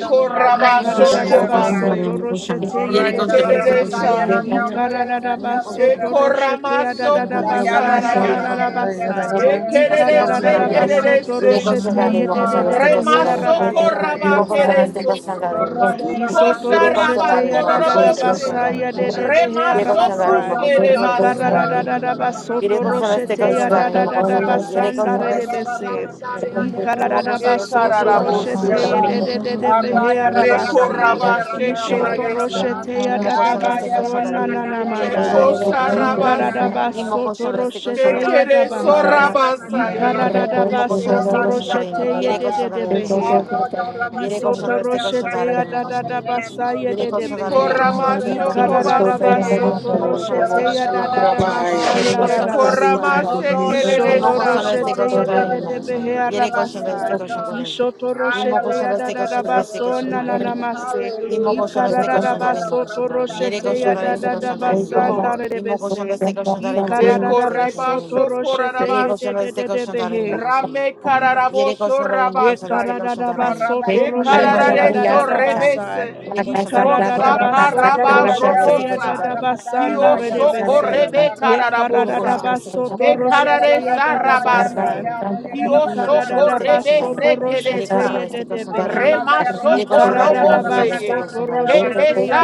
S3: Imo
S4: Ikara
S3: koşan
S4: dada
S3: destek koşan
S5: Ramahaya
S3: dalayım.
S7: kobase.
S3: Imo
S4: basotoroshe
S3: koşan.
S4: ye
S7: I
S3: Yeri
S4: de de
S3: koşan
S4: de
S3: destek
S5: Ramahaya
S4: behe.
S3: koşan
S7: kereresa.
S3: dalayım.
S4: Ikara
S5: Surabhaya
S4: dada
S3: Imo koşan.
S4: basotoroshe
S1: Barramatayer,
S4: ya
S7: Ekoramaso
S4: dada dada
S3: Imo koşan destek koşan dalayım. Imo
S1: Ya
S3: koşan
S1: ya ra ya
S4: basanda
S1: ra ra ya
S4: dada
S7: kusharabasi.
S5: Chandarabhasyana
S1: ya ra
S4: basai.
S1: ra ra
S5: Ramahaya
S1: ya ra ya
S3: destek
S4: Ikara
S3: koşan
S1: ra
S7: Ekererese
S4: dada
S1: ya
S3: dalayım.
S5: Chandarabha
S1: ra ya
S3: Yeri
S7: kererese.
S4: basotoroshe
S3: koşan dalayım.
S4: ye
S1: no
S3: Imo koşan destek koşan dalayım. Imo koşan
S4: de de de
S1: ra
S3: destek
S1: ra
S3: koşan
S4: behe
S1: ra
S3: dalayım. Imo koşan.
S1: ra ya
S7: Remaso
S1: ya ra da
S4: arabasai.
S5: Ramahaya Ramahaya
S1: ya
S7: koraba
S1: ra ya
S7: kereso.
S1: ra
S5: Ramahaya
S1: ra da ya ra ra ra da
S7: Ukosha
S3: Yeri
S1: ya ra
S3: koşan
S7: raba
S4: Isotoroshete
S3: dalayım.
S4: ya
S5: Thank
S3: Imo
S1: ya
S4: da
S5: you,
S4: da
S1: ra
S3: koşan
S4: da
S1: ya
S3: destek
S1: ra
S5: Jesus.
S3: koşan
S7: kororobose.
S1: ra
S4: basa
S1: ma
S5: Thank
S4: ya
S1: ta
S3: dalayım.
S5: you,
S4: de
S1: ya
S4: de
S1: ra ya
S5: Jesus.
S4: behe
S3: Yere
S5: Thank you,
S7: Remaso
S5: Lord.
S3: koşanların
S4: arabasa.
S3: mı
S1: ra ma
S3: koşanlar
S1: ta
S3: este
S1: ya
S4: Ikara
S1: ya
S7: kusherebasa.
S4: da
S5: Thank
S4: da
S5: you,
S1: ra
S3: koşanların.
S4: da
S1: ya
S4: da
S1: ra ba
S5: God.
S1: ra ma
S3: Yere
S1: ta ya
S5: Hallelujah,
S3: koşanlar este
S4: basotoroshete ya da
S3: koşanların
S4: da
S3: mı
S4: da da
S5: hallelujah.
S3: koşanlar. Yere
S4: basanda
S1: ya
S4: re
S3: koşanlar
S4: de
S1: ra ya
S3: este
S1: ra ba ra ma ha ra ra ra
S4: bese.
S1: ma
S3: koşanların.
S1: ta ya
S5: Thank
S1: ne ra
S5: you,
S4: Ikara da
S3: İmo
S1: ya
S5: Lord.
S4: da
S1: ra
S3: koşanlar
S1: ra
S3: este
S1: ma ta
S3: koşanların mı
S7: Ekararabose.
S4: basotoroshete
S3: koşanlar.
S4: ya
S5: Alabashi,
S4: de de de de behe
S5: alabashi,
S3: Yere koşanların mı
S4: arabasi.
S5: urabai.
S7: Mekoraba
S3: koşanlar
S1: ya ra
S3: este
S1: ya ra ya
S3: koşanların.
S7: shekereresa.
S4: Isotoroshete ya
S3: İmo
S4: da
S5: Alabashi,
S4: da
S3: koşanlar
S1: ra
S3: este
S1: ya ra ba ra ma ta ya ra ya ra ya ra ba ra ya ra ya ra
S4: baso
S1: ba ra
S5: alabashi,
S4: na
S1: ma
S4: na
S1: da
S3: koşanların.
S4: na
S1: ya
S3: Yere
S1: ra
S5: alabashi.
S1: ya
S4: mandai.
S3: koşanlar
S1: ra
S3: este
S7: Ekosha
S3: koşanların.
S4: Ikara
S5: Urabai,
S4: da
S7: rabasi.
S3: İmo
S5: urabai,
S3: koşanlar este
S5: alabashi.
S4: basotoroshete
S3: koşanların.
S4: ya da
S3: İmo
S7: Mekereso
S3: koşanlar
S4: bahai.
S6: you.
S3: este
S7: rabasa
S3: koşanların.
S6: Thank
S4: Ikara
S7: ye.
S4: da da
S3: İmo
S5: Alabashi, alabashi,
S3: koşanlar este
S5: alabashi,
S4: basotoroshete
S3: koşanların.
S4: ya
S3: Yere
S4: de de de
S3: koşanların mı
S5: alabashi. Alabashi, urabai,
S4: behe.
S3: koşanlar. Yere koşanlar este
S4: Isotoroshete ya
S3: koşanların mı
S4: da da da
S3: koşanlar.
S4: basa ye
S3: Yere
S4: de de
S3: koşanların mı
S4: behe.
S3: koşanlar este
S7: Ikoramasho
S4: Ikara da da
S3: koşanların.
S7: kobase
S3: Imoko son este
S4: basotoroshete ya
S3: koşan
S4: da
S5: alabashi,
S4: da da
S3: darin.
S5: urabai. Urabai,
S4: basa
S3: Yere
S4: nda da
S3: koşan da este koşan
S4: basa.
S3: darin.
S5: alabashi,
S3: Imoko
S7: Ekoramashekereresa.
S3: son
S5: alabashi.
S3: este
S4: Isotoroshete ye
S3: koşan
S4: de
S3: darin
S4: de de
S3: imoko son
S4: behe
S3: da. Yere koşan da este
S4: arabasa.
S3: koşan darin. Imoko
S4: Isotoroshete
S3: son
S4: ya da
S3: este
S4: da da
S3: koşan este
S4: baso
S3: koşan
S4: na na
S3: darin.
S4: na mase.
S3: Imoko son
S4: Ikara
S3: este
S4: da da
S3: koşan darin imoko son da. Yere
S4: basotoroshete
S3: koşan
S4: ya
S3: da
S4: da
S3: este
S4: da
S1: Hallelujah.
S4: da
S3: koşan
S7: Thank
S3: darin.
S7: you,
S4: basa nda
S7: Lord.
S4: de
S3: Imoko son
S4: bese.
S3: este koşan darin imoko
S4: Ikara
S3: son
S4: da da
S3: este koşan darin.
S4: basotoroshete
S3: Yere
S4: ye
S3: koşan
S4: de
S3: da
S7: Ekorebashokorarabasi.
S4: de
S3: este
S4: de de
S3: koşan darin
S4: behe.
S3: imoko son da.
S6: you.
S3: Yere koşan da
S4: Ye
S3: imoko son este
S7: Ramekararaboshorabasaye.
S3: koşan
S4: karadadaba
S3: darin.
S1: Ramatara,
S4: soto
S3: Yere
S4: roshete ya
S7: Ekararare
S6: Rakasa
S3: koşanlar ise
S4: dadadaba
S3: koşanların.
S4: sa.
S7: shorebese.
S3: Yere
S4: Ye
S3: koşanların yine koşanlar.
S4: karadadaba
S7: Koshaka
S4: soto
S3: Yere
S7: raba
S3: koşanlar
S4: roshete
S3: ise
S4: ya
S7: robosa.
S4: dadaba
S3: koşanların. Yine
S4: sanda
S7: Kio
S3: koşanlar ise
S7: shoko
S4: redebese.
S3: koşanların.
S7: rebe
S4: Ye
S3: Yine
S7: kararabosa.
S3: koşanlar
S4: karadadaba
S3: ise
S4: soto
S3: koşanların.
S4: roshete
S7: Mekarare
S4: ya
S3: Yere ise
S4: dadaba sa.
S7: sharabasi.
S3: koşanların.
S4: Ye
S7: Kio
S3: Yine koşanlar
S7: shoko
S3: ise
S4: karadadaba soto
S7: rebese
S3: koşanların. Yere
S4: roshete
S3: koşanlar
S4: ye
S7: kedesa.
S3: ise koşanların.
S4: dedebehe.
S7: Rema
S4: Ye
S3: Yere
S7: shoko
S3: koşanlar yine
S4: karadadaba
S7: robose
S3: koşanlar ise
S7: ye.
S4: soto
S3: koşanların.
S7: Kete
S4: roshete ya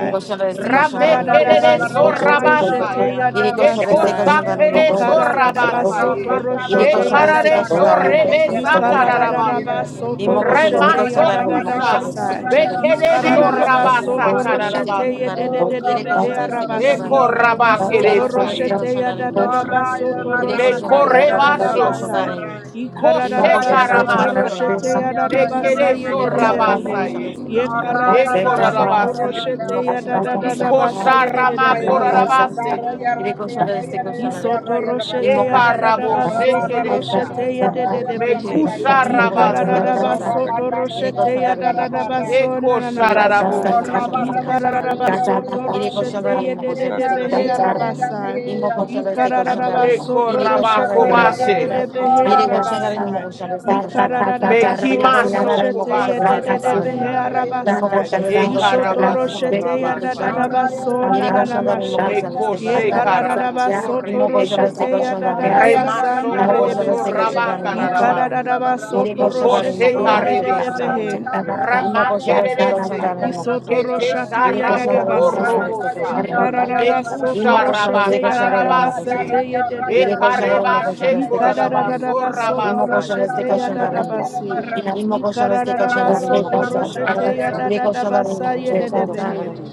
S3: Yere koşanlar ise
S4: Ye
S7: Rame
S3: koşanların yine
S1: Sotoya
S7: kerere
S4: karadadaba
S3: koşanlar ise
S4: soto
S3: koşanların.
S1: Baramataya
S7: sorabasa
S4: roshete
S7: ya.
S1: Royda
S4: ya
S3: Yere koşanlar
S1: Baramataya
S7: Eko
S3: ise
S4: dabasa.
S1: Rande
S3: koşanların yine
S4: Ye
S7: shakere
S1: Raka.
S3: koşanlar ise
S4: karadadaba
S7: sorabasa
S3: koşanların.
S4: soto
S7: ye.
S1: Karaka la
S3: Yere
S4: roshete ya
S3: koşanlar ise
S7: Ekarare
S1: Baramatara
S3: koşanların
S4: dabasa.
S3: yine
S1: Rande
S3: koşanlar
S1: Yera
S3: ise
S7: shorebesa
S1: Taka Yera
S3: koşanların.
S4: Ikaradadaba
S1: Yera.
S7: kararabasi.
S4: soto
S3: Immoco should stick
S4: roshete
S3: of
S4: ya
S1: Koraka
S3: Shandarin, Immoco
S1: Ramatara
S4: dadadaba
S7: Remashokusha.
S3: should
S4: sa.
S3: stick of
S1: Yoraya
S3: Shandarin.
S7: Bekedesho
S1: Baramataya
S4: Ikaradadaba
S1: Rande
S7: rabasa
S4: soto
S3: Immoco
S1: Raka.
S3: should stick
S4: roshete
S3: of
S4: ye
S7: kararabase.
S3: Shandarin.
S1: Oh,
S4: dededebe
S3: Ireko
S4: he
S3: should stick of
S1: Karamatara
S4: arabasi.
S7: Eko
S3: Shandarin.
S1: Yoraya
S4: Isoto
S3: Ireko
S1: Bara.
S7: rabakedesa
S3: should stick
S7: ye.
S3: of
S4: roshete ya
S3: Shandarin, Immoco
S4: dadadaba
S3: Shandarin.
S1: Corroyo
S4: soto
S3: Ireko
S4: roshete
S3: Shandarin,
S4: ya
S1: barramatayero,
S3: Immoco should stick
S4: dadadaba
S3: of
S7: Mekorebasho.
S1: ñorroyo de
S4: sa.
S6: you.
S3: Shandarin.
S1: barra-
S7: Koshe
S3: Immoco
S4: Ikaradadaba
S3: should
S1: Ayero
S3: stick
S6: Thank
S3: of
S4: soto
S3: Shandarin,
S7: karamasa.
S1: barramatarro,
S4: roshete
S3: Immoco
S4: ya
S3: Shandarin.
S4: dadaba
S1: ñorroyo de
S4: sa
S7: Mekedesho
S4: de
S3: Ireko
S1: barramatayero,
S4: de
S3: Shandarin,
S1: ñe.
S7: rabasa
S3: Immoco
S4: he.
S3: should
S7: ye.
S3: stick of
S4: Ye
S3: Shandarin.
S1: Corroyo
S7: Eko
S4: karadadaba soto
S1: barramatayero,
S7: rarabasi.
S4: roshete
S3: Uma
S4: ya
S1: ñorroyo
S3: colchão
S1: de
S3: deste colchão da
S1: barrama-
S7: Iko
S4: dadadaba
S3: areia,
S4: sa
S3: uma
S4: de
S3: colchão.
S7: sharama
S1: Corroyo
S4: de
S3: Vira
S1: de
S4: he.
S3: colchão da areia.
S1: barramatarro,
S7: korarabase.
S3: Vira
S1: ñorro-
S3: colchão deste
S1: ñorroyo
S3: colchão
S1: de-
S3: da areia.
S4: Isoto
S1: ñorroyo de
S4: roshete
S3: Uma
S1: barra-
S4: ya
S7: Eka
S4: da
S3: colchão
S4: da
S3: deste
S4: da
S7: rabo
S4: ba
S3: colchão
S1: Corro
S3: da areia.
S4: soto
S3: Vira
S7: shekedesa.
S3: colchão
S1: barramatarro,
S4: roshete ye
S3: deste
S4: de
S3: colchão
S1: ñorroyo
S4: de
S3: da
S1: de
S4: de
S3: areia.
S4: behe.
S7: Mekusha
S1: barramatayero,
S3: Uma
S1: ñe.
S3: colchão
S4: Ikara da
S3: deste
S7: rabasa.
S4: da
S3: colchão
S4: ba
S3: da
S1: Corro
S4: soto
S3: areia.
S1: patarro,
S3: Vira
S4: roshete
S3: colchão da
S4: ya
S1: ñorroyo
S3: areia,
S4: da
S1: de
S3: uma
S4: da da
S3: colchão
S6: you.
S4: ba
S3: da
S1: barra.
S3: areia.
S4: so
S7: Eko
S4: na na na
S3: Vira colchão da
S6: Rakasa,
S3: areia,
S4: masa.
S3: uma
S1: Arroyo,
S7: shararabose.
S3: colchão
S1: barra
S3: deste
S4: Ikara
S3: colchão
S4: da
S1: matar,
S3: da
S4: da
S3: areia.
S4: ba
S1: ni
S4: soto
S3: Vira colchão da
S4: roshete
S3: areia,
S4: ye
S3: uma
S4: de
S3: colchão
S4: de de
S3: deste
S4: behe
S3: colchão da areia.
S4: arabasa.
S3: Uma colchão deste
S4: Ikara da
S3: colchão
S4: da
S3: da
S4: ba
S3: areia.
S7: Eko
S4: soto
S3: Vira colchão da areia,
S4: roshete
S3: uma
S4: ye de
S3: colchão da
S4: de
S7: rabakobashe.
S3: areia.
S4: de behe
S3: Vira colchão da areia, uma
S4: arabasa.
S3: colchão deste colchão da
S4: Ikara
S3: areia.
S4: da da ba
S3: یک
S7: Mekima
S4: soto
S3: کشنداری
S7: shoko
S4: roshete
S3: مکوشان
S4: ye
S7: basa
S4: de
S3: رستگار
S4: de de behe
S3: شنداری
S7: rebasa ye.
S4: arabasa.
S3: مکوشان
S7: E
S3: رستگار شنداری
S4: Ishoto
S7: karabaso
S3: مکوشان
S4: roshete ya
S3: رستگار
S4: da da
S7: rabasa
S4: da
S7: ya.
S3: شنداری
S4: ba so na na na
S3: مکوشان رستگار شنداری
S4: mashe.
S3: مکوشان
S7: Meko
S3: رستگار
S4: Ye
S7: she
S3: شنداری
S4: karadadaba
S7: karaboso
S4: soto
S3: مکوشان
S7: rebese.
S4: roshete
S3: رستگار شنداری مکوشان رستگار
S4: ya
S3: شنداری مکوشان
S4: dadadaba
S7: Rema
S4: sanda
S7: shoko so
S3: رستگار
S4: redebese.
S3: شنداری
S1: arroyo,
S7: rabaka
S4: Ye
S1: ni
S3: مکوشان
S1: arroyo
S7: rabasi.
S1: la
S4: karadadaba
S1: barra.
S4: soto
S7: Iko
S4: roshete
S7: she
S4: ye
S1: Arra
S7: karebesa.
S1: barra
S4: dededebehe.
S1: matarra,
S7: Rema
S3: رستگار
S7: kererese.
S4: Isotoro
S7: Kete
S4: shata yadada
S3: شنداری
S7: sharaboko
S4: basai.
S7: robosa.
S3: مکوشان
S4: Ikararaba
S7: Mekusha
S3: Imo
S4: sotoro
S3: koşan destek
S4: shete
S7: rabaka
S3: koşan da
S4: yadada
S3: imo
S7: rabasi
S3: koşan da.
S7: ye.
S4: basete
S7: E
S4: yedede
S3: Yere koşan
S4: behe.
S3: da imo
S7: kareba
S6: Yes,
S3: koşan
S7: she
S3: destek koşan da imo.
S7: korabaso
S4: Ikararaba
S3: Imo
S4: sotoro
S7: rabasa
S3: koşan
S7: ya.
S3: destek
S4: shete
S3: koşan da
S4: yadada
S3: imo.
S4: basi.
S3: Imo koşan destek koşan
S4: Ikararaba
S3: da imo
S4: sotoro
S3: koşan da.
S4: shete
S3: Yere
S4: yadada
S3: koşan da imo
S4: basa
S3: koşan
S4: yedede
S3: destek koşan da
S4: behe.
S3: imo.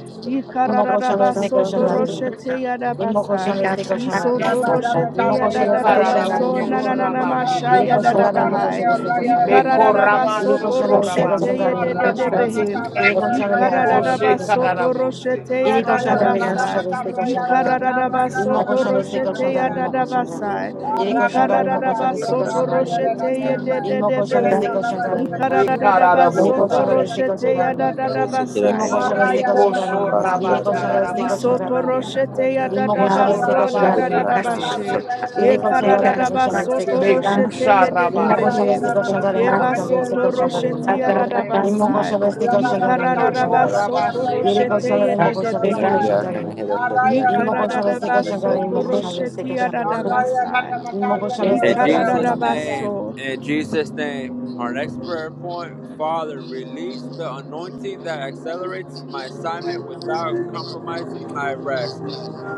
S3: Imo koşan
S4: Ikararaba
S3: destek koşan da
S4: sotoro
S3: imo.
S4: shete yadada
S3: Imo koşan
S4: basai.
S6: Thank
S3: destek koşan da imo.
S4: Isotoro shete
S3: Imo koşan destek
S4: yadada
S3: koşan da
S7: Ekararabo
S4: baso
S3: imo koşan da.
S4: nananana
S7: shoraba
S4: masha
S3: Yere koşan
S4: yadada
S7: kereresa.
S3: da imo
S4: bahai.
S3: koşan destek
S1: raya
S3: koşan da imo.
S4: Ikararaba
S7: Mekorama
S3: Yere koşan
S4: sotoro
S3: da destek
S4: shete
S3: koşan da
S7: shokorabasi.
S3: imo
S4: yedede
S3: koşan da.
S4: behe.
S3: Yere koşan da imo
S1: de
S7: Iko
S3: koşan
S4: Ikaradadaba
S3: destek
S1: barra
S3: koşan da
S4: soto
S3: imo.
S7: shekararabose.
S4: roshete ya
S3: Iri
S1: Arraya
S3: koşanda
S1: la
S3: imo
S1: barra
S4: dadabasa.
S3: koşanda este
S1: matarraya la
S3: koşanda imo.
S1: barra
S4: Ikaradadaba
S1: matarraya la
S3: Imo
S4: soto
S3: koşanda este
S4: roshete
S3: koşanda
S4: ya
S3: imo koşanda.
S4: dadabasa.
S3: Iri
S1: Arraya
S3: koşanda imo
S4: Ikaradadaba
S3: koşanda este
S4: soto
S3: koşanda
S6: you.
S3: imo.
S4: roshete ye
S3: Imo koşanda este
S4: dededebehe.
S3: koşanda imo koşanda.
S4: Ikaradadaba
S3: Iri
S4: soto
S7: Ekararabosa.
S3: koşanda este
S4: roshete
S3: koşanda
S4: ya
S3: imo.
S2: Hara satara
S4: dadabasa.
S3: Imo
S2: kara
S3: koşanda este
S7: Meko
S3: koşanda imo.
S2: hara
S3: Iri
S7: shoraba
S2: satara kara hara
S3: koşanda este koşanda
S7: kararabasi.
S3: imo.
S2: satara
S4: Isotoroshete ya
S2: kara
S3: Imo koşanda
S7: Eko
S3: este
S4: dadabaso
S7: raba
S3: koşanda imo
S2: kya kana
S3: koşanda.
S2: hara
S4: dadadabashe.
S7: shekerese.
S2: satara kara
S4: Ye
S3: Iri
S2: hara
S3: koşanda
S2: satara
S3: imo
S2: kara hara
S3: koşanda
S2: satara
S4: karadadabaso
S3: este
S2: kara hara
S3: koşanda
S2: satara
S3: imo.
S4: toroshete
S2: kara
S7: Mekusha
S2: hara
S4: ye
S3: Imo
S7: rabasa.
S2: satara
S3: koşanda
S4: dedebehe.
S3: este
S2: kya
S3: koşanda
S4: Ye
S3: imo koşanda este koşanda imo. Imo
S2: koro
S3: koşanda
S4: baso
S2: satara koro
S4: toroshete ya
S2: satara koro satara
S4: dadabasa.
S2: koro
S3: este
S4: Ye
S2: satara
S3: koşanda imo
S7: Eko
S3: koşanda.
S2: kara
S4: karadadabaso
S7: raba
S3: Iri
S4: toroshete ye
S3: koşanda
S7: shekerese.
S3: imo koşanda este
S4: dedebehe.
S2: kya
S3: koşanda
S2: kana
S3: imo.
S2: hara
S4: Ye
S2: satara
S1: la
S2: kara
S3: Inmo
S1: barra
S3: koşan destek
S1: matar,
S3: koşan kadar
S2: satara
S4: karadadabaso
S3: inmo
S1: bien,
S2: kya
S3: koşan
S2: hara
S3: destek
S4: toroshete ya
S2: satara
S3: koşan kadar
S1: Arroyo
S2: kara
S4: dadabasa.
S1: para
S3: inmo
S1: matar
S3: koşan
S4: Ye
S1: leño,
S2: in
S3: destek
S1: arroyo
S3: koşan kadar
S2: Jesus'
S1: para matar.
S2: name,
S4: karadadabaso.
S2: in Jesus' name, our next prayer point, Father, release the anointing that accelerates my assignment without compromising my rest.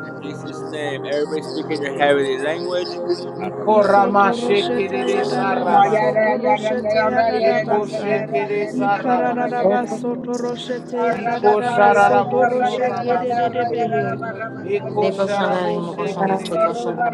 S2: In Jesus' name, everybody speak in your heavenly language.
S7: Iko rama
S4: Isotoroshete
S7: shekeresa
S4: yadadaba
S1: No yere
S7: rabasa.
S1: yere ne
S4: sotoroshete
S1: arroyo
S7: Eko
S1: grande
S4: yadadabasa.
S1: yere leño, yere
S7: shekeresa
S1: ne arroyo
S4: Ikararaba
S7: rabasoye.
S1: grande.
S4: sotoroshete
S1: Para
S7: Iko
S1: matar yo ne
S7: shararaboso
S1: arroyo
S4: de
S1: grande
S4: de
S7: rabasaya.
S1: arroyo
S4: dededebehe.
S1: para matar
S7: Eko
S1: yo
S3: biri koşan kadar
S1: arroyo.
S7: sharabo
S3: inmo koşan destek koşan
S7: shekeresa.
S3: kadar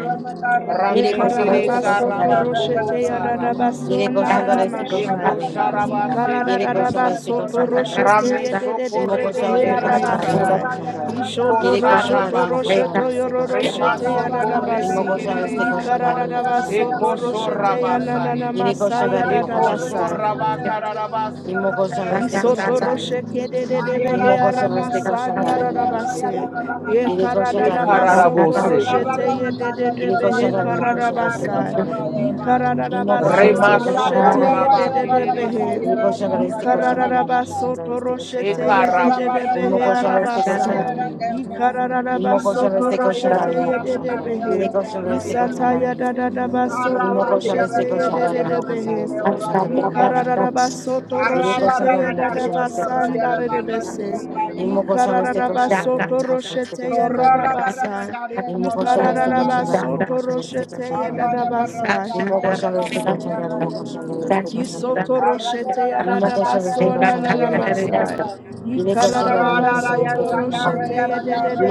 S3: biri koşan
S6: Thank
S7: Ramekere
S6: you.
S3: destek koşan kadar
S4: Ekararabasoto
S7: sharaba
S3: inmo
S7: kobo
S3: koşan
S4: roshete
S7: sarabase.
S4: yadadabaso
S3: biri koşan kadar destek koşan
S4: nananamasha.
S3: kadar
S7: Eko
S3: inmo koşan
S7: sharaba
S3: kadar biri koşan
S7: shekeresa.
S3: destek
S4: Ikarararabasoto
S3: koşan kadar
S4: roshete
S7: Rameshoko
S3: inmo
S7: rebe
S3: koşan
S4: yedededebehe
S3: destek koşan kadar
S7: kereresa
S3: inmo
S4: arabasa.
S7: ye.
S3: koşan kadar
S7: Iko
S4: Ishoto
S3: biri koşan kadar
S4: roshoto
S3: inmo
S7: sharabasa.
S3: koşan
S4: roshoto
S3: destek koşan kadar
S4: yororoshete
S7: Remashoko
S3: inmo
S7: rebe
S4: yadadabasi.
S3: koşan destek
S7: kererese.
S3: koşan kadar inmo koşan
S4: Ikarararabasoto
S7: Eko
S3: destek koşan kadar
S4: roshete
S7: shorabasa ye.
S3: biri
S4: yanananamasa
S3: koşan kadar inmo
S7: Eko
S3: koşan destek koşan
S4: yadadabasa.
S3: kadar
S7: shoraba kararabasi.
S3: inmo koşan destek koşan
S4: Isoto roshe
S3: kadar
S4: kede de de
S1: Arra matar,
S3: इमो
S4: behe
S3: question वैसे question जा
S4: arabasanda
S3: रहे हैं question का
S4: rabase.
S1: arra
S4: Ye
S3: ये question
S4: karada
S7: E
S3: जा
S4: da
S3: रहे हैं क्वेश्चन
S4: basoto
S3: वैसे क्वेश्चन जा
S4: roshe
S7: ye.
S3: रहे
S4: te
S3: हैं
S4: ye de de de
S3: ये क्वेश्चन
S4: behe
S3: जा रहे हैं क्वेश्चन
S1: matar,
S3: वैसे
S4: kararabasa.
S3: क्वेश्चन जा रहे हैं
S4: I karada da
S3: इमो क्वेश्चन
S1: arra
S3: वैसे
S4: basoto
S1: matar,
S3: क्वेश्चन
S4: roshe
S3: जा
S7: Remashoko
S3: रहे
S4: te
S3: हैं
S4: ye de
S7: raba
S3: question
S4: de de behe.
S3: का
S7: kererese.
S3: ये क्वेश्चन जा रहे
S4: I
S1: arra
S4: karada da
S3: हैं क्वेश्चन
S1: matar.
S3: जा रहे
S4: basoto
S3: हैं
S4: roshe
S3: क्वेश्चन जा रहे
S4: te ye
S3: हैं
S4: de
S1: Aurora
S4: de de
S1: barra
S7: Ekarabosho
S4: behe
S1: matarriendo,
S7: rabasa.
S6: Thank
S3: question
S1: rollo
S4: arabasa.
S3: जा
S1: de
S3: रहे
S1: la
S3: हैं
S4: I
S1: guerra.
S4: karada da
S3: इमो
S1: Ya no
S3: question
S4: basoto
S1: soy
S3: वैसे
S1: rollo
S3: क्वेश्चन
S4: roshe
S3: जा
S1: de
S3: रहे हैं
S4: te ye
S1: barra
S3: इमो
S6: you.
S4: de de
S1: matarriendo,
S4: behe.
S1: yo
S3: question वैसे
S1: rollo de la
S3: क्वेश्चन जा
S4: Isata
S3: रहे हैं क्वेश्चन जा रहे
S4: ya
S3: हैं
S1: guerra.
S4: da da
S6: Thank
S4: da
S1: Barra
S3: ये
S4: basoto
S3: क्वेश्चन
S4: roshe
S3: वैसे
S4: te ye
S1: matarriendo,
S3: question
S4: de
S3: जा रहे
S4: de
S1: rollo
S3: हैं
S1: de la
S4: de
S3: इमो क्वेश्चन वैसे क्वेश्चन जा रहे हैं क्वेश्चन
S1: guerra,
S4: behe.
S3: वैसे
S1: rollo
S3: क्वेश्चन जा
S1: de
S3: रहे हैं
S1: la guerra.
S3: Question
S4: Ikararabasoto
S3: Yine
S1: Barra
S4: roshete
S1: barra
S3: koşanların mı koşan este
S1: matarriendo, rollo de
S3: koşanların.
S1: barra, rollo de
S4: yadadabasandarebese.
S1: la
S3: İmmo
S1: guerra,
S3: koşan
S1: rollo
S3: este
S1: de la
S3: koşanların
S1: guerra.
S4: Ikararabasoto
S3: mı koşan este
S4: roshete
S1: Corrora
S3: koşanların.
S1: barra
S4: yadadabasa.
S1: matarriendo,
S3: İmmo koşan
S1: rollo
S3: este
S1: de barra.
S3: koşanların mı
S4: Ikararabasoto
S3: koşan este
S4: roshete
S1: Barra
S3: koşanların.
S1: de barra
S4: yadadabasa.
S3: İmmo
S1: matarriendo,
S3: koşan este
S1: barra de
S3: koşanların
S1: rollo
S3: mı
S1: de la
S3: koşan
S1: guerra.
S3: este koşanların.
S4: Isotoro
S1: Corra,
S4: shete
S3: İmmo koşan este
S4: yadadabaso
S3: koşanların mı
S7: Mm,
S3: koşan da.
S4: nananamasai.
S3: Yine koşanların mı koşan
S4: Ikararabaso
S3: este
S4: toro shete
S3: koşanların.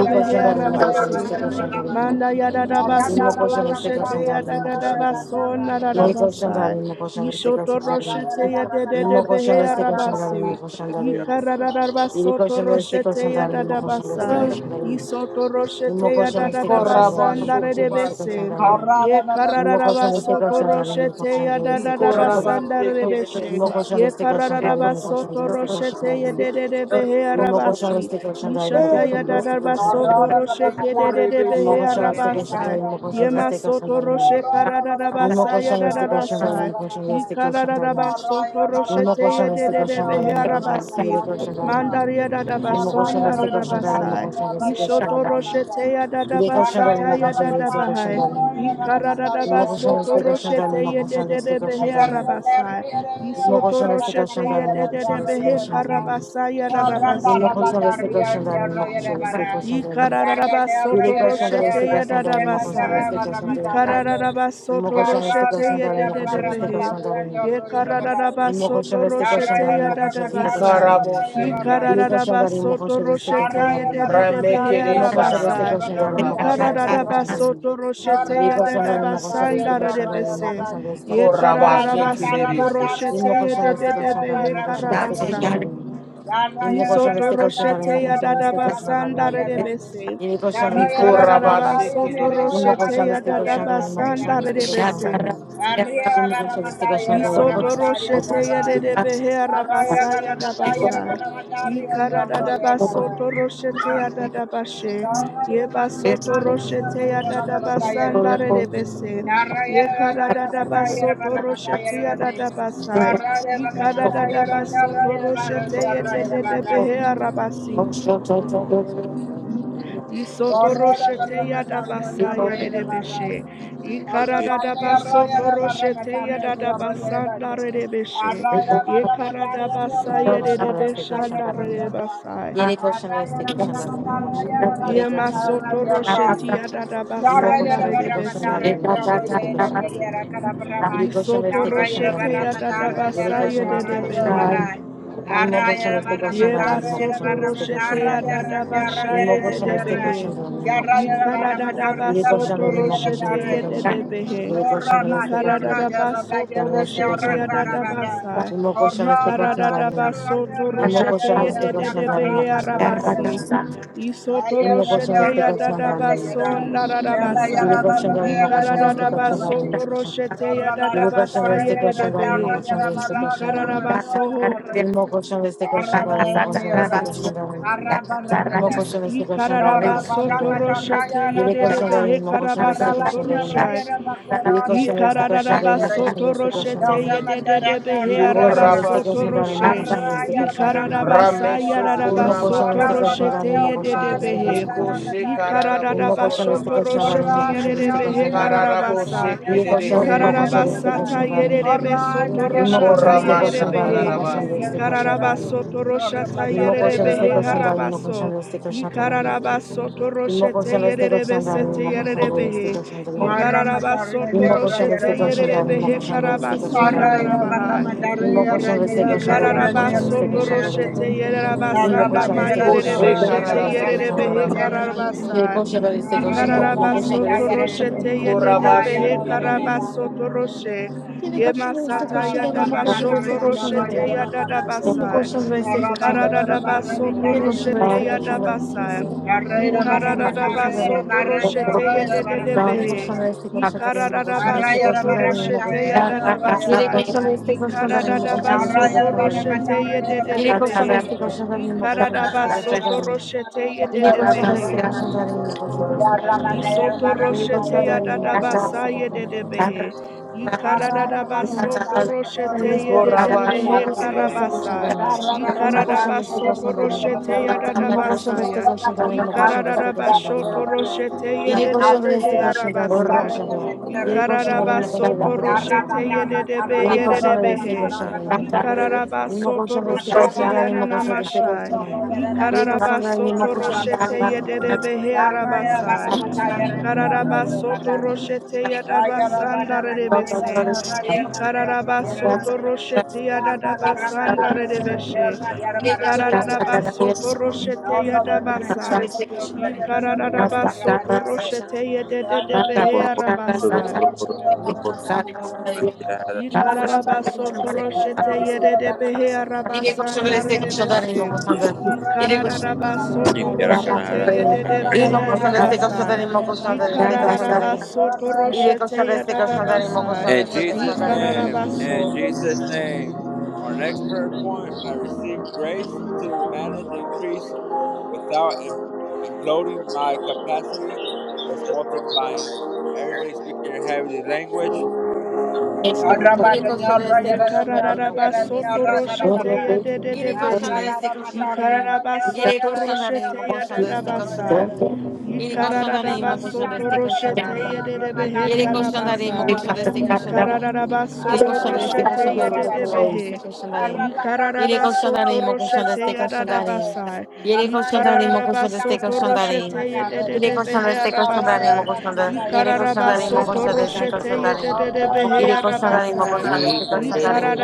S3: Yine koşanların mı koşan
S4: arabasi.
S3: este koşanların.
S4: Manda yadadabaso
S3: İmmo koşan
S4: toro
S3: este
S4: shete
S3: koşanların mı koşan da.
S4: yadadabaso
S3: Yine
S4: nararabasai.
S3: koşanların mı koşan este
S4: Ishoto
S3: koşanların.
S4: roshete
S3: Inmo cochando
S4: yededebehe
S3: este
S4: arabasi.
S3: cochando de inmo
S7: mm,
S3: Yedi
S4: Ikararabaso
S3: koşan da
S4: toro
S3: destek
S4: shete
S3: koşan da alayım. Koşan da destek
S4: yadadabasai.
S7: mm.
S3: koşan da alayım.
S4: Isotoro shete
S3: Yirmi koşan da destek koşan da
S4: yadadabasa
S3: alayım. Koşan da destek
S4: ndaredebese.
S3: koşan
S7: Ikorabashokobase.
S3: da alayım.
S4: Ye
S3: Yirmi koşan
S4: karararaba
S3: da destek
S4: soto
S3: koşan da
S6: you.
S3: alayım.
S4: roshete
S3: Koşan
S4: ya
S3: da destek
S4: dadadaba
S3: koşan da alayım.
S4: sandarebeshe.
S3: Yirmi
S7: Ikorabashekedesa.
S3: koşan da
S4: Ye
S3: destek koşan da
S4: karararaba
S3: alayım. Koşan da
S4: soto
S3: destek koşan
S4: roshete
S3: da
S4: ye
S3: alayım.
S4: dededebehe
S3: Yirmi koşan da
S4: arabasi.
S3: destek koşan da alayım.
S4: Yishata
S7: Eh,
S4: ya
S3: Koşan da destek
S4: dadaba
S3: koşan da
S4: soto
S1: Yarra,
S3: alayım.
S4: rosheke
S3: Yirmi
S4: dededebehe
S3: koşan da destek koşan da
S7: Ikorebeshekedese.
S4: arabasai.
S3: alayım. Koşan
S4: Ye
S3: da destek koşan da
S4: masoto
S3: alayım.
S4: roshe
S3: Yirmi
S4: karararabasa ya
S3: koşan da destek koşan da alayım. Koşan da destek koşan da alayım.
S4: dadadasai.
S3: Yirmi koşan da destek koşan da alayım. Koşan da destek koşan da alayım. Yirmi koşan da destek koşan da alayım. Koşan
S4: Ye karararaba soto roshete ye dededebehe arabasi. Mandaria dadaba sondarabasai.
S3: da destek koşan
S4: Yishoto
S3: da alayım.
S4: roshete ya
S3: Yedek
S4: dadaba
S3: koşan da
S4: sata
S3: imo
S4: ya
S3: koşan destek koşan
S4: dadabahai.
S3: da imo.
S4: Ikararaba
S3: İmo koşan
S4: soto
S3: destek koşan da
S4: roshete
S3: imo koşan
S4: yedede
S3: destek
S1: Yarra
S4: behe
S3: koşan da imo.
S4: arabasa.
S3: İmo
S4: Isoto
S3: koşan destek
S4: roshete
S3: koşan da imo
S4: yedede
S3: koşan destek
S4: behe
S3: koşan da imo.
S4: karabasa yarabasi.
S3: İmo koşan destek koşan da imo koşan destek koşan da imo.
S4: Ikararaba soto
S3: Yedek koşan da
S4: roshete
S3: destek koşan da imo koşan
S4: yadadabasa.
S3: destek koşan da imo.
S4: Ikararaba
S3: İmo
S4: soto
S3: koşan destek
S4: roshete
S3: koşan da imo koşan destek
S4: yedededebehe.
S3: koşan da imo.
S4: Yekararaba
S3: İmo koşan
S4: soto
S3: destek koşan da
S4: roshete
S3: imo koşan destek koşan da
S4: yadadabasa.
S3: imo.
S7: Ikaraboshekedesa.
S3: koşan
S4: Ikararaba
S3: da imo
S4: soto
S3: koşan destek
S4: roshete
S3: koşan da
S1: Arroyo para matar
S4: yedededebehe
S1: y
S3: İmo
S7: Ramekedesha
S3: koşan destek
S1: arroyo
S4: arabasa.
S3: koşan
S7: raraboso
S1: para
S3: da imo
S1: matar y
S3: koşan
S7: rabasa.
S3: destek
S4: Ikararaba
S3: koşan
S1: arroyo.
S3: da
S4: soto roshete
S3: Yedi
S1: Chorro
S3: koşan
S1: para
S3: garim, mo
S4: yadadabasa
S1: matar
S3: koşan
S1: y
S3: deste koşan
S1: arroyo
S3: garim, mo
S4: ndaredebese.
S1: para
S3: koşan deste koşan garim.
S4: Yekararaba
S1: Charra para
S4: soto
S1: matar
S7: Ikorabashekedese.
S6: Thank you.
S1: y
S3: Yim
S4: roshete
S3: mo koşan deste koşan
S1: arroyo
S3: garim,
S4: yedededebehe
S3: mo
S1: para
S3: koşan
S1: matar
S3: deste
S1: y
S3: koşan
S4: karabasa.
S6: Thank
S1: arroyo.
S3: garim. Yim mo
S1: Arroyo
S3: koşan
S4: Isoto
S1: para
S3: deste koşan
S1: matar y
S3: garim, mo
S4: roshete ya
S3: koşan deste
S1: arroyo
S4: dadaba
S1: para
S3: koşan
S1: matar y
S4: sandare
S3: garim.
S1: arroyo.
S4: debese.
S3: Yedi koşan deste
S1: Arroyo para
S3: koşan
S4: Ikararaba
S1: matar
S3: garim.
S1: y
S4: soto
S3: Yim mo
S1: arroyo
S7: Ikorabashekedesa.
S4: roshete
S1: para
S3: koşan
S4: ya
S3: deste koşan
S4: dadaba
S3: garim, mo
S1: matar y
S3: koşan
S4: sandare
S3: deste
S1: arroyo.
S3: koşan
S4: debese.
S3: garim.
S1: Arriba
S3: Yim mo
S1: para
S3: koşan deste
S1: matar,
S3: koşan
S1: hierba
S3: garim,
S1: para
S3: mo
S4: Isoto
S1: matar,
S3: koşan
S1: y
S4: roshete ya
S1: andar.
S4: dedebehe
S1: Arroyo
S4: arabasa ya
S1: para matar, hierba
S4: dabasa.
S1: para matar, y andar.
S4: Ikaradadaba
S1: Arroyo para matar,
S4: soto roshete ya dadabashe. Yeba soto
S1: hierba
S4: roshete ya
S1: para
S4: dadaba
S1: matar, y andar.
S4: sandare debese.
S1: Arroyo para
S4: Yekaradadaba
S1: matar, hierba
S4: soto
S1: para matar,
S4: roshete ya dadabasai.
S1: Arroyo para matar, hierba
S4: Ikaradadaba
S1: para matar,
S4: soto
S1: y andar. Arroyo
S4: roshete ya dedebehe arabasi.
S1: Corroda per
S4: Isotoroshete
S1: remetargli ogni
S4: yadabasa
S1: arreia di
S4: yadebeshe.
S1: battaglia. Orrevande arroia di
S4: Ikaradabasotoroshete
S1: barrametargli ogni arroia di
S4: yadabasanda
S1: battaglia.
S4: redebeshe.
S1: Arroia di barrametargli ogni
S4: Ikaradabasa
S3: garim,
S1: arroia
S3: mo
S1: di
S3: koşan
S6: you.
S3: deste
S1: barrametargli
S3: koşan
S4: yadebeshanda
S1: ogni
S3: garim.
S1: arroia.
S4: redebasa.
S3: Yedi koşan
S1: Arroia
S3: deste
S1: di
S3: koşan
S6: Rakasa
S3: garim, mo
S1: barrametargli ogni
S3: koşan garim. Yedi koşan
S1: barrametargli
S3: deste
S1: ogni
S3: koşan
S1: arroia.
S4: Yemasotoroshete
S3: garim. Yim mo
S1: Arroia
S4: yadabasanda
S3: koşan
S1: di
S3: deste koşan
S1: barrametargli
S4: redebese.
S3: garim, mo
S1: ogni
S3: koşan
S1: arroia
S3: deste
S1: di
S3: koşan garim.
S1: bandiera,
S3: Il est
S1: calabramaia.
S3: conscient de rester
S1: Arroia
S3: conscient de
S1: di
S4: Isotoroshete
S3: l'anime, conscient de l'anime.
S1: barrametargli
S3: Il est
S4: yadabasa
S3: conscient
S1: ogni
S3: de rester
S1: arroia
S3: conscient
S1: di
S3: de
S4: yedebehe.
S3: l'anime.
S1: barraia.
S3: Il est conscient de
S1: Arrayara
S3: rester
S1: barra
S3: conscient de
S4: Yeba
S1: matarra,
S3: l'anime,
S1: yara
S3: conscient
S4: soto
S3: de
S1: barra
S3: rester conscient
S4: roshete
S3: de
S1: matarra,
S4: ya
S3: l'anime.
S1: yara
S4: dada
S1: ndarra,
S4: basha
S3: Il est
S4: ye
S1: yara
S3: conscient de
S4: dede
S3: rester
S1: ndarra.
S3: conscient
S4: behe.
S3: de l'anime,
S1: Yarra
S3: conscient de
S1: yara barra
S4: Yikaradada
S1: matarra,
S3: Il est
S1: yara
S3: conscient de
S1: ndarra,
S4: basoto
S3: l'anime,
S1: yara
S3: conscient de
S4: roshete
S1: ndarra.
S3: rester
S4: ye
S3: conscient.
S4: dede behe.
S3: Il est
S1: Horra
S3: conscient de rester
S1: bati
S3: conscient
S1: yarra
S4: Yikaradada
S1: yarra bati
S4: basoto
S3: de
S1: yarra
S3: rester
S1: yarra
S4: roshete
S3: conscient de
S4: ya
S1: kara
S4: dada
S3: l'anime.
S1: barra.
S4: basa.
S3: Il est conscient de
S1: Horra
S3: rester conscient de
S4: Yikaradada
S1: bati
S3: l'anime.
S1: yarra
S4: basoto
S1: yarra
S3: Il est
S1: yara
S6: Rakasa,
S4: roshete
S3: conscient
S1: yara
S3: de
S4: ye
S3: rester
S1: yara
S4: dede
S3: conscient de
S1: yakara
S3: l'anime,
S4: behe
S3: conscient
S1: bata
S3: de rester
S4: arabasi.
S3: conscient de
S1: yara.
S3: l'anime.
S4: Isoto
S3: Il est conscient de
S4: roshete
S3: rester
S4: ya dada baso narada
S3: Il est
S4: basa.
S3: conscient
S4: Yikaradada basoto roshete ya dada
S3: est conscient
S4: basa ye dede behe. Yikaradada basoho.
S3: Imo koşan destek koşan darın, imo koşan destek koşan darın, imo
S6: Rakasa,
S3: koşan destek koşan darın,
S6: Thank
S3: imo koşan
S4: Ikararabasoto
S3: darın.
S4: roshete
S3: Yere
S4: yedede
S1: Arra
S3: koşan darın,
S4: behe
S3: imo koşan destek
S4: karabasoto
S3: koşan
S1: Arabaño
S3: darın.
S4: roshai.
S1: raya de
S3: Yere
S1: bacorada y
S3: koşan
S1: la
S3: destek
S1: barrena
S3: koşan
S1: y
S3: darın, imo koşan
S1: terreno.
S4: Ikararabasoto
S3: destek koşan
S4: roshete
S1: Don
S3: darın.
S1: Ramataranga
S4: yedededebehe
S3: Yere
S1: raya de
S3: koşan destek
S1: barramani.
S4: arabasoto
S3: koşan darın, imo
S4: roshe.
S3: koşan
S7: Ikorabashekedese.
S3: destek
S1: Arraya de
S3: koşan darın.
S1: barramatara en
S4: Ikararabasa
S1: cora.
S3: Imo koşan
S4: yararabasoto
S3: destek koşan darın,
S4: roshete
S1: Barrabadoño
S7: Rameshokorabakarabase.
S3: imo koşan
S1: raya
S3: destek
S1: de la
S4: yededebehe.
S3: koşan
S7: Eko
S3: darın.
S1: barramataria en mi
S7: shekararabo
S3: Imo
S1: vida.
S3: koşan
S4: Ikararabasoto
S3: destek koşan
S7: sorabasa.
S3: darın,
S4: roshete
S3: imo koşan
S1: Orraño
S3: destek
S4: yededebehe
S3: koşan
S1: raya de
S3: darın.
S7: Ikararabo
S4: kararabasa.
S1: barramataria en
S3: Yere
S1: la
S3: koşan
S1: vida
S3: darın, imo
S7: shekererese.
S1: de la
S3: koşan destek
S1: mierda.
S4: Ikararabasata
S3: koşan darın.
S4: yededebe
S1: Orraya
S4: soto
S1: de
S3: Imo
S7: Iko
S3: koşan
S4: roshata
S3: destek
S7: rama
S3: koşan
S1: barramataria en
S3: darın,
S1: la
S3: imo
S4: yededebehe.
S1: raya
S3: koşan
S1: de la
S7: shakararabase.
S3: destek koşan
S1: mierda.
S3: darın.
S4: Ikararabasoto
S1: Torre
S4: roshata
S1: matarra y
S3: Immokoszem z
S4: yededebehe
S3: tego szandali,
S4: harabaso.
S3: immokoszem z tego szandali.
S4: Ikararabasoto roshete
S3: Immokoszem z tego
S4: yededebe
S3: szandali,
S4: sete
S3: immokoszem z
S4: yededebehe.
S3: tego szandali.
S4: Ikararabasoto
S3: Immokoszem z
S4: roshete
S3: tego
S4: yerere
S3: szandali,
S4: behe
S3: immokoszem z tego
S4: karabasonda
S3: szandali.
S1: Arraya
S4: rarabaha.
S1: barra matarraya
S3: Immokoszem z
S1: arraya
S3: tego szandali,
S1: arraya arraya
S3: immokoszem z
S4: Ikararabasoto
S3: tego
S1: arraya arraya.
S3: szandali.
S4: roshete
S1: Arra
S4: yererabasanda
S3: Immokoszem z
S1: batalla
S3: tego
S7: Iko
S3: szandali,
S1: arraya
S4: mayererebeshete
S1: arraya
S3: immokoszem z
S7: shekararabo
S1: barra
S3: tego
S4: yererebehe
S3: szandali.
S1: matarraya
S7: sorabase.
S1: arraya.
S4: kararabasa.
S3: Immokoszem z tego
S1: Arraya
S3: szandali,
S1: barra
S3: immokoszem z
S4: Ikararabasoto
S1: matarraya
S3: tego
S1: arraya.
S3: szandali.
S4: roshete
S7: Iko raba
S4: yededebehe
S7: shekererese.
S4: karabasoto roshe.
S3: Immokoszem z tego
S4: Yemasata
S1: Arraya barra
S4: yadabashoto
S1: matarraya arraya. Arraya barra
S4: roshete
S1: matarraya arraya arraya.
S4: yadadabasa.
S1: Arra batalla barra
S4: Ikararabasoto
S1: matarraya
S4: roshete
S1: arraya.
S4: yadabasa.
S1: Arraya barra matarraya
S4: Ikararabasoto
S1: arraya
S4: roshete
S1: arraya barra
S3: Yere
S1: matarraya
S4: yededebehe.
S3: koşanlar
S1: arraya.
S3: este koşanlar imo koşan este
S1: Arraya la
S4: Ikararabasoto
S3: koşanlar
S1: barra
S3: imo
S4: roshete
S3: koşan.
S1: matare, no arraya la
S3: Yere
S4: yadadabasa.
S1: barra
S6: you.
S3: koşanlar
S1: matare.
S3: este koşanlar imo
S4: Ikaradadaba
S3: koşan este
S1: Arraya
S4: soto
S1: la
S3: koşanlar
S1: barra
S3: imo.
S4: roshete
S1: matare, la
S4: yedede
S3: Yere
S1: barra
S4: behe.
S3: koşanlar
S1: matare,
S3: este
S6: Thank
S1: rende.
S3: koşanlar imo koşan
S4: Ikaradaba
S3: este
S1: Arraya la
S4: soto
S3: koşanlar imo.
S4: roshete
S1: barra matare,
S3: Yere
S4: yedede
S3: koşanlar
S4: behe.
S3: este koşanlar imo koşan
S1: no
S3: este
S1: arraya la barra matare.
S3: koşanlar imo.
S1: Arraya la
S4: Isoto
S1: barra
S3: Yere
S1: matare,
S4: roshete ya
S3: koşanlar
S1: rende,
S3: imo
S4: dada
S1: arraya
S3: koşan este
S4: basa
S1: la
S4: ye
S1: barra
S3: koşanlar
S4: dede
S3: imo.
S1: matare.
S4: behe.
S1: Yarra,
S4: Ikara dada basoto roshete ye
S3: Este
S7: Iko
S4: dede
S7: raba
S3: koşanlar imo
S4: behe
S3: koşan este
S7: shekererese.
S4: karabasa.
S3: koşanlar imo. Imo
S4: Ikara dada
S3: koşan este
S4: basoto
S3: koşanlar imo.
S4: roshete ya dada
S3: Imo koşan
S4: basa
S3: este
S4: ya.
S3: koşanlar imo
S4: Ikara
S3: koşan este
S4: dada
S3: koşanlar imo.
S4: basoto roshete ye
S3: Yere
S4: dede
S3: koşanlar este
S4: behe
S3: koşanlar imo
S4: arabasa.
S3: koşan. Yere
S4: Ikara dada
S3: koşanlar imo koşan
S4: basoto
S3: este
S6: you.
S3: koşanlar imo.
S4: roshete ye dede be
S3: Yine
S4: ye dede
S3: koşan ve destek
S6: Thank
S4: behe.
S3: koşan tarafından.
S4: Ikara dada
S3: İmmo koşan ve
S1: Thank
S3: destek koşan
S4: roshete
S3: tarafından.
S4: ya
S3: İmmo koşan ve destek koşan
S4: masha.
S3: tarafından. Yine
S4: Ikararaba
S3: koşan ve immo
S4: soto
S3: koşan ve destek
S4: roshete
S3: koşan tarafından.
S4: yedede behe arabasa.
S3: Destek koşan tarafından. Yine koşan ve destek koşan tarafından. Yine koşan
S4: Ikararaba soto roshete yadaba
S3: ve destek koşan
S4: sandare
S3: tarafından. Yine koşan ve
S4: debese. Ikararaba soto roshete yadaba
S3: destek koşan tarafından. Yine koşan
S4: sandarebese.
S3: ve destek koşan tarafından. Koşan- İmmo koşan verin. Size koşan verin. Yine koşan ve destek koşan tarafından. İmmo koşan ve destek koşan tarafından. Yine koşan ve
S4: Ikararaba
S3: destek koşan tarafından.
S1: you.
S4: soto roshete yadaba sa. Ikararaba soto
S3: İmmo
S4: roshete yedede behe arabasa. Ikararabasoto roshete yerede behe arabasanda redebese.
S6: you.
S3: koşan ve- size koşan verin.
S4: Ikararabasoto
S6: Thank
S4: roshete yerede
S3: Imo
S4: behe
S3: colchão de seca, colchão de
S4: arabasa.
S3: limo, colchão de seca, colchão de limo.
S4: Ikararabasoto
S3: Irei colchão
S4: roshete
S3: de seca, colchão de
S4: yadadabasa.
S3: colchão
S2: In
S3: de
S2: Jesus'
S1: Thank you.
S2: name, in
S4: Ikararabaso.
S2: Jesus' name. Our next prayer point I receive grace to manage increase without im- imploding my capacity that's multiplying. Everybody speak in your heavenly language.
S6: you.
S3: Ele koşanlar destek koşanlarıyım, o koşanlar destek
S4: Yekararabasoto roshete
S3: koşanlarıyım.
S4: ya
S3: Yere koşanlar
S4: dededebehe.
S3: destek koşanlarıyım. Yere
S4: Yikararabasoto
S3: koşanlarıyım, o
S4: roshete ya
S3: koşanlar destek
S4: dadabasa.
S3: koşanlarıyım. Yere koşanlarıyım, o koşanlar
S4: Yikararabasoto
S3: destek
S4: roshete ya
S3: koşanlarıyım.
S4: dededebehe
S3: Yere koşanlarıyım, o
S4: karabasa.
S3: koşanlar destek koşanlarıyım. Yere
S4: Yikararabasoto
S3: koşanlar destek
S4: roshete ya
S3: koşanlarıyım, o koşanlar
S4: dededebehe.
S3: destek
S1: Arra
S3: koşanlarıyım. Yere
S4: Yikararabasoto
S3: koşanlarıyım, o koşanlar
S4: roshete
S3: destek
S4: ya
S3: koşanlarıyım.
S4: dadabasa.
S3: Yere koşanlarıyım, o koşanlar destek
S4: Yikararabasoto roshete
S3: koşanlarıyım.
S4: ya
S3: Yere koşanlar
S4: dededebehe
S3: destek
S4: arabasa.
S8: Water, da
S4: Yikararabasoto
S8: da da, both the
S4: roshete
S8: ba
S4: ya
S8: ba
S4: dededebehe
S3: Iré coxandarín,
S4: arabasa.
S3: coxandaste, coxandarín.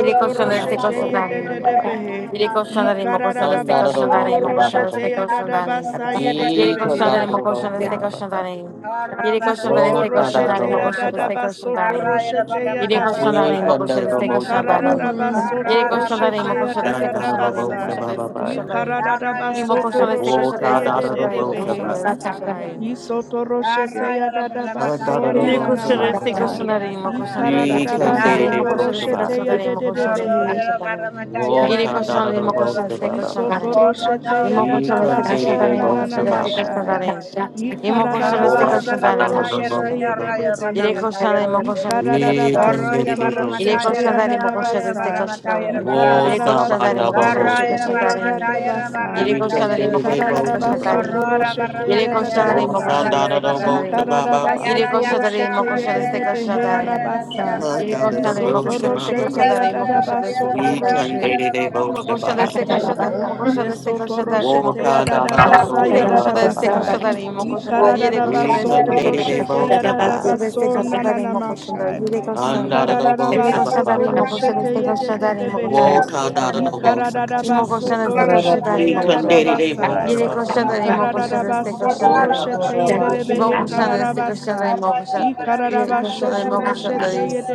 S3: Iré coxandaste,
S4: roshete
S3: coxandarín.
S4: yedededebehe.
S3: Iré coxandarín, coxandaste,
S6: That's
S4: Ikararabasoto
S3: coxandarín,
S4: roshete
S3: coxandaste, coxandarín.
S4: yadadabasa
S3: Iré
S4: yededebehe.
S3: coxandarín, coxandaste,
S8: ba.
S3: coxandarín.
S1: Harra
S3: Iré
S1: barra
S4: Isoto
S3: coxandaste,
S1: yarra yarra
S4: roshete
S3: coxandarín,
S1: barra ma.
S3: coxandaste,
S4: yadadabasoto
S3: coxandarín.
S1: Harra yarra
S4: roshete
S1: barra ma
S3: Iré
S1: ta yarra
S3: coxandarín,
S4: yadabasa.
S1: yarra yarra
S3: coxandaste,
S1: barra.
S3: coxandarín.
S1: Harra
S3: Iré
S4: Ikararabasoto
S1: yarra barra
S3: coxandarín,
S4: roshete
S1: ma ta
S3: coxandaste,
S1: yarra barra
S3: coxandarín,
S1: mata,
S4: yadadabasa.
S1: ta.
S3: coxandaste, coxandarín.
S1: Yarra
S3: Iré
S1: yarra barra
S4: Ikararabasoto
S1: ma
S3: coxandaste,
S1: ta yarra
S4: roshete
S3: coxandaste,
S1: barra mata,
S3: coxandarín,
S1: ta yarra
S4: yedededebehe.
S1: barra ma
S3: coxandaste,
S1: ta yarra
S3: coxandarín.
S1: yarra.
S4: Isoto roshete
S1: Yarra yarra barra ma ta
S4: yadadabaso
S1: yarra
S3: Ele
S1: yarra
S3: cochando
S1: barra
S3: este
S1: ma ta
S4: nananamasa.
S3: cochando
S1: yarra
S3: ali, mo
S1: yarra.
S3: cochando ali,
S8: We
S3: este
S8: can
S3: cochando
S8: date
S1: Yarra
S3: ali, mo
S8: it,
S4: Ikararabasoto
S1: barra
S3: cochando
S1: ma.
S3: este
S4: roshete
S3: cochando ali, mo
S1: Harra
S3: este
S4: yadededebehe.
S1: yarra
S3: cochando
S1: barra ma ta yarra
S3: Ele cochando
S1: yarra
S3: ali, mo
S1: yarra barra.
S3: este cochando ali.
S1: Orro
S3: E
S4: Isotoroshete
S1: yarra barra
S3: este cochando
S4: yadadabaso
S1: yarra
S3: ali, mo
S1: barra
S8: both
S1: ma
S8: the
S1: ta
S8: ba ba
S3: este
S8: ba.
S1: yarra
S3: cochando
S4: nananamasha.
S3: ali.
S1: yarra.
S3: E este
S1: Horrora
S8: Lord,
S4: Ikararabaso
S3: cochando
S1: barra
S3: ali,
S8: Father,
S3: mo
S1: mataya
S8: Lord,
S4: toroshete
S8: Lord,
S1: donde
S8: Lord,
S1: arroyo barra
S3: Ele
S4: yededebehe.
S3: cochando
S1: mataya
S3: ali, mo
S1: donde.
S3: este
S8: We
S3: cochando
S8: can
S4: Ikararabaso
S8: let
S1: Horrora
S8: it
S1: barra
S8: go,
S3: Ele
S4: toroshete
S1: mataya
S8: Sasha.
S3: cochando
S1: donde
S3: ali, mo
S1: arroyo
S3: este
S1: barra
S4: yadadabasa.
S3: cochando
S1: mataya barra.
S3: Ele
S8: Wolves of
S3: cochando
S4: Ikararabaso
S3: ali, mo
S8: Andabo
S3: este
S8: Host of
S1: Horrora
S4: toroshete
S3: cochando
S1: barra
S8: us.
S1: mataya barra
S4: yadadabasa.
S3: Ele
S8: We can
S3: cochando
S1: mataya
S3: ali,
S8: let
S3: mo
S1: donde.
S8: it
S3: este
S8: go,
S3: cochando
S4: Ikararabaso
S8: Sasha.
S1: Horrora barra
S4: toroshete
S3: Yere
S1: mataya
S3: koşanların
S1: donde
S3: mı
S8: Wolves
S4: yadadabasa.
S8: of
S3: koşanların
S1: arroyo
S3: se
S8: Donado
S1: barra.
S8: Boat of
S3: koşanların.
S1: Ya
S4: Ikararabaso
S1: ya
S8: Baba.
S3: Yere
S1: ra ya ra de
S3: koşanların
S4: toroshete
S3: mı
S1: arroyo
S3: koşanların se
S1: donde
S4: yededebehe
S1: arroyo
S3: koşanların.
S1: donde
S4: arabasa.
S3: Yere
S1: arroyo
S8: Donado
S1: donde.
S3: koşanların mı
S8: Boat of
S3: koşanların se
S1: Ya
S4: Isotoroshete
S8: Baba.
S1: ya ra
S3: koşanların
S1: de
S3: mı koşanların
S1: arroyo
S4: yadadabaso
S3: se
S8: We
S1: donde
S8: can
S3: koşanların.
S4: toroshe.
S1: arroyo
S8: let it
S1: barra
S8: go,
S3: Mı
S1: mataya
S3: koşanların
S8: Sasha.
S3: se
S1: donde arroyo
S3: koşanların mı
S1: donde.
S3: koşanların se
S1: Arroyo de Barramata, Arroyo
S4: Yesotoro
S3: koşanların mı
S4: shete
S8: Walk on
S3: koşanların.
S8: Donado
S4: yadadabasa
S8: Boat
S3: Yere
S8: of
S1: de
S3: koşanların se
S8: Baba.
S4: yadadabasa.
S3: koşanların mı
S7: Iko
S3: koşanların. Yere
S7: raba
S8: We
S3: koşanların se
S8: can let
S4: Ikaradadabasotoro
S3: koşanların.
S8: it
S7: shekererese.
S4: shete
S8: go, Sasha.
S3: Koşanların se
S4: yadadabaso
S3: koşanların mı koşanların.
S4: nananamasha.
S3: Yere koşan.
S8: Andado
S3: Yere
S8: Boat of
S3: koşanların
S8: Baba.
S4: Ikaradadabasotoro
S3: mı koşanların
S4: shete
S3: se koşanların mı
S4: yedededebehe.
S3: koşanların.
S8: Walk
S3: de
S8: on
S3: koşanların.
S6: Thank you.
S3: Imo koşan este
S4: Ikaradadabasotoro
S3: koşan
S7: Ikararabo
S3: tare
S4: shete
S8: We
S4: ya
S3: imo
S8: can
S3: koşan.
S4: dada
S8: let
S3: tarayın.
S7: soraba
S8: it go,
S4: basa.
S3: Yere
S7: kararabase.
S3: koşan
S8: Sasha.
S3: tare imo
S4: Ikara dada
S3: koşan este
S4: baso
S8: He
S3: koşan
S4: Ikaradadabasotoro
S3: tare.
S7: Iko
S4: shete
S7: raba
S3: Imo
S4: yededebehe
S3: koşan
S7: shekererese.
S3: este koşan tare
S4: kararabasa.
S3: imo koşan. Yere koşan tare imo
S4: Ikararabashotoro
S3: koşan
S4: shete
S3: tare.
S1: Barramata,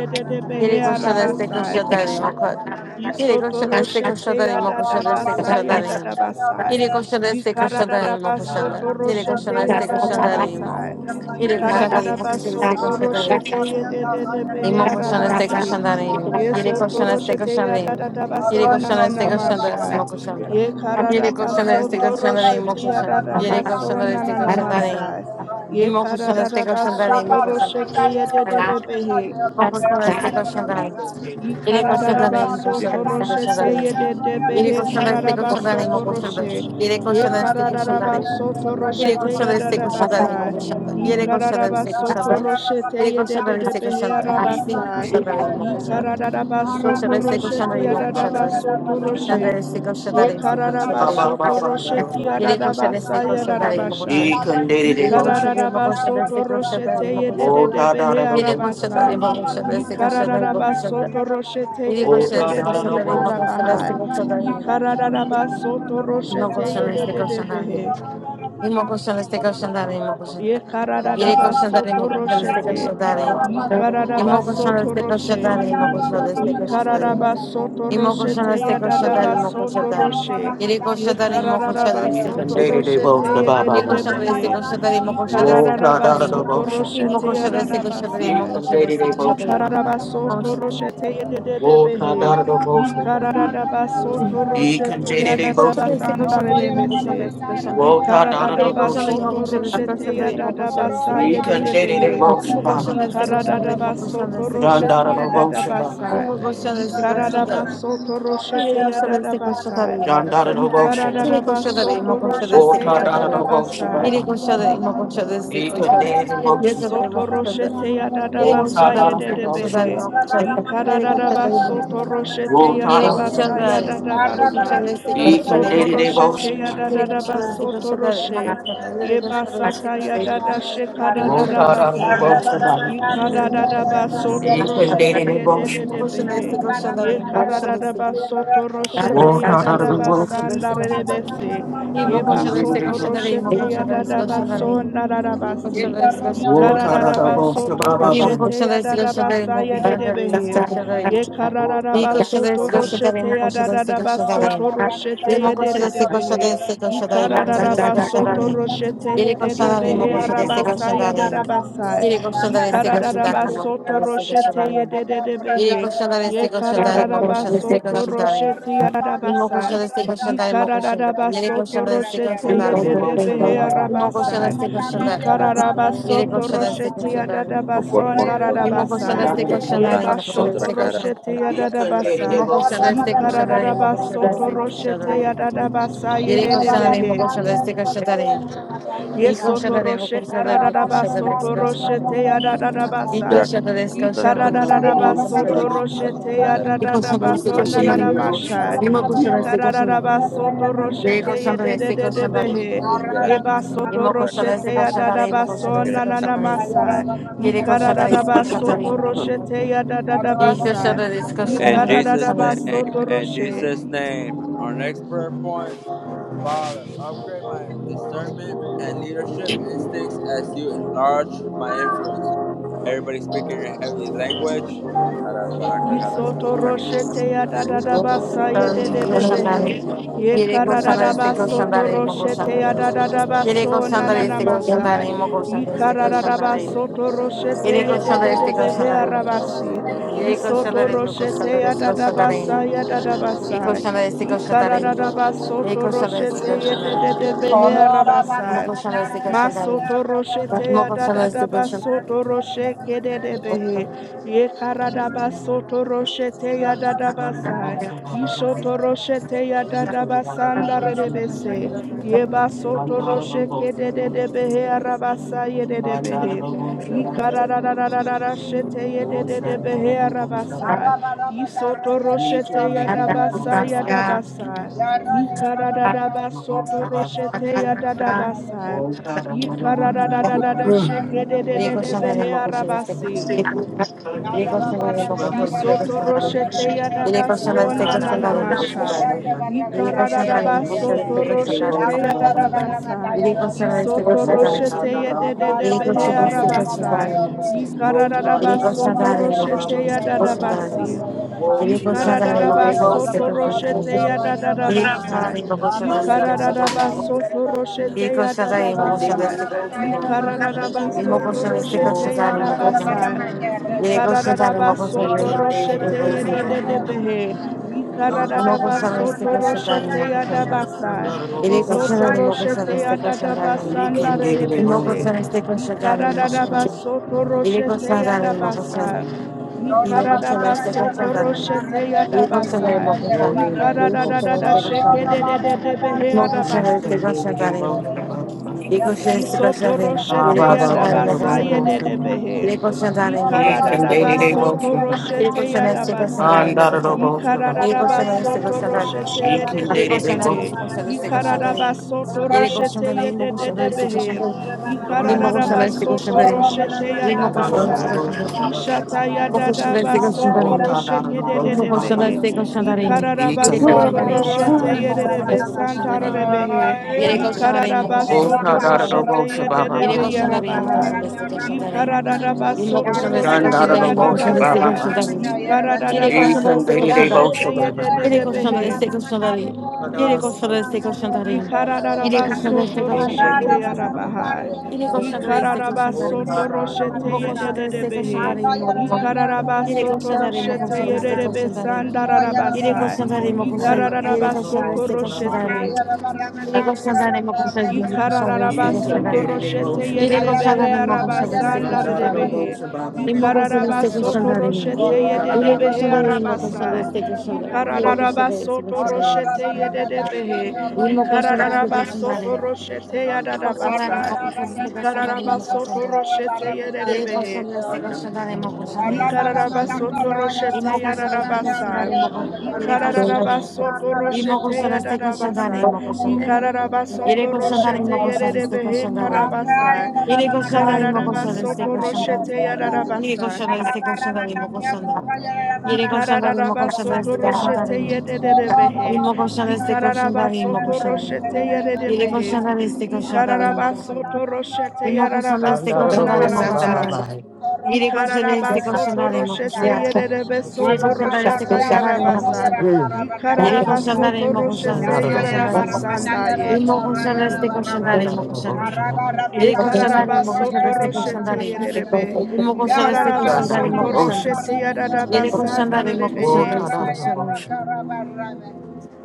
S3: Yere koşan este
S4: arabasa.
S3: koşan tare imo
S1: Arroyo de
S3: koşan.
S1: Barramata,
S3: Yere koşan este koşan
S4: Isotoroshete
S1: Thank
S3: tare imo koşan este
S4: yadadabasa
S3: koşan tare.
S4: yadadabasa.
S3: Yere koşan este koşan tare imo koşan. tarayın. Yere
S4: Ikaradadabasotoroshete
S3: koşan este koşan tare imo.
S4: yadadabasa.
S3: Yere koşan tare imo koşan este koşan tare.
S4: Ikaradadabasotoroshete yedededebehe
S3: Imo koşan este
S4: arabasi.
S3: koşan darayım. Yere koşan este
S4: Yesotoroshete
S3: koşan darayım. Yere
S4: yadadabaso
S3: koşan este koşan darayım.
S4: nananamasha.
S3: Imo
S6: Thank
S3: koşan darayım. Yere koşan este koşan darayım. Imo
S4: Yekarabasotoroshete
S3: koşan darayım. Yere
S4: yadadabaso
S3: koşan este koşan
S4: nananamasa.
S3: darayım. Imo koşan este koşan
S6: you.
S3: darayım. Imo koşan
S4: Yekarabasotoroshete
S6: Thank
S3: darayım.
S4: yedededebehe.
S3: Imo koşan este koşan darayım. Yere koşan Imo
S4: Ikararabasoto
S3: koşan este koşan
S4: roshete
S3: darayım.
S4: de
S3: Yere
S4: behe
S3: koşan este koşan Imo
S4: kararabasoto
S3: koşan
S4: roshe.
S3: Yere
S4: Ye
S3: koşan este koşan darayım.
S4: kararabasoto
S3: Yere
S4: roshete
S3: koşanda destek koşanda imo
S4: yadarabasa.
S3: koşanda. Yere koşanda destek
S4: Ikararabasoto
S3: koşanda.
S1: you.
S4: roshete
S3: Yere
S1: Thank
S3: koşanda
S4: yedede
S3: destek
S4: behe
S3: koşanda. İnsin
S4: arabasa.
S3: koşanda imo koşanda. Yere
S4: Ikararabasoto
S3: koşanda destek
S4: roshete
S3: koşanda imo koşanda.
S4: yadarabasoto roshe.
S3: Sandra destek koşanda insin koşanda imo
S4: Yekararabasoto
S3: koşanda.
S4: rosheti
S3: Yere koşanda
S4: yararabasa
S3: destek koşanda imo
S4: yararabasha.
S3: koşanda.
S8: can date it,
S3: Yere
S8: go.
S3: koşanda imo koşanda
S4: Yikararabasoto
S3: destek koşanda
S4: roshete
S3: imo koşanda.
S8: Water down
S4: yededebehe
S1: you.
S8: at the
S3: Yere
S8: boat.
S3: koşanda
S4: arabasa.
S3: imo koşanda destek koşanda imo koşanda.
S4: Yikararabasoto roshete
S3: Yere koşanda
S8: Water
S3: destek
S8: down
S3: koşanda imo koşanda destek
S8: at
S3: koşanda
S8: the
S4: yededebehe
S8: boat.
S3: imo koşanda
S4: karabaha.
S3: destek koşanda imo
S4: Yikararabasoto roshete yededebehe.
S3: koşanda destek
S8: Water
S3: koşanda
S8: down at the
S3: imo
S8: boat.
S3: koşanda. Yere koşanların
S4: Yekararabasoto
S3: mı koşanı destek
S4: roshete.
S8: Water down
S3: koşanların.
S8: at the boat.
S3: İmo koşanı
S4: Yikararabasoto
S3: destek
S4: roshe.
S3: koşanların mı
S8: You
S3: koşanı
S8: can
S3: destek koşanların.
S4: Ikararaba soto
S3: İmo koşanı
S4: roshete
S3: destek
S4: yadadaba
S3: koşanların mı
S4: soto
S3: koşanı.
S4: roshe.
S3: Yere koşanların mı koşanı
S4: Ikararaba
S3: destek
S1: Thank you.
S4: soto
S8: date it,
S3: koşanların.
S8: they
S4: roshete
S8: both the
S3: Yere
S8: Baba.
S3: koşanı destek
S4: yededebehe.
S3: koşanların mı koşanı destek
S8: Whoa, not
S4: Ikararaba
S8: out of the
S3: koşanların.
S4: soto
S8: motion.
S3: İmo
S4: roshete
S3: koşanı destek koşanların
S8: You
S3: mı
S4: yadadabasa.
S8: can
S3: koşanı
S8: date it, they
S3: destek
S8: both the
S3: koşanların.
S8: Baba.
S4: Ikararabaso toroshete
S8: Whoa, not
S4: yededebehe.
S8: out of the motion.
S4: Ikararabaso
S8: You can
S4: toroshete
S8: date it,
S1: Thank
S8: they
S3: İmo
S1: you.
S8: both
S3: koşanı
S8: the
S3: destek
S8: Baba.
S3: koşanların mı
S1: Arroyo
S4: yadadabasandarebese.
S3: koşanı destek koşanların.
S8: Whoa, not out of the
S3: Yere
S8: motion.
S4: Ikararabaso
S3: koşanların mı koşanı destek
S4: toroshete
S3: koşanların mı
S6: you.
S3: koşanı
S4: yadadabasa
S3: destek koşanların.
S8: You can date it, they
S4: yededebehe.
S8: both the
S3: İmo
S8: Baba.
S3: koşanı destek koşanların mı
S4: Ikararabaso
S3: koşanı destek
S8: John out
S4: toroshete
S3: koşanların.
S8: of the motion, Baba.
S4: yadadabasa.
S3: İmo koşanı destek koşanların.
S4: Ikararabaso
S3: Siri
S4: toroshete
S3: koşadeste
S4: yadadabasa.
S3: koşadarayım o
S8: John out of the
S3: koşadı.
S8: motion.
S3: Siri
S4: Ikararabaso
S3: koşadarayım o
S8: Whoa,
S4: toroshete
S3: koşadeste
S8: not out of the
S3: koşadarayım.
S8: motion,
S4: yadadabasa.
S3: Siri
S8: Baba.
S3: koşadarayım o koşadeste
S8: You can date
S3: koşadı.
S8: it, they
S3: Siri
S8: both the Baba.
S3: koşadarayım o
S4: Yesoto
S3: koşadı.
S4: roshete
S3: Siri
S8: Whoa,
S4: yadadabasa
S8: not out of
S1: Barra
S8: the
S3: koşadareste
S8: motion.
S3: koşadarayım
S4: yededebehe.
S3: o koşadı. Siri koşadarayım o
S4: Yikaradadabasoto roshete
S8: Whoa, not out of the
S4: yadabasa
S8: motion.
S3: koşadarayım. Siri
S4: yadadabasa.
S3: koşadeste
S8: You can
S3: koşadarayım
S4: Yisoto
S8: date it
S3: koşadı.
S4: roshete
S8: devotion.
S3: Siri koşadeste
S4: yadadadabasoto
S3: koşadarayım
S4: roshe.
S3: koşadı. Siri koşadeste
S4: Yebasata
S3: koşadarayım.
S4: yadadashe
S3: Siri koşadeste koşadarayım
S8: Walk
S3: koşadı.
S8: out of the
S4: karadadabasa.
S8: devotion.
S3: Siri koşadeste koşadarayım
S4: Yikaradadabasoto
S8: You
S3: koşadı.
S8: can date
S4: roshete
S8: it
S1: Thank
S8: devotion.
S3: Mogą się dać z
S4: yededebehe.
S3: tego śniadania, mogą się dać z tego
S4: Yekaradadabasoto
S3: mogą się dać
S4: roshete
S8: Walk
S3: z
S8: out
S3: tego
S8: of
S6: Thank
S8: the
S3: śniadania, mogą się
S8: devotion.
S4: yadadabasa
S3: dać z tego śniadania.
S4: ndarebese.
S3: I
S8: You
S3: mogą
S8: can
S3: się dać
S8: date
S3: z tego
S4: Yebasoto
S8: it devotion.
S3: śniadania,
S4: roshete
S3: mogą się dać z tego śniadania,
S4: yadadabaso
S1: you.
S3: mogą
S4: nararabasi.
S3: się dać z tego śniadania,
S8: Walk out
S3: mogą
S8: of
S3: się
S8: the
S3: dać.
S8: devotion.
S4: Ikararabasoto
S8: Baba
S3: I mogą
S8: Baba.
S4: roshete
S3: się dać z tego śniadania,
S4: yadadabasa
S3: mogą się dać z
S4: yededebehe.
S3: tego śniadania.
S8: Walk out
S3: I mogą
S8: of
S3: się
S8: the
S3: dać z
S4: Yekararabasoto
S3: tego
S1: Yarra
S8: devotion.
S3: śniadania,
S4: roshete
S3: mogą się dać z tego
S1: Thank
S3: śniadania.
S4: yadadabasoto roshete
S3: I mogą się dać z
S6: you.
S3: tego
S4: yededebehe.
S3: śniadania, z tego śniadania, mogą się dać z tego
S4: Ikararabasoto
S3: śniadania.
S6: Thank
S3: I mogą
S4: roshete
S3: się
S8: You
S3: dać
S8: can
S4: yededebehe
S3: mogą
S8: date
S3: się
S8: it
S3: dać z tego
S4: arabasa
S8: devotion.
S3: śniadania. I mogą
S4: yadadabasa.
S3: się dać z tego śniadania, mogą się
S4: Ikararabasoto
S3: dać z tego
S4: roshete
S3: śniadania. Yere
S4: yededebehe.
S3: koşanlar destek koşanlar imo koşan destek
S4: Yekararabasoto
S3: koşanlar
S4: roshete
S3: imo koşan
S4: yadadabasa.
S3: destek koşanlar imo koşanlar yere
S4: Ikararabasoto
S3: koşanlar destek
S4: roshete
S8: Under
S3: koşanlar
S8: the devotion.
S4: yededebehe
S8: Baba Baba.
S3: imo
S4: arabasa.
S3: koşan destek
S8: You
S3: koşanlar
S8: can devotion. You
S3: imo
S8: can date it
S3: yere
S4: Ikararabasoto
S3: koşan da destek
S4: roshete
S3: koşanlar
S4: yadadabaso
S3: imo
S8: devotion. Under the devotion. Baba Baba.
S3: koşan
S4: nararabasai.
S3: destek koşanlar imo koşan
S4: Yebashoto
S3: destek koşanlar
S4: roshete
S1: you. Thank
S3: imo
S4: yadadabasai.
S3: koşan destek koşanlar imo koşan
S4: Ikararabasoto
S3: destek
S4: roshete
S3: koşanlar
S4: yadadabasai
S3: yere koşanlar imo
S4: yededebehe.
S3: koşan destek koşanlar y
S4: Yesoto
S3: koşanlar imo
S4: roshe
S3: koşanlar imo
S4: karararaba
S3: koşan da
S4: soto
S3: destek
S4: roshe
S3: koşanlar
S4: te yadadadaba
S3: y
S4: sa.
S3: koşanlar
S4: Ikarararaba
S3: destek
S2: In
S3: koşanlar
S4: soto roshe te
S3: Eco
S6: you.
S4: yadadadaba
S3: Shandar,
S8: You
S4: so
S3: Seco
S8: can
S3: Shandar,
S8: date it
S4: nananama
S8: devotion.
S4: sha.
S3: Imoco Shandar, Seco Shandar,
S4: Ikarararaba soto roshe
S3: Eco
S4: te
S3: Shandar, Seco Shandar,
S4: yedededebehe. Yeba soto
S3: Imoco
S4: roshe
S3: Shandar,
S4: te
S3: Seco Shandar,
S4: yadadaba
S3: Imoco
S4: so
S3: Shandar, Seco Shandar,
S4: nananama sa.
S3: Yerico Shandar, Seco
S4: Ikarararaba
S3: Shandar,
S4: soto
S1: you.
S4: roshe te yadadadaba
S3: Eco
S4: sa.
S3: Shandar, Seco
S2: Jesus'
S4: Ikarararaba
S2: name,
S4: soto
S2: in
S4: roshe.
S2: Jesus' name. Our next prayer point, Father, upgrade my discernment and leadership instincts as you enlarge my influence. Everybody speak in your heavenly language.
S4: Isoto roshete ya da da da basa ye
S3: Shandar,
S4: de de
S3: Seco
S4: de
S3: Shandar,
S4: behe. Ye
S3: Yerico
S4: kara da da
S3: Shandar, Seco
S4: baso
S3: Shandar,
S4: to
S3: Imoco
S4: roshete ya
S3: Shandar,
S4: da da da
S3: Yerico
S4: baso na na
S3: Shandar,
S4: na
S3: Seco Shandar,
S4: masa.
S3: Imoco
S4: Ye
S3: Shandar,
S4: kara
S3: Seco
S4: da da
S3: Shandar,
S4: baso to roshete ye
S3: Yerico
S4: de de
S3: Shandar,
S4: de
S3: Seco
S4: behe
S3: Shandar,
S4: arabasi.
S3: Yerico
S4: Isoto
S3: Shandar, Imoco
S4: roshete
S3: Shandar,
S4: ya da
S3: Seco
S4: da basa
S3: Shandar,
S4: ya da da basa.
S3: Ekoşanlaresi
S4: Ye kara da
S3: koşanların.
S4: da baso to roshete
S3: Ekoşanlaresi
S4: ye de de
S3: koşanların.
S4: de behe arabasa.
S3: Mokoşanlaresi koşanların.
S4: Masoto roshete ya da da da
S3: Mokoşanlaresi koşanların.
S4: baso to roshe ke de de behe. Ye karadaba soto roshete ya
S8: Under the
S4: dadabasa.
S8: devotion. Baba
S4: Ishoto
S8: Baba.
S4: roshete ya
S8: Lord,
S4: dadabasa ndarebese.
S1: Thank you.
S4: Ye ba soto rosheke de de de behe arabasa ye de de behe. Ye karadadadadadashete ye de de de behe arabasa. Isoto roshete ya dabasa ya dabasa. Ye karadadaba soto roshete ya dadabasa. Ye karadadadadasheke de de de de
S3: Ekoşanların
S4: behe
S3: mokoşanlaresi
S4: arabasi.
S3: koşanların. Ekoşanların mokoşanlaresi koşanların.
S4: Yisoto roshete
S1: Yarra
S4: yadabaso
S3: Ekoşanlaresi koşanların. Ekoşanların mokoşanlaresi koşanların.
S4: nananamashai.
S1: Arroyo barra
S3: Ekoşanlaresi koşanların. Ekoşanlaresi
S1: matayara
S3: koşanların
S1: grande yarra.
S3: mokoşanlaresi.
S4: Yikararabasoto
S3: Ekoşanların mokoşanlaresi
S4: roshete
S1: Arroyo barra
S4: yadabasai.
S1: matayara grande
S4: Yisoto
S1: arroyo barra.
S3: koşanların. Ekoşanların
S4: roshete
S1: Arroyo barra
S4: yededebehe
S3: mokoşanlaresi koşanların.
S1: arroyo barra
S4: arabasai.
S3: Ekoşanların
S1: yarra. Arroyo
S4: Yikararabasoto
S1: barra yarra barra
S4: roshete
S1: matayara
S6: Thank you.
S1: grande
S4: yadabasi.
S1: arroyo barra.
S8: Walking on daily
S4: Ikararaba
S1: Arroyo barra
S8: devotion,
S4: soto
S8: man,
S4: roshete
S1: matayara
S4: ya
S1: grande arroyo
S4: dadaba
S1: barra.
S4: sai.
S8: the
S1: Arroyo
S3: mokoşanlaresi
S1: barra
S4: Ikararaba
S3: koşanların.
S1: matayara
S8: I'm
S1: grande
S4: soto
S1: barra.
S3: Yedi
S4: roshete ya
S3: koşan da
S8: going
S3: yirmi
S4: dadaba
S8: to
S1: Arroyo
S3: koşan da
S8: daily
S4: sai.
S1: barra
S3: destek
S8: devotion,
S3: koşan.
S1: matayara barra
S8: man.
S4: Ikararaba
S1: matayara
S3: Yirmi
S4: soto
S1: grande.
S3: koşan destek koşan
S4: roshete
S8: Walls
S3: da
S4: ya
S8: are on
S3: yirmi
S8: the
S1: Arroyo
S4: dadaba
S3: koşan
S1: barra
S3: da.
S4: sai.
S8: mountain,
S1: matayara
S3: Yedi
S1: grande.
S3: koşan da yirmi
S4: Ikararaba
S3: koşan da
S8: we
S4: soto
S8: can
S1: Arroyo
S8: daily
S3: destek
S4: roshete
S1: barra
S4: ye
S3: koşan.
S8: devotion,
S1: matayara grande
S8: man.
S4: dedebehe.
S8: Walking
S3: Yirmi
S1: Corro,
S8: on the
S3: koşan
S8: man,
S3: destek
S4: soto
S3: koşan da
S4: roshete
S3: yirmi
S4: ya
S3: koşan da.
S4: dadaba sai.
S8: that I'm
S3: Yedi
S8: going
S3: koşan da
S4: Isoto
S8: to
S3: yirmi
S8: man.
S3: koşan
S4: roshete ya
S3: destek koşan
S4: dadaba
S3: yirmi.
S8: We can daily
S3: Yirmi
S8: devotion,
S3: koşan
S8: man.
S3: destek koşan yirmi koşan Yedi
S4: roshete
S3: koşan
S4: ya
S3: yirmi koşan. Yedi koşan
S4: Ikararaba
S3: destek
S4: soto
S3: koşan yirmi.
S4: roshete
S3: Yedi koşan
S4: yadabasa.
S3: yirmi koşan Yedi koşan destek koşan yirmi. Yirmi koşan destek koşan yirmi. Yedi koşan destek koşan
S8: Walking on
S3: yirmi.
S8: the
S3: Yedi koşan
S8: devotion,
S4: Ikararada sheke de
S8: man.
S4: de de de behe arabasi.
S8: can daily devotion, man. Ah,
S4: Isotoroshete
S8: ba, ba, ba,
S3: yirmi
S8: ba, ba,
S4: yadabasa
S3: koşan
S8: devotion, man.
S4: yededebehe.
S3: Yere koşan zaten mi koşan
S8: can
S3: este
S8: daily
S3: koşan zaten.
S8: devotion, man.
S3: Yere
S4: Ikaradadabasotoroshete
S3: koşan este koşan
S4: yadabasa.
S3: zaten
S8: And
S3: mi
S8: that I'm
S3: koşan zaten. Yere koşan este koşan zaten.
S4: Ikaradadabasotoroshete
S8: can
S3: Yere
S8: daily
S3: koşan
S4: yededebehe.
S3: zaten mi
S8: devotion.
S3: koşan este koşan zaten. Yere koşan
S4: Ikaradabasotoroshete
S3: zaten mi koşan este
S4: yededebehe.
S3: koşan zaten.
S8: The
S3: Mi
S8: word is
S3: koşan
S8: there.
S3: este koşan zaten. Mi
S4: Ikaradadabasotoroshete
S3: koşan este koşan zaten. Mi
S8: None
S3: koşan este koşan zaten. Mi koşan este koşan zaten. Yere koşan zaten.
S8: of the
S3: Mi
S4: yadabasa.
S3: koşan
S8: devotion of others.
S4: Ishata
S3: este koşan zaten.
S8: Walk out
S4: yadadabasotoroshete
S8: of the devotion by my
S4: yededebehe.
S8: eyes.
S1: Arra Corra,
S8: He
S3: Yere
S8: can
S3: koşan
S8: do
S3: zaten
S8: the things of
S4: Ikararabasotoroshete
S8: others.
S4: yededebe santarebehe.
S7: Amae.
S3: mi
S4: Ikararaba
S3: koşan
S8: Walk
S3: este
S4: soto
S8: out
S3: koşan
S8: of the
S3: zaten.
S4: roshete
S8: devotion by my
S3: Yere
S4: yedebe
S8: mind.
S3: koşanların, mı
S4: yarabaha.
S3: koşanların, koşanların.
S4: Ikararaba
S3: yine
S4: soto
S3: koşan destek
S8: None of
S4: roshete
S8: the
S3: koşanların.
S8: devotion by my
S4: yadabasa.
S8: mind.
S3: koşanların. Yine
S4: Ikararaba
S3: koşan
S8: He can
S3: destek
S8: do
S4: soto
S8: the
S4: roshete
S3: koşanların,
S8: devotion by my mind.
S3: yine koşan destek
S4: yedebehe.
S3: koşanların.
S8: Walk out
S3: Yere koşan destek koşanların. Yere
S8: of the
S3: koşan destek
S8: devotion.
S3: koşanların. Yere
S4: Ikararaba
S3: koşan destek koşanların. Yere koşan
S8: He
S3: destek
S8: can
S4: soto
S8: do the
S3: koşanların, yine
S4: roshete
S8: devotion by
S3: koşanların.
S8: my mind.
S4: yarabaha.
S3: Yere koşan destek
S4: Ikararaba
S8: Walk
S3: koşanların.
S4: soto
S8: out of the
S4: roshete
S3: Yine
S8: devotion.
S3: koşan destek
S4: yedebehe.
S3: koşanların, yine
S8: He
S3: koşanların.
S8: can
S4: Ikararaba
S8: do
S3: Yere
S8: the
S4: soto
S3: koşanların,
S8: devotion.
S3: koşanların.
S4: roshete
S3: yine koşan destek
S4: yedebe
S3: koşanların. Yere
S4: sandararabasa.
S3: koşanların, yine
S8: Walk
S3: koşan,
S8: out
S3: yere koşan destek koşanların. Yere koşanların, yine
S4: Ikararaba
S8: of the
S3: koşan
S4: soto
S3: destek
S8: devotion by my mind.
S4: roshete.
S3: koşanların.
S4: Ikararaba
S8: He
S3: koşanların,
S8: can
S4: soto
S8: do
S3: koşanların.
S8: the
S4: roshete
S8: devotion by my
S3: Iré
S8: mind.
S3: coxando
S4: yederebehe
S3: de imo coxando este
S8: None
S4: arabasanda
S8: of the
S3: coxandarín.
S4: redebehe.
S8: devotion by my mind.
S3: Imo coxando
S4: Ikararaba
S3: este
S4: soto
S3: coxandarín.
S4: roshete
S8: Oh, God, I
S3: Iré
S8: don't
S4: yederebehe
S8: know
S3: coxando
S8: what
S3: de
S8: to
S3: imo
S8: do.
S3: coxando
S4: arabasai.
S3: este coxandarín.
S1: Ayara
S3: Iré
S4: Ikararaba
S3: coxando de este
S4: soto
S3: coxandarín.
S4: roshete
S8: You
S4: yederebehe.
S8: the ocean.
S3: Imo coxando este
S4: Ikararaba soto
S3: coxandarín.
S4: roshete
S8: God, I
S3: Iré
S8: don't know
S3: coxando de
S8: what
S3: imo
S8: to
S4: yadadabasai.
S8: do.
S3: coxando este coxandarín.
S4: Ikararaba
S3: Imo
S4: soto
S3: coxando.
S4: roshete
S3: Iré
S4: yederebehe.
S3: coxando de
S8: I
S3: este
S8: don't
S3: coxandarín. Imo
S8: know.
S3: coxando de
S4: Ikararaba soto roshete
S3: este
S4: yararabasa.
S3: coxandarín.
S8: I don't know what to do.
S4: Ikararaba soto
S3: Imo
S4: roshete
S3: coxando este
S1: Arra
S3: coxandarín.
S4: yararabasa.
S3: Imo coxando.
S4: Ikararaba
S3: Iré
S4: soto
S3: coxando de imo
S4: roshete
S3: coxando este
S4: yererebehe
S3: coxandarín.
S4: karabasa.
S3: Imo coxando. Iré coxando de imo coxando este coxandarín. Iré coxando de imo
S4: Ikararaba
S3: coxando este
S4: soto
S3: coxandarín.
S4: roshete
S3: Yere
S4: yararabasa.
S3: koşanda destek koşanda limo koşanda. Yere koşanda imo
S4: Ikararaba
S3: koşanda
S4: soto
S3: destek koşanda
S4: roshete
S3: limo.
S4: yererebehe.
S3: Limo koşanda destek koşanda
S4: Ikararaba
S3: limo
S4: soto
S3: koşanda.
S4: roshete
S3: Yere
S1: Thank
S4: yererebehe.
S3: koşanda destek
S1: you. Yarra
S3: koşanda limo
S4: Ikararaba
S3: koşanda.
S4: soto roshete
S3: Limo koşanda
S8: God,
S3: destek
S8: I
S4: yararabaso
S8: don't know
S3: koşanda
S8: what to
S3: limo
S8: do. Bye,
S4: nananamaha.
S8: bye,
S3: koşanda.
S8: bye.
S3: Yere koşanda
S4: Ikararaba
S3: destek koşanda
S4: soto
S8: Mm.
S3: limo
S8: God, I don't
S4: roshete
S3: koşanda.
S4: yererebe
S3: Yere
S4: soto
S3: koşanda destek
S4: roshata
S3: koşanda limo
S4: yarabasa.
S3: koşanda. Yere
S4: Ikararaba
S3: koşanda
S4: soto
S3: limo koşanda
S4: roshete
S3: destek koşanda
S4: yararaba
S3: imo
S4: sandaye.
S3: Limo koşanda destek koşanda limo koşanda. Yere koşanda
S4: Ikararaba
S3: imo koşanda
S4: soto
S3: destek
S6: Yeah.
S3: koşanda
S4: roshete
S3: limo.
S6: Thank
S4: yererebe.
S3: Limo koşanda destek
S4: Ikararaba
S3: koşanda imo
S4: soto
S3: koşanda.
S4: roshete yararaba
S3: Yere koşan da imo
S8: Oh,
S4: sandarebehe.
S3: koşan da istek koşan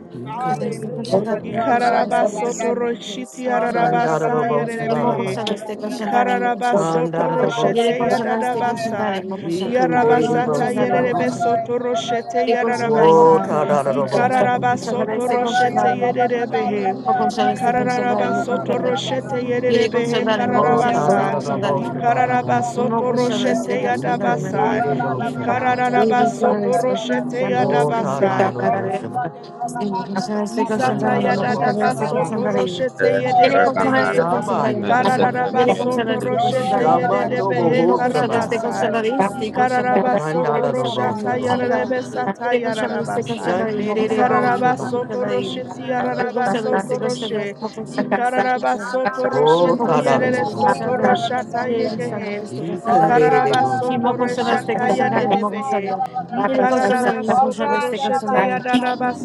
S8: He couldn't
S3: da
S8: do
S3: istek
S8: the
S1: Hallelujah.
S3: koşan
S1: No,
S3: da
S8: ocean.
S3: imo koşan da
S1: Torrada
S3: istek
S4: Ikararabasoto
S3: koşan
S1: Barrame.
S3: da
S4: roshiti
S3: istek koşan da
S8: God,
S1: Torrada
S8: I don't know
S4: yararabasa
S1: Barrame,
S3: imo
S4: yerebehe.
S3: koşan da istek
S1: Torrada
S3: koşan da imo koşan da
S4: Ikararabasoto roshete
S3: yere koşan da istek koşan
S1: Barrame,
S3: da
S4: yararabasa.
S3: imo
S8: He
S3: koşan da
S8: couldn't do
S3: yere
S8: the
S4: Yarabasata
S3: koşan
S8: ocean.
S3: da
S8: Bye,
S3: imo
S8: bye,
S3: koşan da
S4: yererebesoto roshete
S3: istek koşan da imo
S8: Whoa,
S4: yararabasa.
S8: ta
S3: koşan da
S8: da da
S3: istek
S8: da
S3: koşan
S1: Barrame.
S3: da
S8: bosta.
S3: imo koşan da
S4: Ikararabasoto
S3: istek koşan
S4: roshete
S3: da imo
S4: yerebehe.
S3: koşan da istek koşan da imo
S4: Ikararabasoto
S3: koşan da
S4: roshete
S3: yere
S4: yerebehe
S3: koşan da imo
S8: Whoa,
S3: koşan da
S8: ta da
S3: istek
S4: kararabasa.
S8: da da
S3: koşan da imo koşan da istek koşan da imo koşan da
S8: bosta,
S3: yere koşan da istek koşan
S8: ba ba ba.
S4: Ikararabasoto
S3: da
S4: roshete
S8: You can de de
S4: yadabasa.
S8: de bosta ba.
S4: Ikararabasoto
S3: istek
S4: roshete
S1: Arroyo,
S8: Whoa,
S3: koşan
S8: ta
S3: da
S4: yadabasa.
S8: da da da bosta ba.
S3: Tiene colchón este colchón
S8: Kan
S4: Isata
S8: da da
S3: también, me
S8: da
S4: yadada
S3: colchón
S8: bosta
S3: este
S8: ba ba.
S3: colchón
S4: basoto
S3: también.
S4: roshete
S3: Tiene
S2: Kera
S4: yedede
S3: colchón
S4: behe.
S2: kanara
S3: este colchón
S2: satya
S3: también,
S8: Shabaya.
S3: me
S2: kara
S3: colchón.
S4: Ikararara
S2: satya
S3: Tiene
S2: kera
S3: colchón
S4: basoto
S2: satya
S3: este
S2: kera
S3: colchón
S4: roshete
S3: también.
S4: yedede
S8: Shabando
S3: Y
S4: behe
S3: no
S8: bohosta
S3: colchón este
S8: ba.
S3: colchón
S4: karabasa.
S3: también, sí colchón
S4: Ikararara
S3: también.
S8: Kan da
S3: Tiene
S4: basoto
S8: da da
S3: colchón me
S8: bosta
S4: roshata
S2: koro
S8: ba.
S3: colchón también.
S4: yararebe
S2: koro
S4: sata
S3: Tiene este
S1: Thank
S2: koro
S4: yararabasa.
S3: colchón
S8: Shan
S3: también,
S8: de
S3: me
S8: de de
S3: colchón
S4: Ikararara
S3: también,
S8: bosta
S3: sí
S8: ba.
S3: colchón
S4: basoto
S3: también.
S4: rosheti
S2: kanara
S3: Tiene
S4: yararaba
S3: colchón
S4: soto
S3: este
S6: you.
S3: colchón
S1: you.
S3: también,
S4: roshe.
S3: me
S6: Thank
S3: colchón este
S2: satya
S4: Ikararara
S3: colchón.
S4: basoto
S3: Y
S8: Whoa,
S3: no
S4: roshete
S8: ta da
S3: colchón
S8: da da
S3: este
S4: yedede
S3: colchón
S4: soto
S8: bosta.
S3: también.
S4: roshata
S3: Tiene
S4: yegehe.
S3: este
S8: You
S3: colchón
S8: can de de
S3: también.
S4: Ikararara
S8: de
S3: Y
S8: bosta
S4: basoto
S8: ba.
S3: no este
S4: reshata
S3: colchón también,
S4: yedede
S3: me colchón
S4: behe.
S3: también. Tiene colchón
S4: Ikararabasoto
S3: este colchón
S4: roshete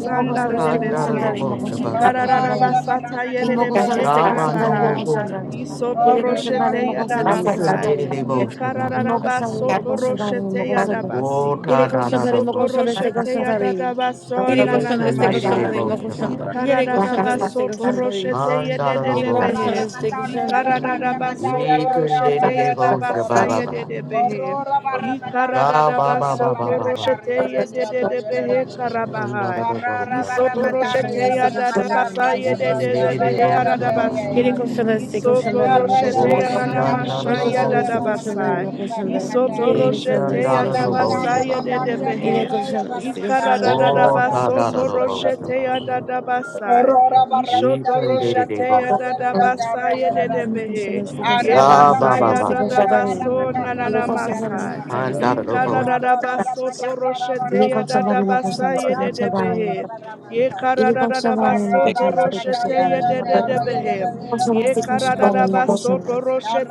S3: Imoko shaleste
S8: Kan da da
S3: koshanda,
S8: da
S3: imoko
S8: bosta ba ba
S3: shaleste
S8: ba.
S3: koshanda,
S4: Ikararabasata
S3: imoko
S4: yererebehe
S3: shaleste koshanda,
S8: Shabando
S4: karabaha.
S3: imoko
S8: bohosta ba.
S3: shalanda.
S4: Isoto
S2: kara
S3: Ire
S2: kara
S3: koshanda,
S4: roshete
S3: imoko
S8: You
S3: shaleste
S8: can
S4: yadabasa.
S3: koshanda,
S8: de de de bosta ba ba ba.
S3: imoko shaleste
S4: Ikararabasoto
S3: koshanda,
S4: roshete
S3: imoko shalanda.
S4: yadabasi.
S8: Wota
S3: Ire
S8: da da
S3: koshanda,
S8: da
S4: Isoto
S3: imoko
S8: bosha.
S3: shaleste
S4: roshete
S3: koshanda,
S4: yadadabaso
S3: ire koshanda,
S8: Ekan
S3: este
S8: de de
S3: koshanda,
S4: nananamasha.
S3: imoko
S8: bosha
S2: kera
S3: shanda.
S2: para
S8: baba.
S3: Ire koshanda, este
S4: Ikararabasoto
S3: koshanda,
S4: roshete
S8: An da da da
S1: Corro
S3: imoko
S8: bosha
S3: shanda,
S1: barra
S4: yededebehe.
S8: baba.
S3: este koshanda,
S1: matarrera barra
S4: Ikararabasoto
S1: matarrera
S8: Ekan de
S1: ñorro
S8: de
S4: roshete
S8: bosha
S1: ñorro.
S4: yadabasa
S8: baba baba.
S4: yededebehe.
S1: Corro
S2: koro
S1: barra matarrera
S8: Ja ba
S4: Ikaradadaba
S8: ba
S1: ñorro
S8: ba ba
S1: barra
S8: ba ba.
S4: sotoroshete
S1: matarrera ñorro ñorro.
S4: yedededebehe
S8: An da da
S4: karabahai.
S8: da
S1: Corro
S2: koro
S8: bosha
S2: kara
S1: barra
S8: baba baba.
S3: imoko shanda,
S4: Isotoroshete
S1: matarrera
S3: este
S1: barra
S3: koshanda,
S4: yadadabasa
S1: matarrera
S3: imoko shanda,
S1: ñorro
S8: Ekan
S3: este
S8: de de
S1: ñorro
S4: yedededebehe
S3: koshanda.
S1: ñorro
S8: bosha baba.
S4: aradabasi.
S3: Ire
S1: ñorro.
S3: koshanda, este koshanda,
S1: Ñorro
S3: imoko
S4: Isotoroshete
S1: barra
S3: shanda.
S8: Woti an da
S1: matarrera
S8: da
S3: Y
S4: yananamasha
S8: da
S1: ñorro
S3: koşanda üstü
S8: bosha.
S1: barra
S3: koşanda
S4: yadadabasai.
S3: yirmi
S1: matarrera barra
S3: koşanda.
S1: matarrera.
S3: Yedi koşanda
S8: Ekan
S4: Isotoroshete
S3: üstü
S8: da da
S1: Corro
S8: da
S3: koşanda
S4: yadabasa
S1: matarrera
S8: bosha
S3: yirmi.
S8: baba
S1: matarrera
S3: Yine
S4: yededebehe.
S1: ñorro
S3: koşanda
S1: barra
S3: üstü koşanda yirmi
S1: matarrera
S2: kara
S3: koşanda.
S4: Ikaradadadaba
S8: Wota
S1: barra.
S8: da da da bosha
S4: sotoroshete
S8: baba.
S4: yadadabasai.
S1: Corora barra
S8: Ekan
S1: matayere
S8: de de
S1: donde
S8: de
S4: Ishotoroshete
S8: bosha.
S1: arroyere donde
S4: yadadabasa
S1: arroyere
S3: Yine
S1: donde.
S3: koşanda
S4: yededebehe.
S3: üstü
S1: Arra
S3: koşanda
S8: Ja
S3: yirmi
S1: barra
S8: ba ba
S3: koşanda
S4: Yebasaya
S3: üstü
S8: ba.
S1: matarroyere
S3: koşanda yirmi.
S1: barra
S4: dadabaso
S1: matacara
S3: Yine
S6: you.
S1: barra
S3: koşanda yirmi
S4: nananamasai.
S1: matarre.
S3: koşanda
S8: An
S3: üstü
S8: da da da
S3: koşanda yirmi.
S8: bosha.
S1: Arra barra
S4: Ikararabasoto
S1: matacara
S4: roshete
S1: barra
S3: Yine koşanda yirmi
S1: matarroyere
S4: yadadabasa
S3: koşanda
S2: para
S3: üstü
S1: barra
S2: kara.
S3: koşanda yirmi.
S1: arroyere
S4: yededebehe.
S1: barra matar.
S3: Yine koşanda yirmi koşanda üstü koşanda yirmi. Koşanda üstü koşanda yirmi koşanda. Yine koşanda yirmi
S1: Arra
S4: Yekararabasoto
S3: koşanda
S1: barra
S3: üstü
S4: roshete
S3: koşanda
S1: matayere
S3: yirmi.
S1: donde arroyere
S4: yededebehe.
S3: Yirmi
S1: donde
S3: koşanda
S1: barra
S3: üstü koşanda yirmi
S1: matayere.
S3: koşanda.
S4: Yekararabasoto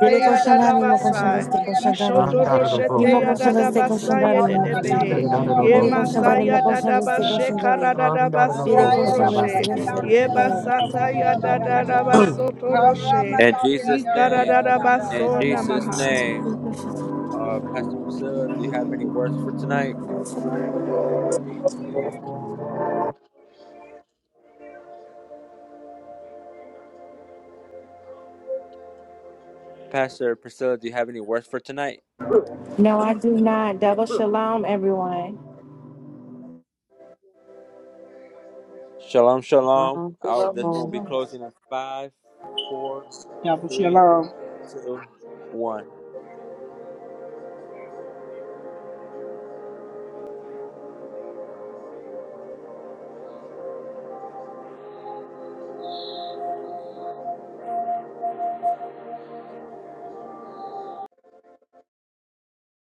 S3: Yine koşanda yirmi
S4: yadadabasa. Ishoto
S8: An da da da
S4: roshete
S8: bosha.
S4: yadadabasa
S8: We
S4: yededebehe.
S8: can dot it da bo Dot
S4: Yemasa
S8: it
S3: koşanda üstü
S4: yadadabashe
S3: koşanda yirmi.
S8: Dun da da da
S3: 也得
S8: bo
S4: kararabasoto
S3: 跟上
S8: ba
S3: 面这
S4: roshe.
S3: 个是呃，
S4: Yebasata yadadarabasoto roshe.
S2: In Jesus' name, in
S4: Ikararabasona
S2: Jesus'
S4: mahai.
S2: name,
S3: 工个市场
S2: uh, Pastor Priscilla, do you have any words for tonight? Pastor Priscilla, do you have any words for tonight?
S6: No, I do not. Double shalom, everyone.
S2: Shalom, shalom. i
S3: 什么
S2: this
S3: 不
S2: will
S3: 知
S2: be
S3: 道。
S2: closing in five, four,
S1: Ya but she
S2: three.
S1: alone.
S2: two, one.